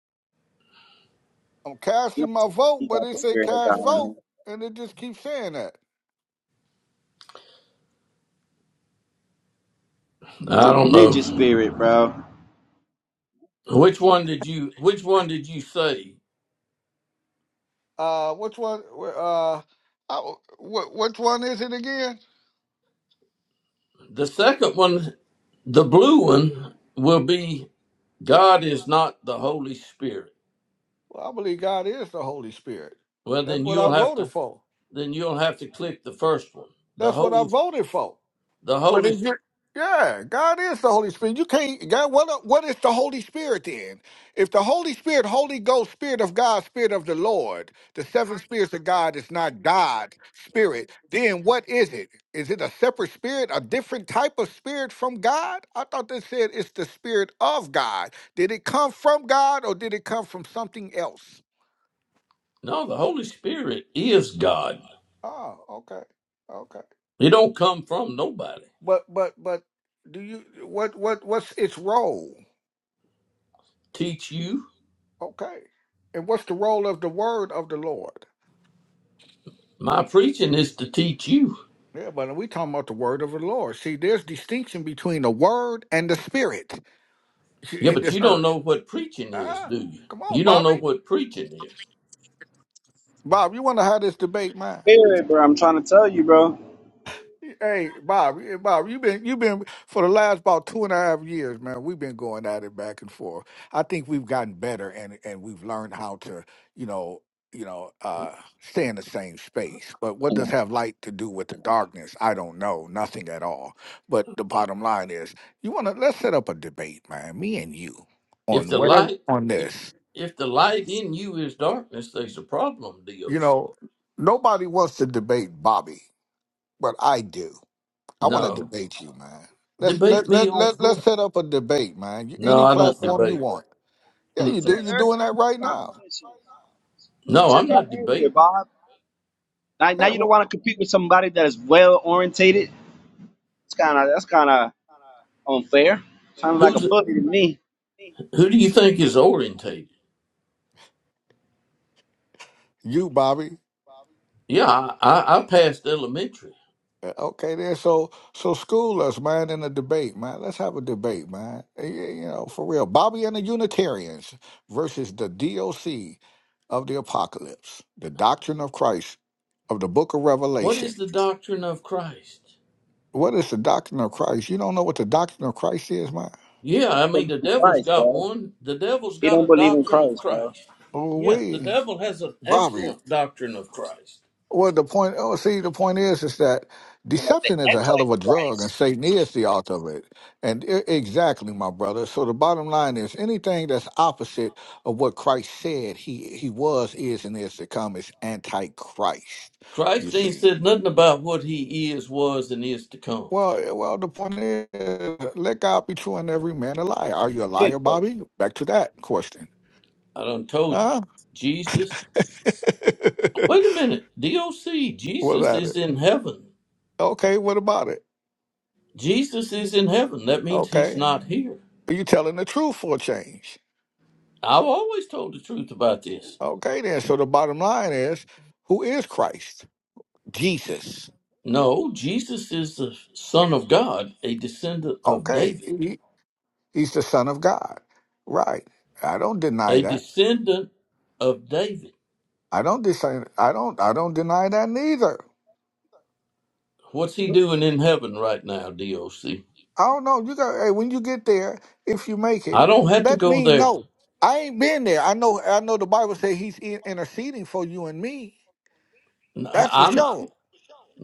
G: I'm
C: You know,
G: casting my vote,
C: he
G: but
C: got
G: it
C: the
G: said
C: spirit of
G: cast
C: God in
G: vote,
C: him.
G: and it just keeps saying that.
C: The
A: I don't know
C: religious spirit, bro.
A: which one did you. Which one did you say?
G: Uh, which one? Uh, I, wh- which one is it again?
A: The second one, the blue one, will be God is not the Holy Spirit.
G: Well, I believe God is the Holy Spirit.
A: Well,
G: That's
A: then
G: what I
A: you'll have
G: voted
A: to.
G: for.
A: Then you'll have to click the first one. The
G: That's what I
A: Holy.
G: voted for.
A: The
G: But if
A: Holy.
G: you, yeah, God is the Holy Spirit. You can't God. What what is the Holy Spirit then? If the Holy Spirit, Holy Ghost, Spirit of God, Spirit of the Lord, the seven spirits of God is not God Spirit, then what is it? Is it a separate spirit, a different type of spirit from God? I thought they said it's the Spirit of God. Did it come from God or did it come from something else?
A: No, the Holy Spirit is God.
G: Oh, okay, okay.
A: It don't come from nobody.
G: But but but do you what what what's its role?
A: teach you.
G: Okay. And what's the role of the word of the Lord?
A: My preaching is to teach you.
G: Yeah, but we talking about the word of the Lord. See, there's distinction between the word and the spirit
A: Yeah,
G: in
A: but
G: this
A: you don't
G: earth.
A: know what preaching is,
G: Ah,
A: do you?
G: come on,
A: You don't know
G: Bobby.
A: what preaching is.
G: Bob, you wonder how this debate, man?
C: Spirit, bro. I'm trying to tell you, bro. You
G: Hey Bob, hey, Bob, you've been you've been for the last about two and a half years, man. We've been going at it back and forth. I think we've gotten better, and and we've learned how to, you know, you know, uh, stay in the same space. But what does have light to do with the darkness? I don't know, nothing at all. But the bottom line is, you want to let's set up a debate, man. Me and you
A: If
G: on
A: the
G: whatever
A: light
G: on
A: if
G: this.
A: if the light in you is darkness, there's a problem,
G: You
A: DOC.
G: know, nobody wants to debate Bobby, but I do. I want to
A: No.
G: debate you, man. Let's
A: Debate
G: let
A: me
G: let
A: on
G: let let's
A: what?
G: set up a debate, man. You-
A: No,
G: Any
A: I don't
G: platform you
A: debate.
G: want. Yeah, you
C: said
A: Mm-mm.
G: do. You're
C: earlier
G: doing that
C: it's
G: right
C: a
G: now.
C: competition. You
A: No,
C: said
A: I'm
C: that
A: not
C: earlier,
A: debating.
C: Bob. Now, now
G: Yeah,
C: you don't
G: well,
C: want to compete with somebody that is well orientated. It's kind of that's kind of unfair. Sounds like a
A: Who's
C: bully to me.
A: who do you think is orientated?
G: you, Bobby.
A: Yeah, I, I, I passed elementary.
G: Yeah, Okay, then. So so school us, man, in a debate, man. Let's have a debate, man. Eh, yeah, You know, for real. Bobby and the Unitarians versus the DOC of the Apocalypse, the Doctrine of Christ of the Book of
A: What
G: Revelation.
A: is the doctrine of Christ?
G: What is the Doctrine of Christ? You don't know what the Doctrine of Christ is, man.
A: Yeah, I
C: But
A: mean, the devil's
C: Christ,
A: got
C: bro.
A: one. The devil's
C: He
A: got
C: don't
A: a
C: believe in
A: doctrine of
C: Christ, bro.
A: Christ.
G: Oh,
A: Yeah, the
G: we,
A: devil has an
G: Bobby.
A: excellent doctrine of Christ.
G: Well, the point, oh, see, the point is, is that
C: about the
G: deception is a hell of a drug, and
C: Antichrist.
G: Satan is the author of it. And e- exactly, my brother. So the bottom line is, anything that's opposite of what Christ said he he was, is, and is to come is antichrist. You
A: Christ ain't
G: see.
A: said nothing about what he is, was, and is to come.
G: Well, eh, well, the point is, let God be true and every man a liar. Are you a liar,
C: Jesus.
G: Bobby? Back to that question.
A: I done told you.
G: Huh?
A: Jesus. Wait a minute. DOC,
G: what
A: Jesus
G: about
A: is
G: it?
A: in heaven.
G: Okay, what about it?
A: Jesus is in heaven. That means he's
G: Okay,
A: not here.
G: are you telling the truth for a change?
A: I've always told the truth about this.
G: Okay, then. So the bottom line is, who is Christ? Jesus.
A: No, Jesus is the Son of God, a descendant of
G: Okay,
A: David,
G: he- he's the Son of God. Right. I don't deny
A: a
G: that.
A: descendant of David.
G: I don't deny. I don't. I don't deny that neither.
A: What's he doing in heaven right now, DOC?
G: I don't know. You got. Hey, when you get there, if you make
A: I
G: it,
A: don't have to
G: let
A: go
G: me
A: there.
G: know. I ain't been there. I know. I know. The Bible says he's in- interceding for you and me.
A: N-
G: That's for
A: I'm
G: sure.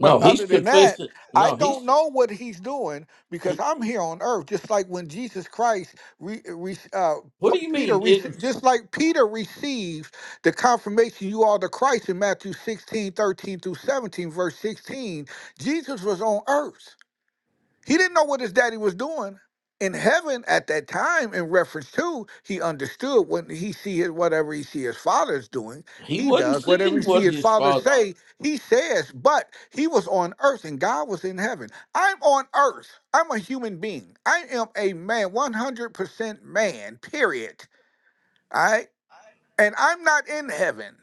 G: But
A: He's
G: other than that,
A: confessing.
G: I
A: No,
G: don't
A: he's
G: know what he's doing because
A: he.
G: I'm here on earth. Just like when Jesus Christ, re, re, uh, P-
A: What do you
G: Peter,
A: mean? It,
G: rece- just like Peter receives the confirmation you are the Christ in Matthew 16, 13 through 17, verse 16, Jesus was on earth. He didn't know what his daddy was doing. In heaven at that time, in reference to, he understood when he see his whatever he see his father's doing,
A: he
G: he
A: wasn't
G: does. Whatever he
A: seeing
G: see
A: what
G: his
A: his
G: father
A: father.
G: say, he says. But he was on earth and God was in heaven. I'm on earth. I'm a human being. I am a man, 100% man, period. All right. And I'm not in heaven.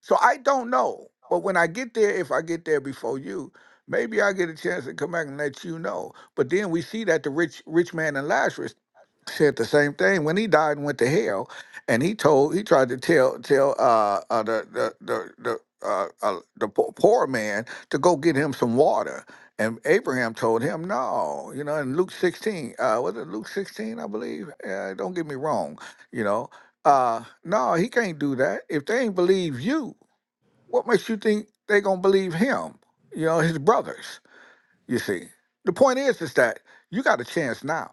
G: So I don't know. But when I get there, if I get there before you, maybe I get a chance to come back and let you know. But then we see that the rich rich man and Lazarus said the same thing when he died and went to hell, and he told he tried to tell tell uh, uh the the the the, uh, uh, the po- poor man to go get him some water, and Abraham told him no, you know. In Luke sixteen, uh, was it Luke sixteen? I believe. Uh, don't get me wrong, you know. Uh, no, he can't do that. If they ain't believe you, what makes you think they gonna believe him? You know, his brothers. You see. The point is, is that you got a chance now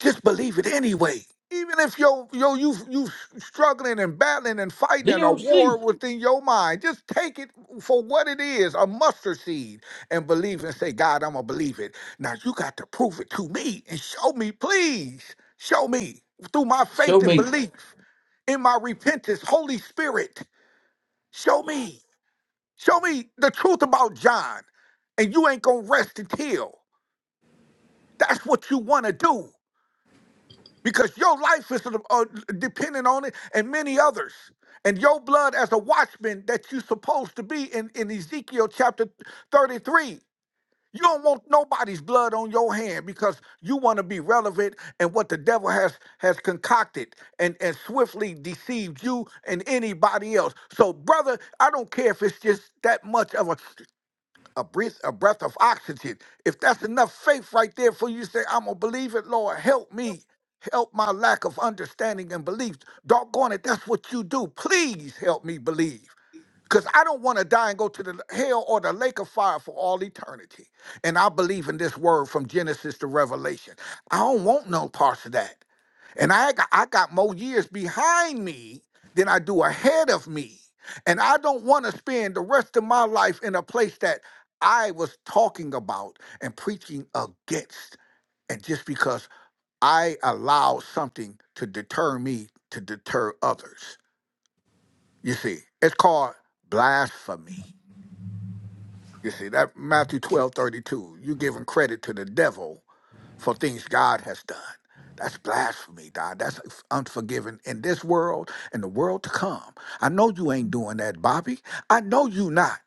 G: just believe it anyway. Even if yo yo you you struggling and battling and fighting in a war
A: DOC,
G: within your mind, just take it for what it is—a mustard seed—and believe and say, God, I'm gonna believe it. Now you got to prove it to me and show me, please, show me through my
A: show
G: faith and
A: me.
G: belief in my repentance, Holy Spirit, show me, show me the truth about John, and you ain't gonna rest until that's what you wanna do. because your life is uh, dependent on it and many others and your blood as a watchman that you're supposed to be in, in ezekiel chapter 33 you don't want nobody's blood on your hand because you want to be relevant and what the devil has has concocted and and swiftly deceived you and anybody else so brother i don't care if it's just that much of a a breath, a breath of oxygen. If that's enough faith right there for you to say, I'm gonna believe it, Lord, help me. Help my lack of understanding and belief. Doggone it, that's what you do. Please help me believe. Because I don't want to die and go to the hell or the lake of fire for all eternity. And I believe in this word from Genesis to Revelation. I don't want no parts of that. And I got, I got more years behind me than I do ahead of me. And I don't want to spend the rest of my life in a place that I was talking about and preaching against. And just because I allowed something to deter me to deter others. You see, it's called blasphemy. You see, that Matthew twelve thirty two. 32, you giving credit to the devil for things God has done. That's blasphemy, God. That's unforgiving in this world and the world to come. I know you ain't doing that, Bobby. I know you not.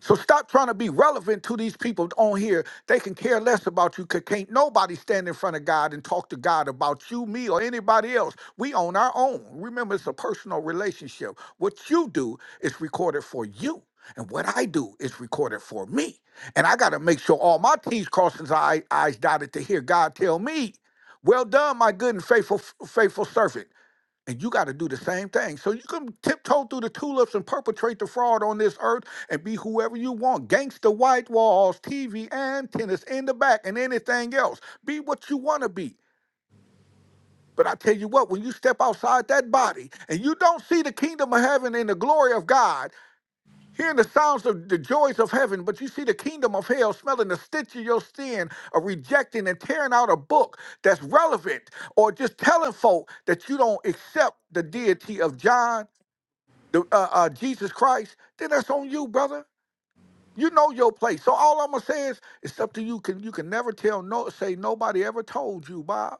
G: So stop trying to be relevant to these people on here. They can care less about you. can can't nobody stand in front of God and talk to God about you, me, or anybody else. We own our own. Remember, it's a personal relationship. What you do is recorded for you. And what I do is recorded for me. And I gotta make sure all my T's crossed and I I's dotted to hear God tell me, well done, my good and faithful faithful servant. And you got to do the same thing. So you can tiptoe through the tulips and perpetrate the fraud on this earth and be whoever you want. Gangsta white walls, TV antennas in the back and anything else. Be what you want to be. But I tell you what, when you step outside that body and you don't see the kingdom of heaven and the glory of God, hearing the sounds of the joys of heaven, but you see the kingdom of hell smelling the stench of your sin, or rejecting and tearing out a book that's relevant, or just telling folk that you don't accept the deity of John the, uh, uh, Jesus Christ, then that's on you, brother. You know your place. So all I'm gonna say is, it's up to you. Can you can never tell no say nobody ever told you, Bob,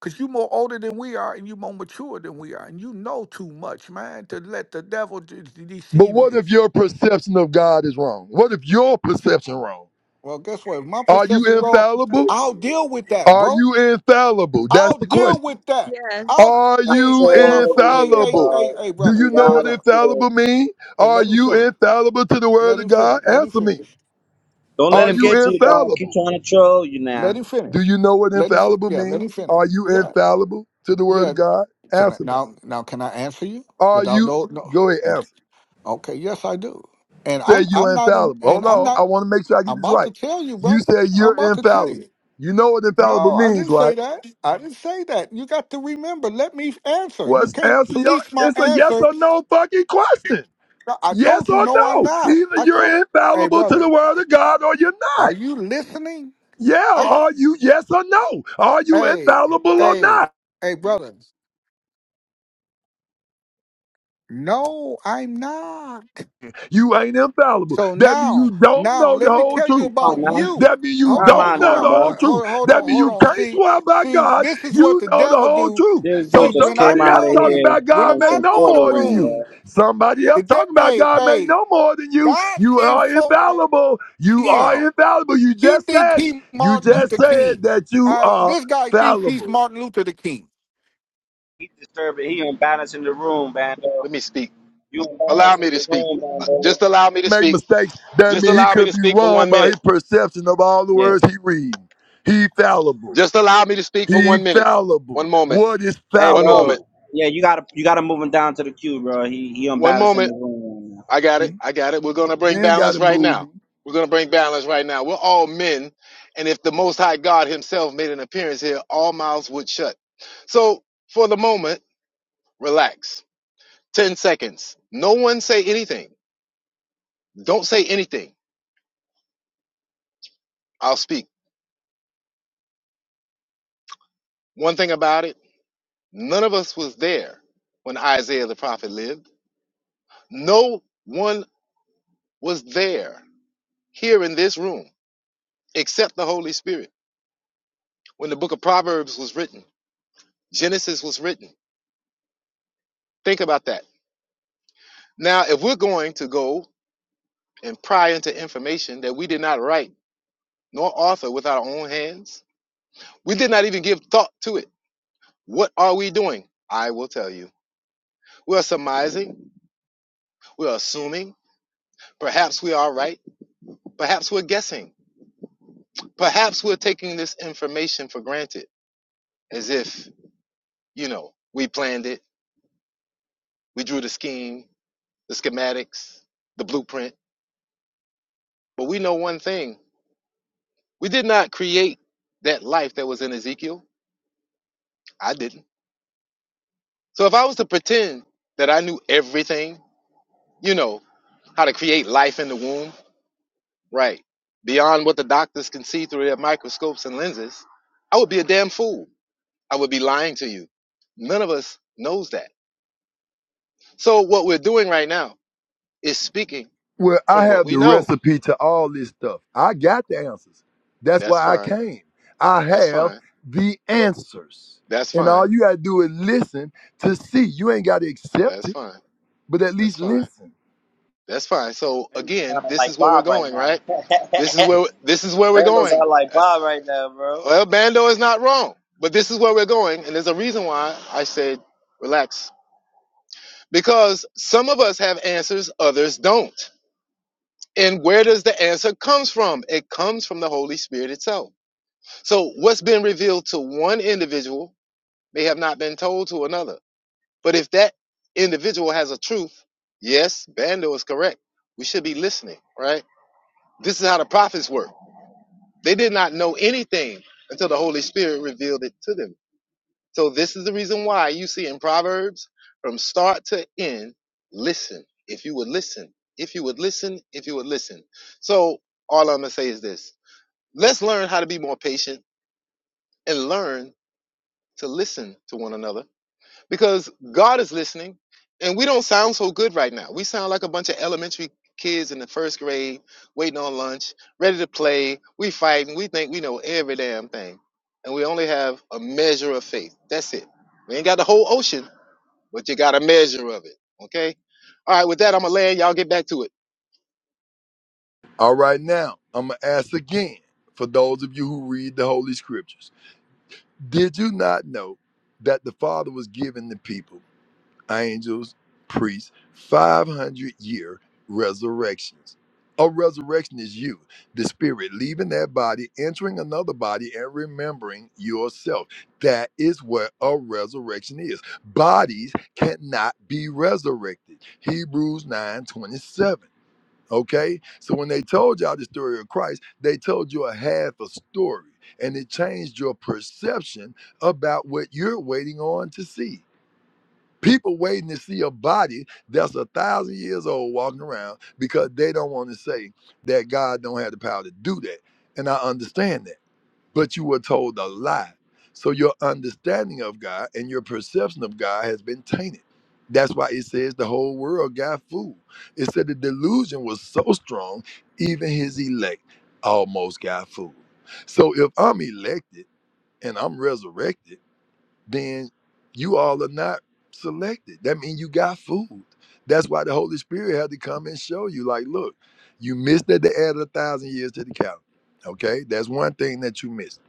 G: because you more older than we are and you more mature than we are, and you know too much, man, to let the devil de- de-
K: But
G: deceive
K: what
G: you.
K: if your perception of God is wrong? What if your perception wrong?
G: Well, guess what? If my
K: Are
G: perception
K: you
G: wrong,
K: infallible?
G: I'll deal with that,
K: Are
G: bro.
K: you infallible? That's
G: I'll
K: the
G: deal
K: question.
G: with that.
E: Yes.
G: I'll
K: Are
C: I'm
G: hey
K: you
G: hey
C: trolling
G: my friend
C: over
G: hey
C: here,
G: hey
K: infallible?
G: hey
C: dog.
G: hey
K: Do you
C: We
G: brother
K: know
G: hey
K: what
C: gotta
G: brother
C: chill.
K: infallible means?
G: hey
K: Are
G: let him
K: you
G: feel it.
K: infallible to the word
G: Let
K: of
G: him finish.
K: God?
G: Let him
K: Answer me.
G: finish.
C: Don't
G: Let
C: let
K: Are
G: him
C: him get
K: you
C: to
G: finish.
C: you, dog. Keep
K: infallible?
C: trying to troll you
G: Let
C: now.
G: him
K: Do
G: finish.
K: you know what
G: Let him. Fin-
K: infallible
G: yeah, let him
K: means?
G: finish.
K: Are you
G: Yeah,
K: infallible to the word
G: yeah.
K: of God?
G: Can I
K: Answer me.
G: now? Now can I answer you
K: Are
G: without
K: you
G: no no?
K: go ahead, answer.
G: Okay, yes I do. And
K: said
G: I'm I'm
K: you're
G: not in.
K: infallible.
G: And
K: Hold
G: I'm
K: on. I
G: not.
K: want to make sure I get
G: I'm
K: this
G: about to
K: right.
G: tell you,
K: You
G: brother.
K: said
G: I'm
K: you're
G: about to tell you.
K: infallible. You know what infallible
G: No, I
K: means,
G: didn't say
K: right?
G: that. I didn't say that. You got to remember. Let me answer. You
K: What's
G: can't
K: answer y'all?
G: police my
K: It's a yes
G: answer.
K: or no fucking question.
G: No, I
K: Yes
G: told you.
K: or
G: No, I'm
K: no.
G: not.
K: Either
G: I
K: you're
G: told. Hey,
K: infallible to
G: brother.
K: the word of God or you're
G: Are
K: not.
G: you listening?
K: Yeah,
G: I.
K: are you yes or no? Are you
G: Hey,
K: infallible or
G: hey,
K: not?
G: hey, brother. No, I'm not.
K: You ain't infallible.
G: So
K: That means
G: now,
K: you don't
G: now
K: know the
G: let me
K: whole
G: tell
K: truth.
G: you
C: Come on
G: about
C: now.
G: you.
K: That means you
G: Hold
C: Come
G: on,
K: don't
C: on
G: hold
K: know
C: now,
K: the
G: on,
K: whole
G: uh,
C: bro.
K: truth.
G: hold, hold
K: That
G: on,
K: means
G: hold
K: you
G: on.
K: can't
G: See,
K: swear by
G: see,
K: God.
G: this is what
K: You
G: the
K: know the
G: devil
K: whole
G: do.
K: truth.
C: This dude
G: See,
K: So
C: just
G: when
C: came
G: I'm
K: somebody
C: out
K: else
C: of
K: talking
G: talking,
C: here
K: about
G: when
K: God
C: on
K: may
G: I
C: some
K: know
G: go in the
K: more than
C: foolery,
K: you.
C: bro.
G: room,
K: Somebody
G: the
K: else
G: de-
K: talking about
G: hey,
K: God may
G: hey,
K: know more than you.
G: God
K: You
G: sent
K: are
G: for
K: infallible. You are
G: him.
K: infallible. You
G: He
K: just
G: think
K: said
G: he
K: you
G: Martin
K: just
G: Luther King.
K: said that you
G: All right,
K: are
G: this guy thinks he's
K: fallible.
G: Martin Luther the King.
C: He disturbing. He imbalancing the room, bando.
D: let me speak.
C: You
D: Allow me
C: imbalancing
D: to
C: the
D: speak.
C: room,
D: Uh, Just
C: bando.
D: allow me to
K: Make
D: speak.
K: mistakes. That
D: Just
K: means he
D: allow me
K: could
D: to
K: be
D: speak for
K: wrong
D: one
K: by
D: minute.
K: his perception of all the
C: Yeah.
K: words he reading. He fallible.
D: Just allow me to speak for
K: He
D: one minute.
K: fallible.
D: One moment.
K: What is
C: Hey,
D: One
C: bro.
D: moment.
K: fallible?
C: Yeah, you gotta you gotta move him down to the queue, bro. He he
D: One
C: unbalancing
D: moment.
C: the room right now.
D: I got it. I got it. We're going to
K: You
D: bring
K: ain't got
D: balance
K: to
D: right
K: move
D: now.
K: me.
D: We're going to bring balance right now. We're all men. And if the Most High God Himself made an appearance here, all mouths would shut. So for the moment, relax. 10 seconds. No one say anything. Don't say anything. I'll speak. One thing about it. None of us was there when Isaiah the prophet lived. No one was there here in this room except the Holy Spirit. When the book of Proverbs was written, Genesis was written. Think about that. Now, if we're going to go and pry into information that we did not write nor author with our own hands, we did not even give thought to it. What are we doing? I will tell you. We are surmising, we are assuming, perhaps we are right, perhaps we're guessing. Perhaps we're taking this information for granted as if, you know, we planned it, we drew the scheme, the schematics, the blueprint. But we know one thing we did not create that life that was in Ezekiel. I didn't. So if I was to pretend that I knew everything, you know, how to create life in the womb, right, beyond what the doctors can see through their microscopes and lenses, I would be a damn fool. I would be lying to you. None of us knows that. So what we're doing right now is speaking
K: Well, I
D: from what
K: have
D: we
K: the
D: know.
K: recipe to all this stuff. I got the answers. That's
D: That's
K: why I
D: fine.
K: came. I
D: That's
K: have
D: fine.
K: the answers.
D: That's
K: And
D: fine.
K: all you got to do is listen to see. You ain't got to accept
D: That's
K: it,
D: fine.
K: but at
D: That's
K: least
D: fine.
K: listen.
D: That's fine. So
C: And he's
D: again,
C: kinda
D: this is
C: like
D: where we're
C: Bob right
D: going,
C: now.
D: right? This is where this is where we're
C: Bangles
D: going.
C: are like
D: Uh,
C: Bob right now, bro.
D: Well, Bando is not wrong, but this is where we're going, and there's a reason why I said relax because some of us have answers, others don't. And where does the answer comes from? It comes from the Holy Spirit itself. So what's been revealed to one individual may have not been told to another But if that individual has a truth, yes, Bando is correct. We should be listening, right? This is how the prophets work. They did not know anything until the Holy Spirit revealed it to them. So this is the reason why you see in Proverbs from start to end, listen. If you would listen, if you would listen, if you would listen. So all I'm gonna say is this. Let's learn how to be more patient and learn to listen to one another because God is listening, and we don't sound so good right now. We sound like a bunch of elementary kids in the first grade, waiting on lunch, ready to play. We fighting. We think we know every damn thing, and we only have a measure of faith. That's it. We ain't got the whole ocean, but you got a measure of it. Okay. All right. With that, I'm gonna land. Y'all get back to it.
K: All right, now, I'm going to ask again for those of you who read the Holy Scriptures. Did you not know that the Father was giving the people? angels, priests, 500 year resurrections. A resurrection is you, the spirit leaving that body, entering another body, and remembering yourself. That is what a resurrection is. Bodies cannot be resurrected. Hebrews 9 27. Okay? So when they told y'all the story of Christ, they told you a half a story and it changed your perception about what you're waiting on to see. People waiting to see a body that's a thousand years old walking around because they don't want to say that God don't have the power to do that. And I understand that. But you were told a lie. So your understanding of God and your perception of God has been tainted. That's why it says the whole world got fooled. It said the delusion was so strong, even his elect almost got fooled. So if I'm elected and I'm resurrected, then you all are not selected. That means you got fooled. That's why the Holy Spirit had to come and show you, like, look, you missed that they added a thousand years to the calendar. Okay, that's one thing that you missed.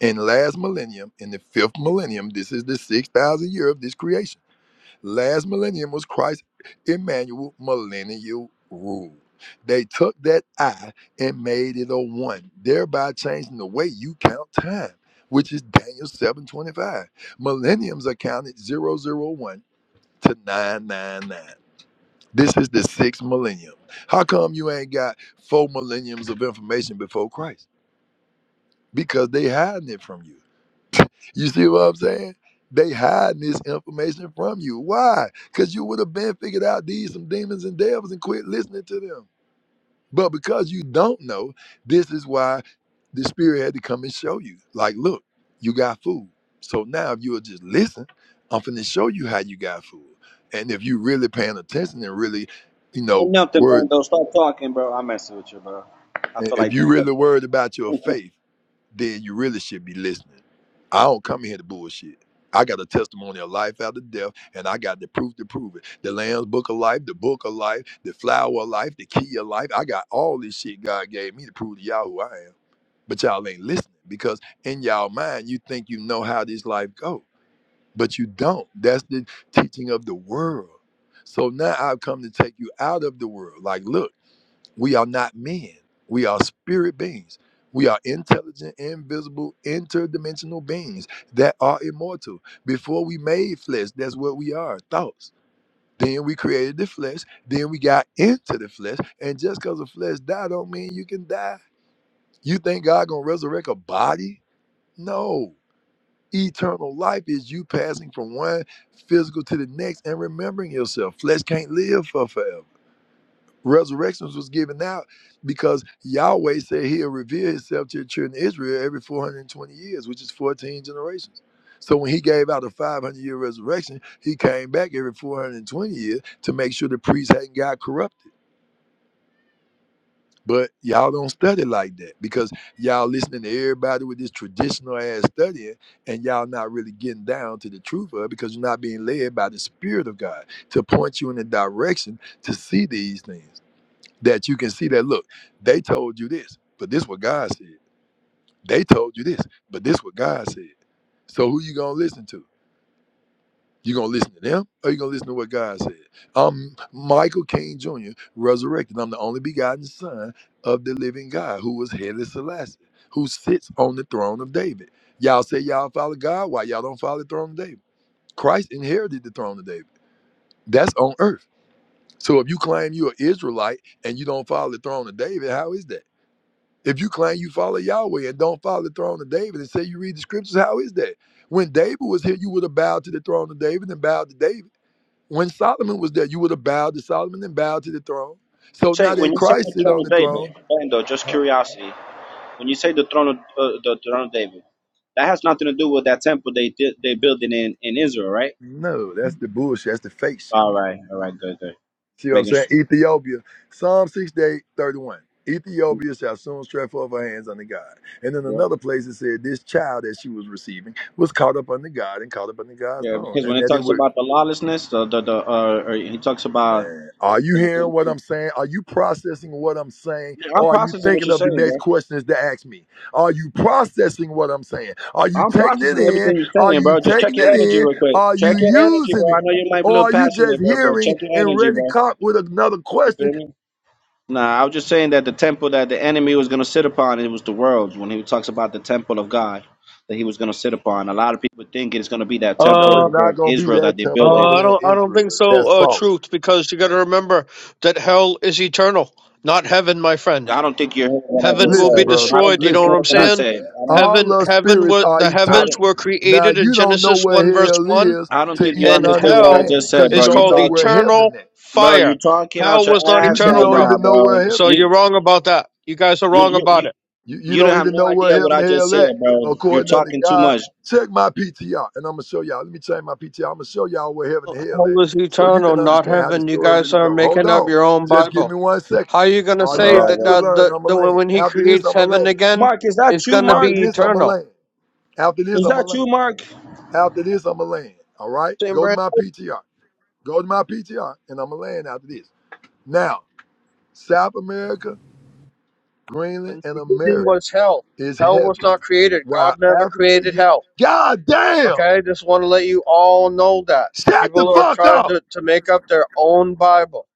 K: In the last millennium, in the fifth millennium, this is the six thousand year of this creation Last millennium was Christ Emmanuel millennial rule. They took that I and made it a one, thereby changing the way you count time, which is Daniel 725. Millenniums are counted zero zero one to 999. This is the sixth millennium. How come you ain't got four millenniums of information before Christ? Because they hiding it from you. You see what I'm saying? They hiding this information from you. Why? Because you would have been figured out these some demons and devils and quit listening to them. But because you don't know, this is why the spirit had to come and show you. Like, look, you got food. So now if you will just listen, I'm finna show you how you got food. And if you really paying attention and really, you know,
C: Enough to
K: word
C: Bangles. Stop talking, bro. I'm messing with you, bro. I feel
K: if
C: like this.
K: you really worried about your faith, then you really should be listening. I don't come here to bullshit. I got a testimony of life after death, and I got the proof to prove it. The Lamb's Book of Life, the Book of Life, the Flower of Life, the Key of Life. I got all this shit God gave me to prove to y'all who I am. But y'all ain't listening because in y'all mind you think you know how this life go, but you don't. That's the teaching of the world. So now I've come to take you out of the world. Like, look. We are not men. We are spirit beings. We are intelligent, invisible, interdimensional beings that are immortal. Before we made flesh, that's what we are thoughts. Then we created the flesh. Then we got into the flesh. And just because the flesh died, don't mean you can die. You think God gonna resurrect a body? No. Eternal life is you passing from one physical to the next and remembering yourself. Flesh can't live for forever. Resurrections was given out because Yahweh said he'll reveal himself to the children of Israel every 420 years, which is 14 generations. So when he gave out a 500 year resurrection, he came back every 420 years to make sure the priests hadn't got corrupted. But y'all don't study like that because y'all listening to everybody with this traditional ass studying and y'all not really getting down to the truth of it because you're not being led by the Spirit of God to point you in the direction to see these things that you can see that look they told you this but this what god said they told you this but this what god said so who you gonna listen to you gonna listen to them or you gonna listen to what god said i'm michael king jr resurrected i'm the only begotten son of the living god who was headless Selassie, who sits on the throne of david y'all say y'all follow god why y'all don't follow the throne of david christ inherited the throne of david that's on earth so if you claim you're an israelite and you don't follow the throne of david how is that If you claim you follow Yahweh and don't follow the throne of David and say you read the scriptures, how is that? When David was here, you would have bowed to the throne of David and bowed to David. When Solomon was there, you would have bowed to Solomon and bowed to the throne. So now
C: say
K: that
C: when you say
K: Christ
C: the
K: sit
C: throne
K: on the
C: of
K: throne,
C: David, Bando, just
K: huh?
C: curiosity. When you say the throne of uh, the throne of David, that has nothing to do with that temple they did they building in in Israel, right?
K: no, that's the bullshit. That's the fake shit.
C: All right, all right, good, good.
K: See what I'm
C: Making
K: saying?
C: sure.
K: Ethiopia, Psalm 68:31. Ethiopia shall soon stretch forth her hands unto God. And in
C: Yeah,
K: another place it said, This child that she was receiving was caught up unto God and caught up unto God's
C: yeah.
K: throne.
C: Because
K: And
C: when it
K: that it
C: talks
K: would
C: about the lawlessness, the the, the uh, or he talks about.
K: Man, are you
C: The,
K: hearing what
C: the-
K: I'm saying? Are you processing what I'm saying?
C: I'm
K: Or are you
C: processing what
K: thinking
C: you're
K: of the
C: saying,
K: next
C: bro.
K: questions to ask me? Are you processing what I'm saying? Are you
C: I'm
K: taking it
C: processing
K: in?
C: everything you're
K: Are
C: saying,
K: you
C: bro. Just check
K: taking
C: your
K: it
C: energy
K: in?
C: real quick.
K: Are you
C: Check your energy, bro.
K: using
C: I
K: it?
C: know you might be a
K: Or
C: little
K: are you
C: passionate,
K: just
C: bro, bro. Check
K: hearing
C: your
K: and
C: energy,
K: ready to
C: bro.
K: cock with another
C: You
K: question?
C: feel me? Nah, I was just saying that the temple that the enemy was gonna sit upon, it was the world. When he talks about the temple of God that he was gonna sit upon, a lot of people think it's gonna be that
K: No,
C: temple
F: Uh,
K: it's
C: over there
K: not
C: in
K: going to be
C: Israel that
K: that
C: they're
K: temple
F: uh,
K: over
C: building.
F: I
K: there
F: don't,
K: in
F: I don't think
K: Israel.
F: so.
K: That's
F: Uh,
K: false.
F: truth, because you got to remember that hell is eternal, not heaven, my friend.
C: I don't think you heard what I
F: Heaven
C: just said.
F: will
K: Listen,
F: be
K: brother.
C: I don't
F: destroyed. You
C: think
F: know
K: Listen,
F: what
C: you
F: I'm
C: heard what I
K: listen.
F: saying?
C: said. I don't.
K: All
F: Heaven,
K: the
F: heaven,
K: spirits
F: were,
K: are
F: the
C: I
F: heavens
K: eternal.
C: didn't.
F: were
K: Now
F: created in
K: you don't know
F: Genesis
K: where
F: one verse one,
K: hell is
C: I don't
K: to
C: think you
K: even
F: and
C: understood what I
F: hell
K: understand it,
C: just said,
K: because you
C: bro.
F: is
C: You
K: don't
F: called
K: know
C: talk,
K: where heaven
F: eternal
K: is.
C: bro.
F: fire.
C: You talking
F: Hell
C: out your
F: was not
C: ass
K: You you
F: eternal,
C: right
K: don't
F: bro.
C: now,
K: even know where
C: bro.
F: So
K: heaven
C: You,
F: you're
K: is.
F: wrong about that. You guys are wrong
C: you, you,
F: about it.
K: You you
C: You don't
K: don't
C: have
K: even
C: no
K: know where
C: idea what
K: heaven
C: I
K: and
C: just
K: hell at.
C: said, bro. You're
K: According unto
C: talking too
K: God,
C: much.
K: check my PTR, and I'm gonna show y'all. Let me change my PTR. I'm gonna show y'all where heaven and hell
F: Hell
K: at,
F: is
K: so you
F: eternal,
K: can
F: not
K: understand how the
F: heaven. You
K: story
F: guys
K: really
F: are
K: goes. Hold
F: making up
K: on,
F: your own
K: just give
F: Bible.
K: me one second.
F: How are you gonna
K: All you
F: say
C: Oh,
K: gotta
F: that
K: do is
F: uh,
C: man.
K: learn.
F: the
K: I'm
F: the
K: going to land.
F: when he
K: After this,
F: creates
K: I'm going to
F: heaven
K: land.
F: again,
C: Mark, is that
F: it's
C: you,
F: gonna
C: Mark?
K: After
F: be
K: this, I'm going to
F: eternal?
K: land. After this,
C: Is
K: I'm going
C: that
K: to land.
C: you, Mark?
K: After this, I'm going to land. All right?
F: Same
K: Go to
F: brand.
K: my PTR. Go to my PTR, and I'm going to land after this. Now, South America, Greenland,
F: When
K: and
F: the beginning
K: America
F: was hell,
K: is
F: hell was
K: heaven,
F: not created.
K: while
F: God never
K: Africa,
F: created
K: you...
F: hell.
K: God damn!
F: Okay, just want to let you all know that
K: Shut the
F: people are
K: fuck
F: trying
K: up!
F: to to make up their own Bible.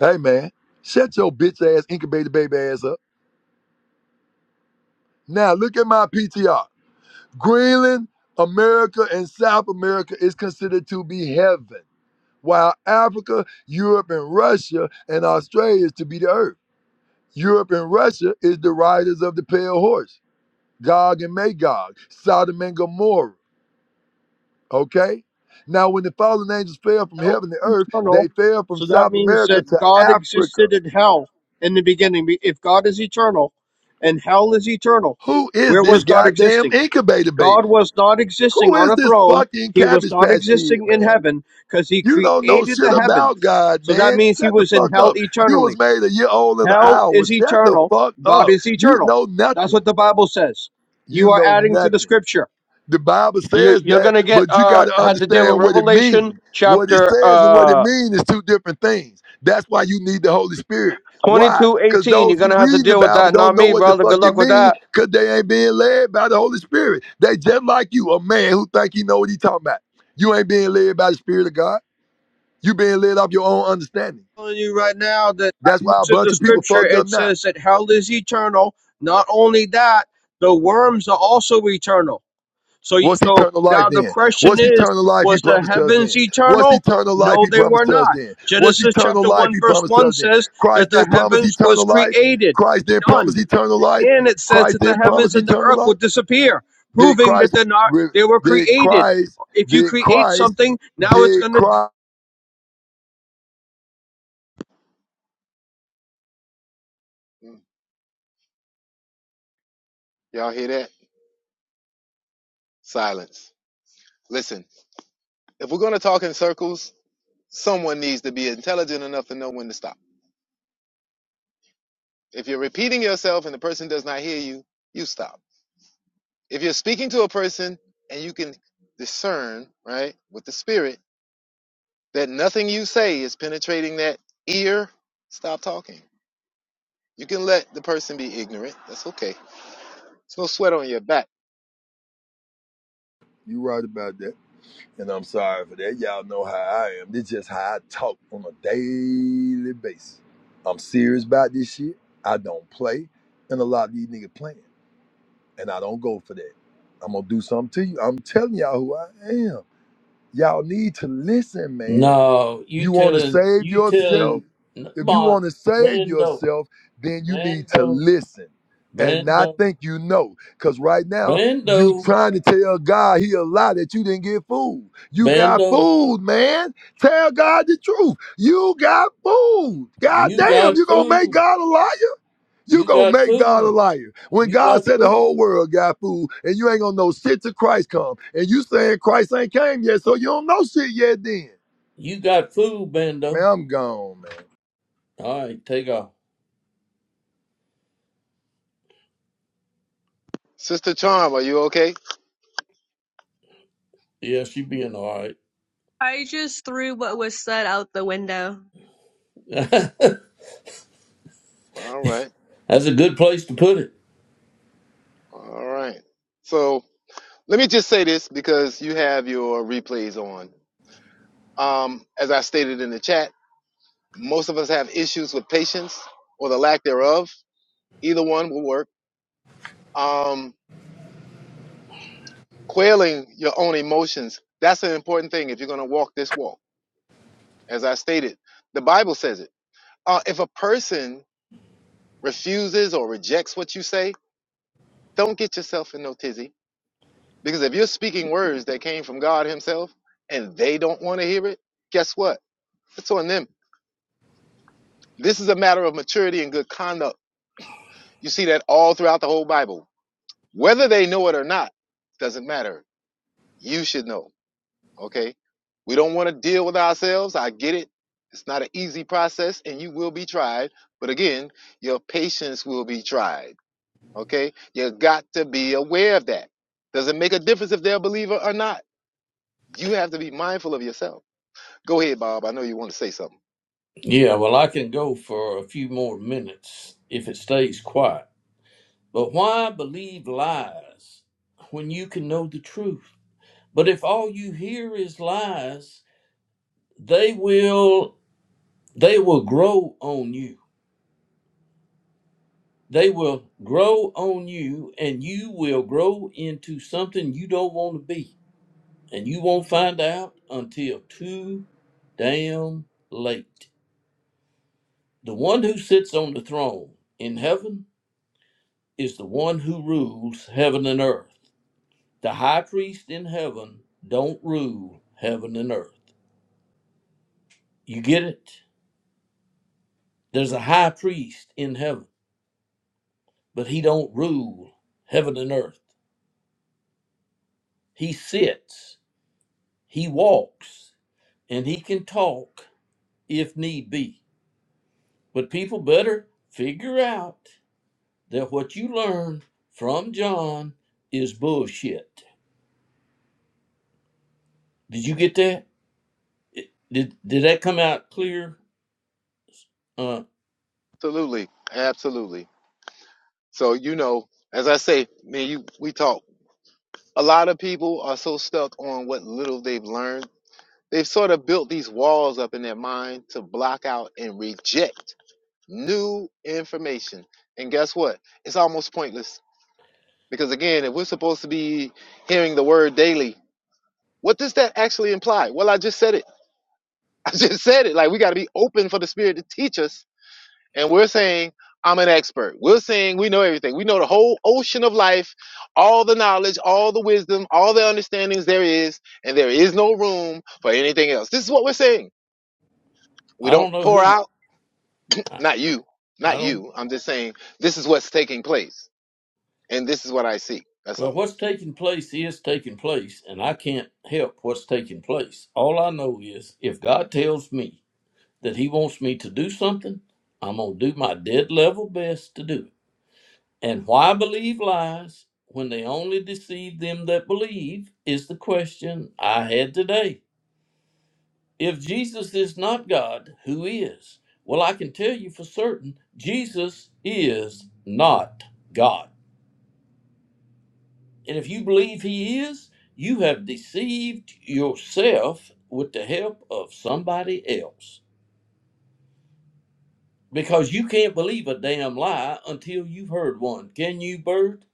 K: Hey, man, shut your bitch ass, incubator baby ass up. Now, look at my PTR. Greenland, America, and South America is considered to be heaven, while Africa, Europe, and Russia, and Australia is to be the earth. Europe and Russia is the riders of the pale horse, Gog and Magog, Sodom and Gomorrah. Okay? Now, when the fallen angels fell from
F: Hell
K: heaven to
F: is
K: earth,
F: eternal,
K: they fell from
F: so that
K: South
F: means
K: America
F: that
K: to
F: God
K: Africa.
F: existed in hell in the beginning. Be- If God is eternal, and hell is eternal,
K: Who is
F: where
K: this
F: was God
K: goddamn
F: existing?
K: incubator baby?
F: God was not existing
K: Who
F: on
K: is
F: a
K: this
F: throne.
K: fucking
F: He was
K: cabbage
F: not
K: patch kid,
F: existing in
K: man?
F: heaven because he
K: You don't know
F: created
K: shit
F: the
K: about
F: heavens.
K: God,
F: So that
K: man.
F: means he
K: Shut the
F: was in
K: fuck
F: hell
K: up. You was
F: eternally.
K: made a year old in an
F: Hell
K: hour.
F: is
K: Shut the
F: eternal.
K: fuck
F: God
K: up.
F: is
K: You
F: eternal.
K: know
F: That's
K: nothing.
F: what the Bible says.
K: You
F: You are
K: know
F: adding to the
K: nothing.
F: scripture.
K: The Bible
F: You,
K: says
F: you're
K: that,
F: going to get,
K: but you got
F: uh,
K: to
F: had to deal with
K: understand what it
F: Revelation
K: means. What it
F: chapter,
K: says and what it
F: uh,
K: means is two different things. That's why you need the Holy Spirit.
F: twenty
K: Why? Because
F: You're
K: those
F: going
K: who
F: to have to
K: read the
F: deal with
K: Bible
F: that. Not
K: don't know
F: me,
K: what the
F: brother.
K: fuck
F: Good
K: it
F: luck with
K: means
F: that.
K: because they ain't being led by the Holy Spirit. They just like you, a man who think he know what he talking about. You ain't being led by the Spirit of God. You being led off your own understanding.
F: telling you right now that I
K: That's why a
F: looked
K: bunch
F: the
K: of people
F: scripture.
K: fucked up
F: It
K: now.
F: says that hell is eternal. Not only that, the worms are also eternal. So, you,
K: What's
F: so
K: eternal life
F: now the
K: then?
F: question
K: What's
F: is:
K: eternal life he
F: Was the
K: promised to us
F: heavens
K: then? What's
F: eternal?
K: eternal life
F: No,
K: he
F: they were
K: promised to us
F: not.
K: then? What's
F: Genesis
K: eternal
F: chapter
K: life
F: one
K: he
F: verse
K: promised to
F: one
K: us then?
F: says that
K: Christ
F: the
K: didn't promise
F: heavens was
K: eternal life.
F: created,
K: Christ didn't promise
F: done,
K: eternal life.
F: and it says
K: Christ
F: that the
K: didn't
F: heavens
K: promise
F: and the
K: eternal
F: earth
K: life.
F: would disappear,
K: Did
F: proving that
K: Christ,
F: they're not.
K: re-
F: They were
K: did
F: created.
K: Christ,
F: If you
K: did
F: create
K: Christ,
F: something, now it's
K: did
F: going to.
K: Christ.
D: Mm, Y'all hear that? Silence. Listen. If we're gonna talk in circles, someone needs to be intelligent enough to know when to stop. If you're repeating yourself and the person does not hear you, you stop. If you're speaking to a person and you can discern, right, with the spirit, that nothing you say is penetrating that ear, stop talking. You can let the person be ignorant. That's okay. It's no sweat on your back.
K: you right about that. And I'm sorry for that. Y'all know how I am. This just how I talk on a daily basis. I'm serious about this shit. I don't play. And a lot of these niggas playing. and I don't go for that. I'm gonna do something to you. I'm telling y'all who I am. Y'all need to listen, man.
A: No, you
K: You want to
A: telling
K: save
A: you
K: yourself?
A: telling
K: If you
A: Mon
K: want to save
A: Bando
K: yourself, then you need to
A: Bando
K: listen and not
A: Bando
K: think you know. Cause right now you
A: Bando
K: trying to tell God he a lie that you didn't get fooled. You got
A: Bando.
K: fooled, man. Tell God the truth. You got fooled. God
A: You
K: damn, you
A: got
K: gonna make
A: food.
K: God a liar? You
A: You
K: gonna
A: got
K: make God a
A: food.
K: liar. When
A: You
K: God
A: got
K: said the
A: food.
K: whole world got food, and you ain't gonna know shit till Christ come, and you saying Christ ain't came yet, so you don't know shit yet then.
A: You got food,
K: Man,
A: Bando.
K: I'm gone, man.
A: All right, take off.
D: Sister Charm, are you okay?
A: Yeah, she being all right.
E: I just threw what was said out the window.
D: All right.
A: That's a good place to put it.
D: All right. So let me just say this because you have your replays on. Um, as I stated in the chat, most of us have issues with patience or the lack thereof. Either one will work. Um, quailing your own emotions. That's an important thing if you're going to walk this walk. As I stated, the Bible says it. Uh, if a person refuses or rejects what you say, don't get yourself in no tizzy. Because if you're speaking words that came from God Himself and they don't want to hear it, guess what? It's on them. This is a matter of maturity and good conduct. You see that all throughout the whole Bible. Whether they know it or not, doesn't matter. You should know. Okay. We don't want to deal with ourselves. I get it. It's not an easy process and you will be tried. But again, your patience will be tried. Okay. You got to be aware of that. Does it make a difference if they're a believer or not? You have to be mindful of yourself. Go ahead, Bob. I know you want to say something.
A: Yeah, well, I can go for a few more minutes if it stays quiet. But why believe lies when you can know the truth? But if all you hear is lies, they will they will grow on you. They will grow on you and you will grow into something you don't want to be. And you won't find out until too damn late. The one who sits on the throne in heaven is the one who rules heaven and earth. The high priest in heaven don't rule heaven and earth. You get it? There's a high priest in heaven, but he don't rule heaven and earth. He sits, he walks, and he can talk if need be. But people better figure out that what you learned from John is bullshit. Did you get that? It- Did did that come out clear? Uh,
D: Absolutely. Absolutely. So, you know, as I say, man, you, we talk. A lot of people are so stuck on what little they've learned. They've sort of built these walls up in their mind to block out and reject new information. And guess what? It's almost pointless because again, if we're supposed to be hearing the word daily, what does that actually imply? Well, I just said it. I just said it. Like we got to be open for the Spirit to teach us, and we're saying I'm an expert. We're saying we know everything. We know the whole ocean of life, all the knowledge, all the wisdom, all the understandings there is, and there is no room for anything else. This is what we're saying. We
A: I
D: don't
A: don't know
D: pour
A: who.
D: out.
A: I,
D: Not you.
A: I
D: Not
A: don't.
D: you. I'm just saying this is what's taking place And this is what I see. That's
A: Well,
D: all.
A: what's taking place is taking place, and I can't help what's taking place. All I know is if God tells me that He wants me to do something, I'm gonna do my dead level best to do it. And why believe lies when they only deceive them that believe is the question I had today. If Jesus is not God, who is? Well, I can tell you for certain, Jesus is not God. And if you believe he is, you have deceived yourself with the help of somebody else. Because you can't believe a damn lie until you've heard one. Can you, Bird?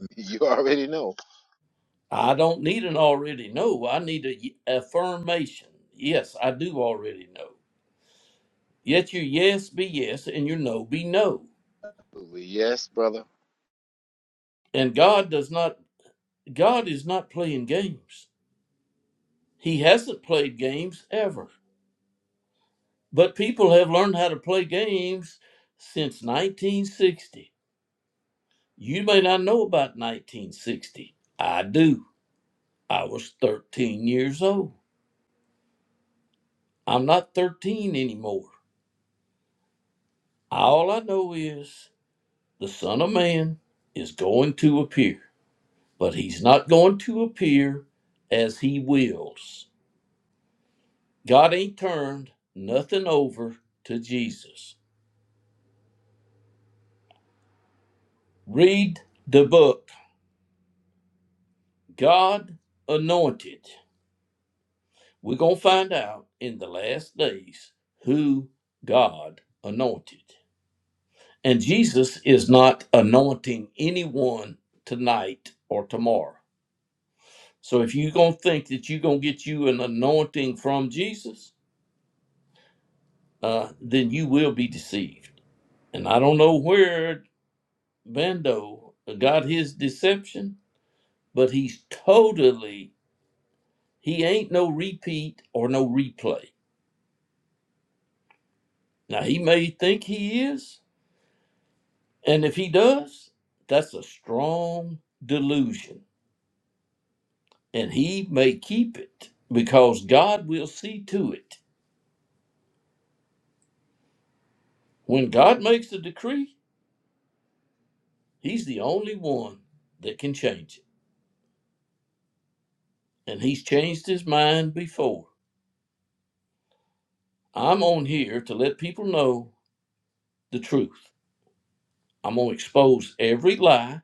D: You already know.
A: I don't need an already know. I need a y- affirmation. Yes, I do already know. Yet your yes be yes and your no be no.
D: Yes, brother.
A: And God does not God is not playing games. He hasn't played games ever. But people have learned how to play games since 1960. You may not know about 1960. I do. I was 13 years old. I'm not 13 anymore. All I know is the Son of Man is going to appear, but he's not going to appear as he wills. God ain't turned nothing over to Jesus. Read the book, God Anointed. We're going to find out in the last days who God anointed. And Jesus is not anointing anyone tonight or tomorrow. So if you're going to think that you're going to get you an anointing from Jesus, uh, then you will be deceived. And I don't know where Bando got his deception, but he's totally, he ain't no repeat or no replay Now he may think he is, and if he does, that's a strong delusion, and he may keep it because God will see to it. When God makes a decree, he's the only one that can change it, and he's changed his mind before. I'm on here to let people know the truth. I'm going to expose every lie,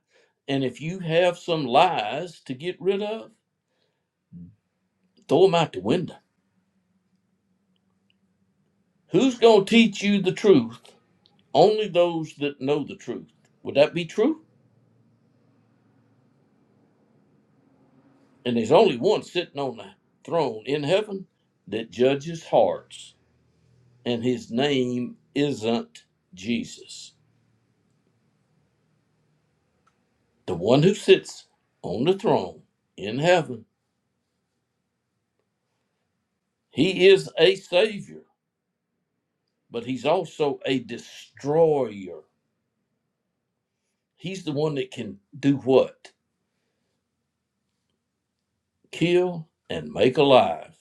A: and if you have some lies to get rid of, throw them out the window. Who's going to teach you the truth? Only those that know the truth. Would that be true? And there's only one sitting on the throne in heaven that judges hearts, and his name isn't Jesus. The one who sits on the throne in heaven, he is a savior, but he's also a destroyer. He's the one that can do what? Kill and make alive.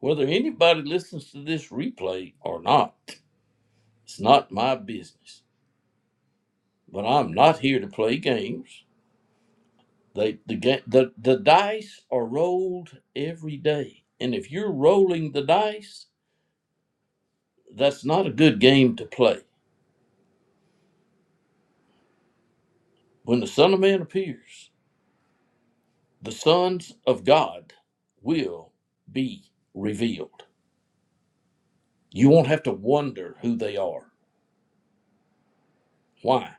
A: Whether anybody listens to this replay or not, it's not my business. but I'm not here to play games. They the ga- the the dice are rolled every day, and if you're rolling the dice, that's not a good game to play. When the Son of Man appears, the sons of God will be revealed. You won't have to wonder who they are. Why?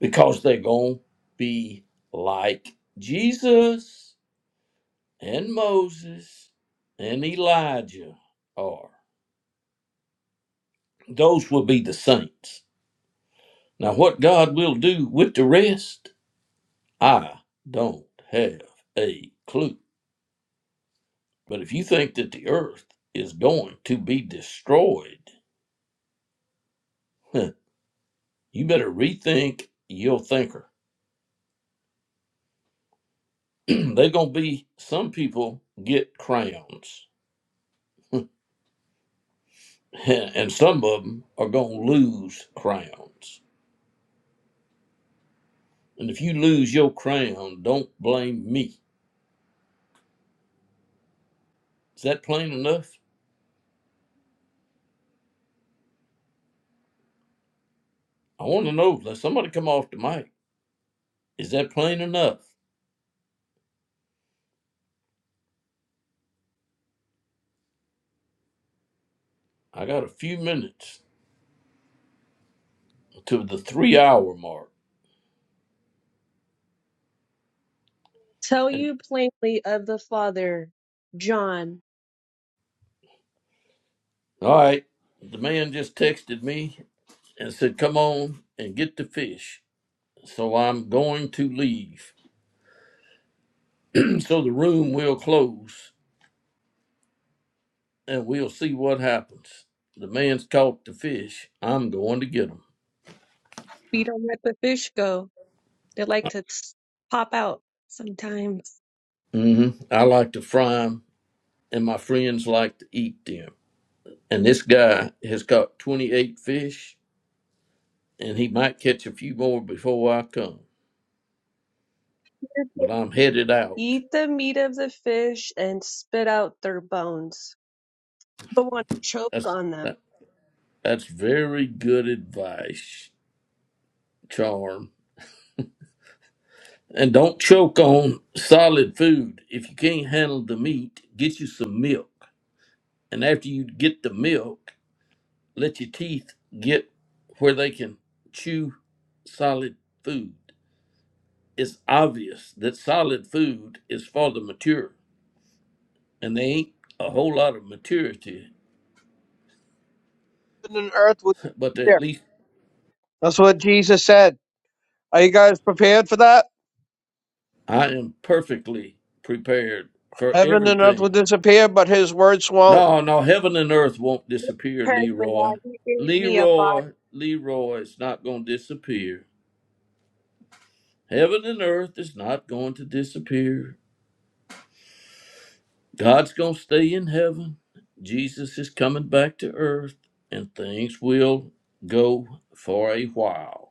A: Because they're gonna be like Jesus and Moses and Elijah are. Those will be the saints Now, what God will do with the rest, I don't have a clue. But if you think that the earth is going to be destroyed, huh, you better rethink your thinker. They're going to be, some people get crowns, and some of them are going to lose crowns. And if you lose your crown, don't blame me. Is that plain enough? I want to know. Let somebody come off the mic. Is that plain enough? I got a few minutes. to the three hour mark.
E: Tell
A: And
E: you plainly of the Father, John.
A: all right, the man just texted me and said, Come on and get the fish. So I'm going to leave. so the room will close and we'll see what happens. The man's caught the fish. I'm going to get them.
E: We don't let the fish go. They like to s- pop out sometimes.
A: hmm I like to fry them, and my friends like to eat them. And this guy has caught 28 fish and he might catch a few more before I come. But I'm headed out.
E: Eat the meat of the fish and spit out their bones, but want to choke
A: That's
E: on them.
A: That's very good advice, Charm. And don't choke on solid food. If you can't handle the meat, get you some milk. And after you get the milk, let your teeth get where they can chew solid food. It's obvious that solid food is for the mature, and they ain't a whole lot of maturity,
F: And earth would
A: but at
F: disappear.
A: least
F: That's what Jesus said. Are you guys prepared for that?
A: I am perfectly prepared for
F: Heaven and earth will
A: everything
F: disappear, but his words won't.
A: No, no, heaven and earth won't disappear,
E: Prepared for
A: Leroy.
E: that, he gave me a bottom
A: Leroy, Leroy, it's not going to disappear. Heaven and earth is not going to disappear. God's going to stay in heaven. Jesus is coming back to earth, and things will go for a while.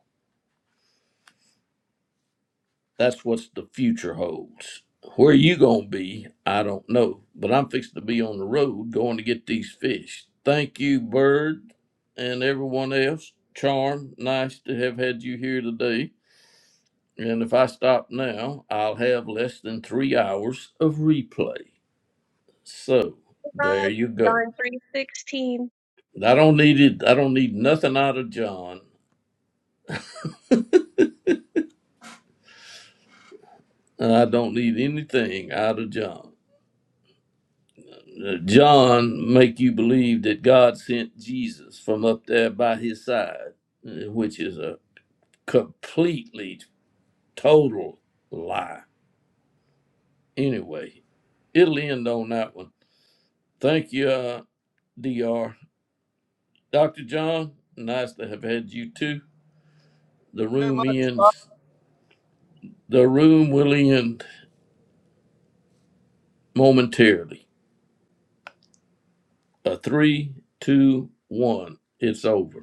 A: That's what the future holds. Where you gonna be, I don't know, but I'm fixing to be on the road going to get these fish. Thank you, Bird, and everyone else. Charm, nice to have had you here today. And if I stop now, I'll have less than three hours of replay. So there
E: up.
A: you go.
E: John three sixteen.
A: I don't need it. I don't need nothing out of John, and I don't need anything out of John. Uh, John make you believe that God sent Jesus from up there by his side, uh, which is a completely total lie. Anyway, it'll end on that one. Thank you, uh, Dr. Dr. John, nice to have had you too. The
F: Thank you very
A: room
F: much. Bye.
A: ends. The room will end momentarily. A three, two, one. It's over.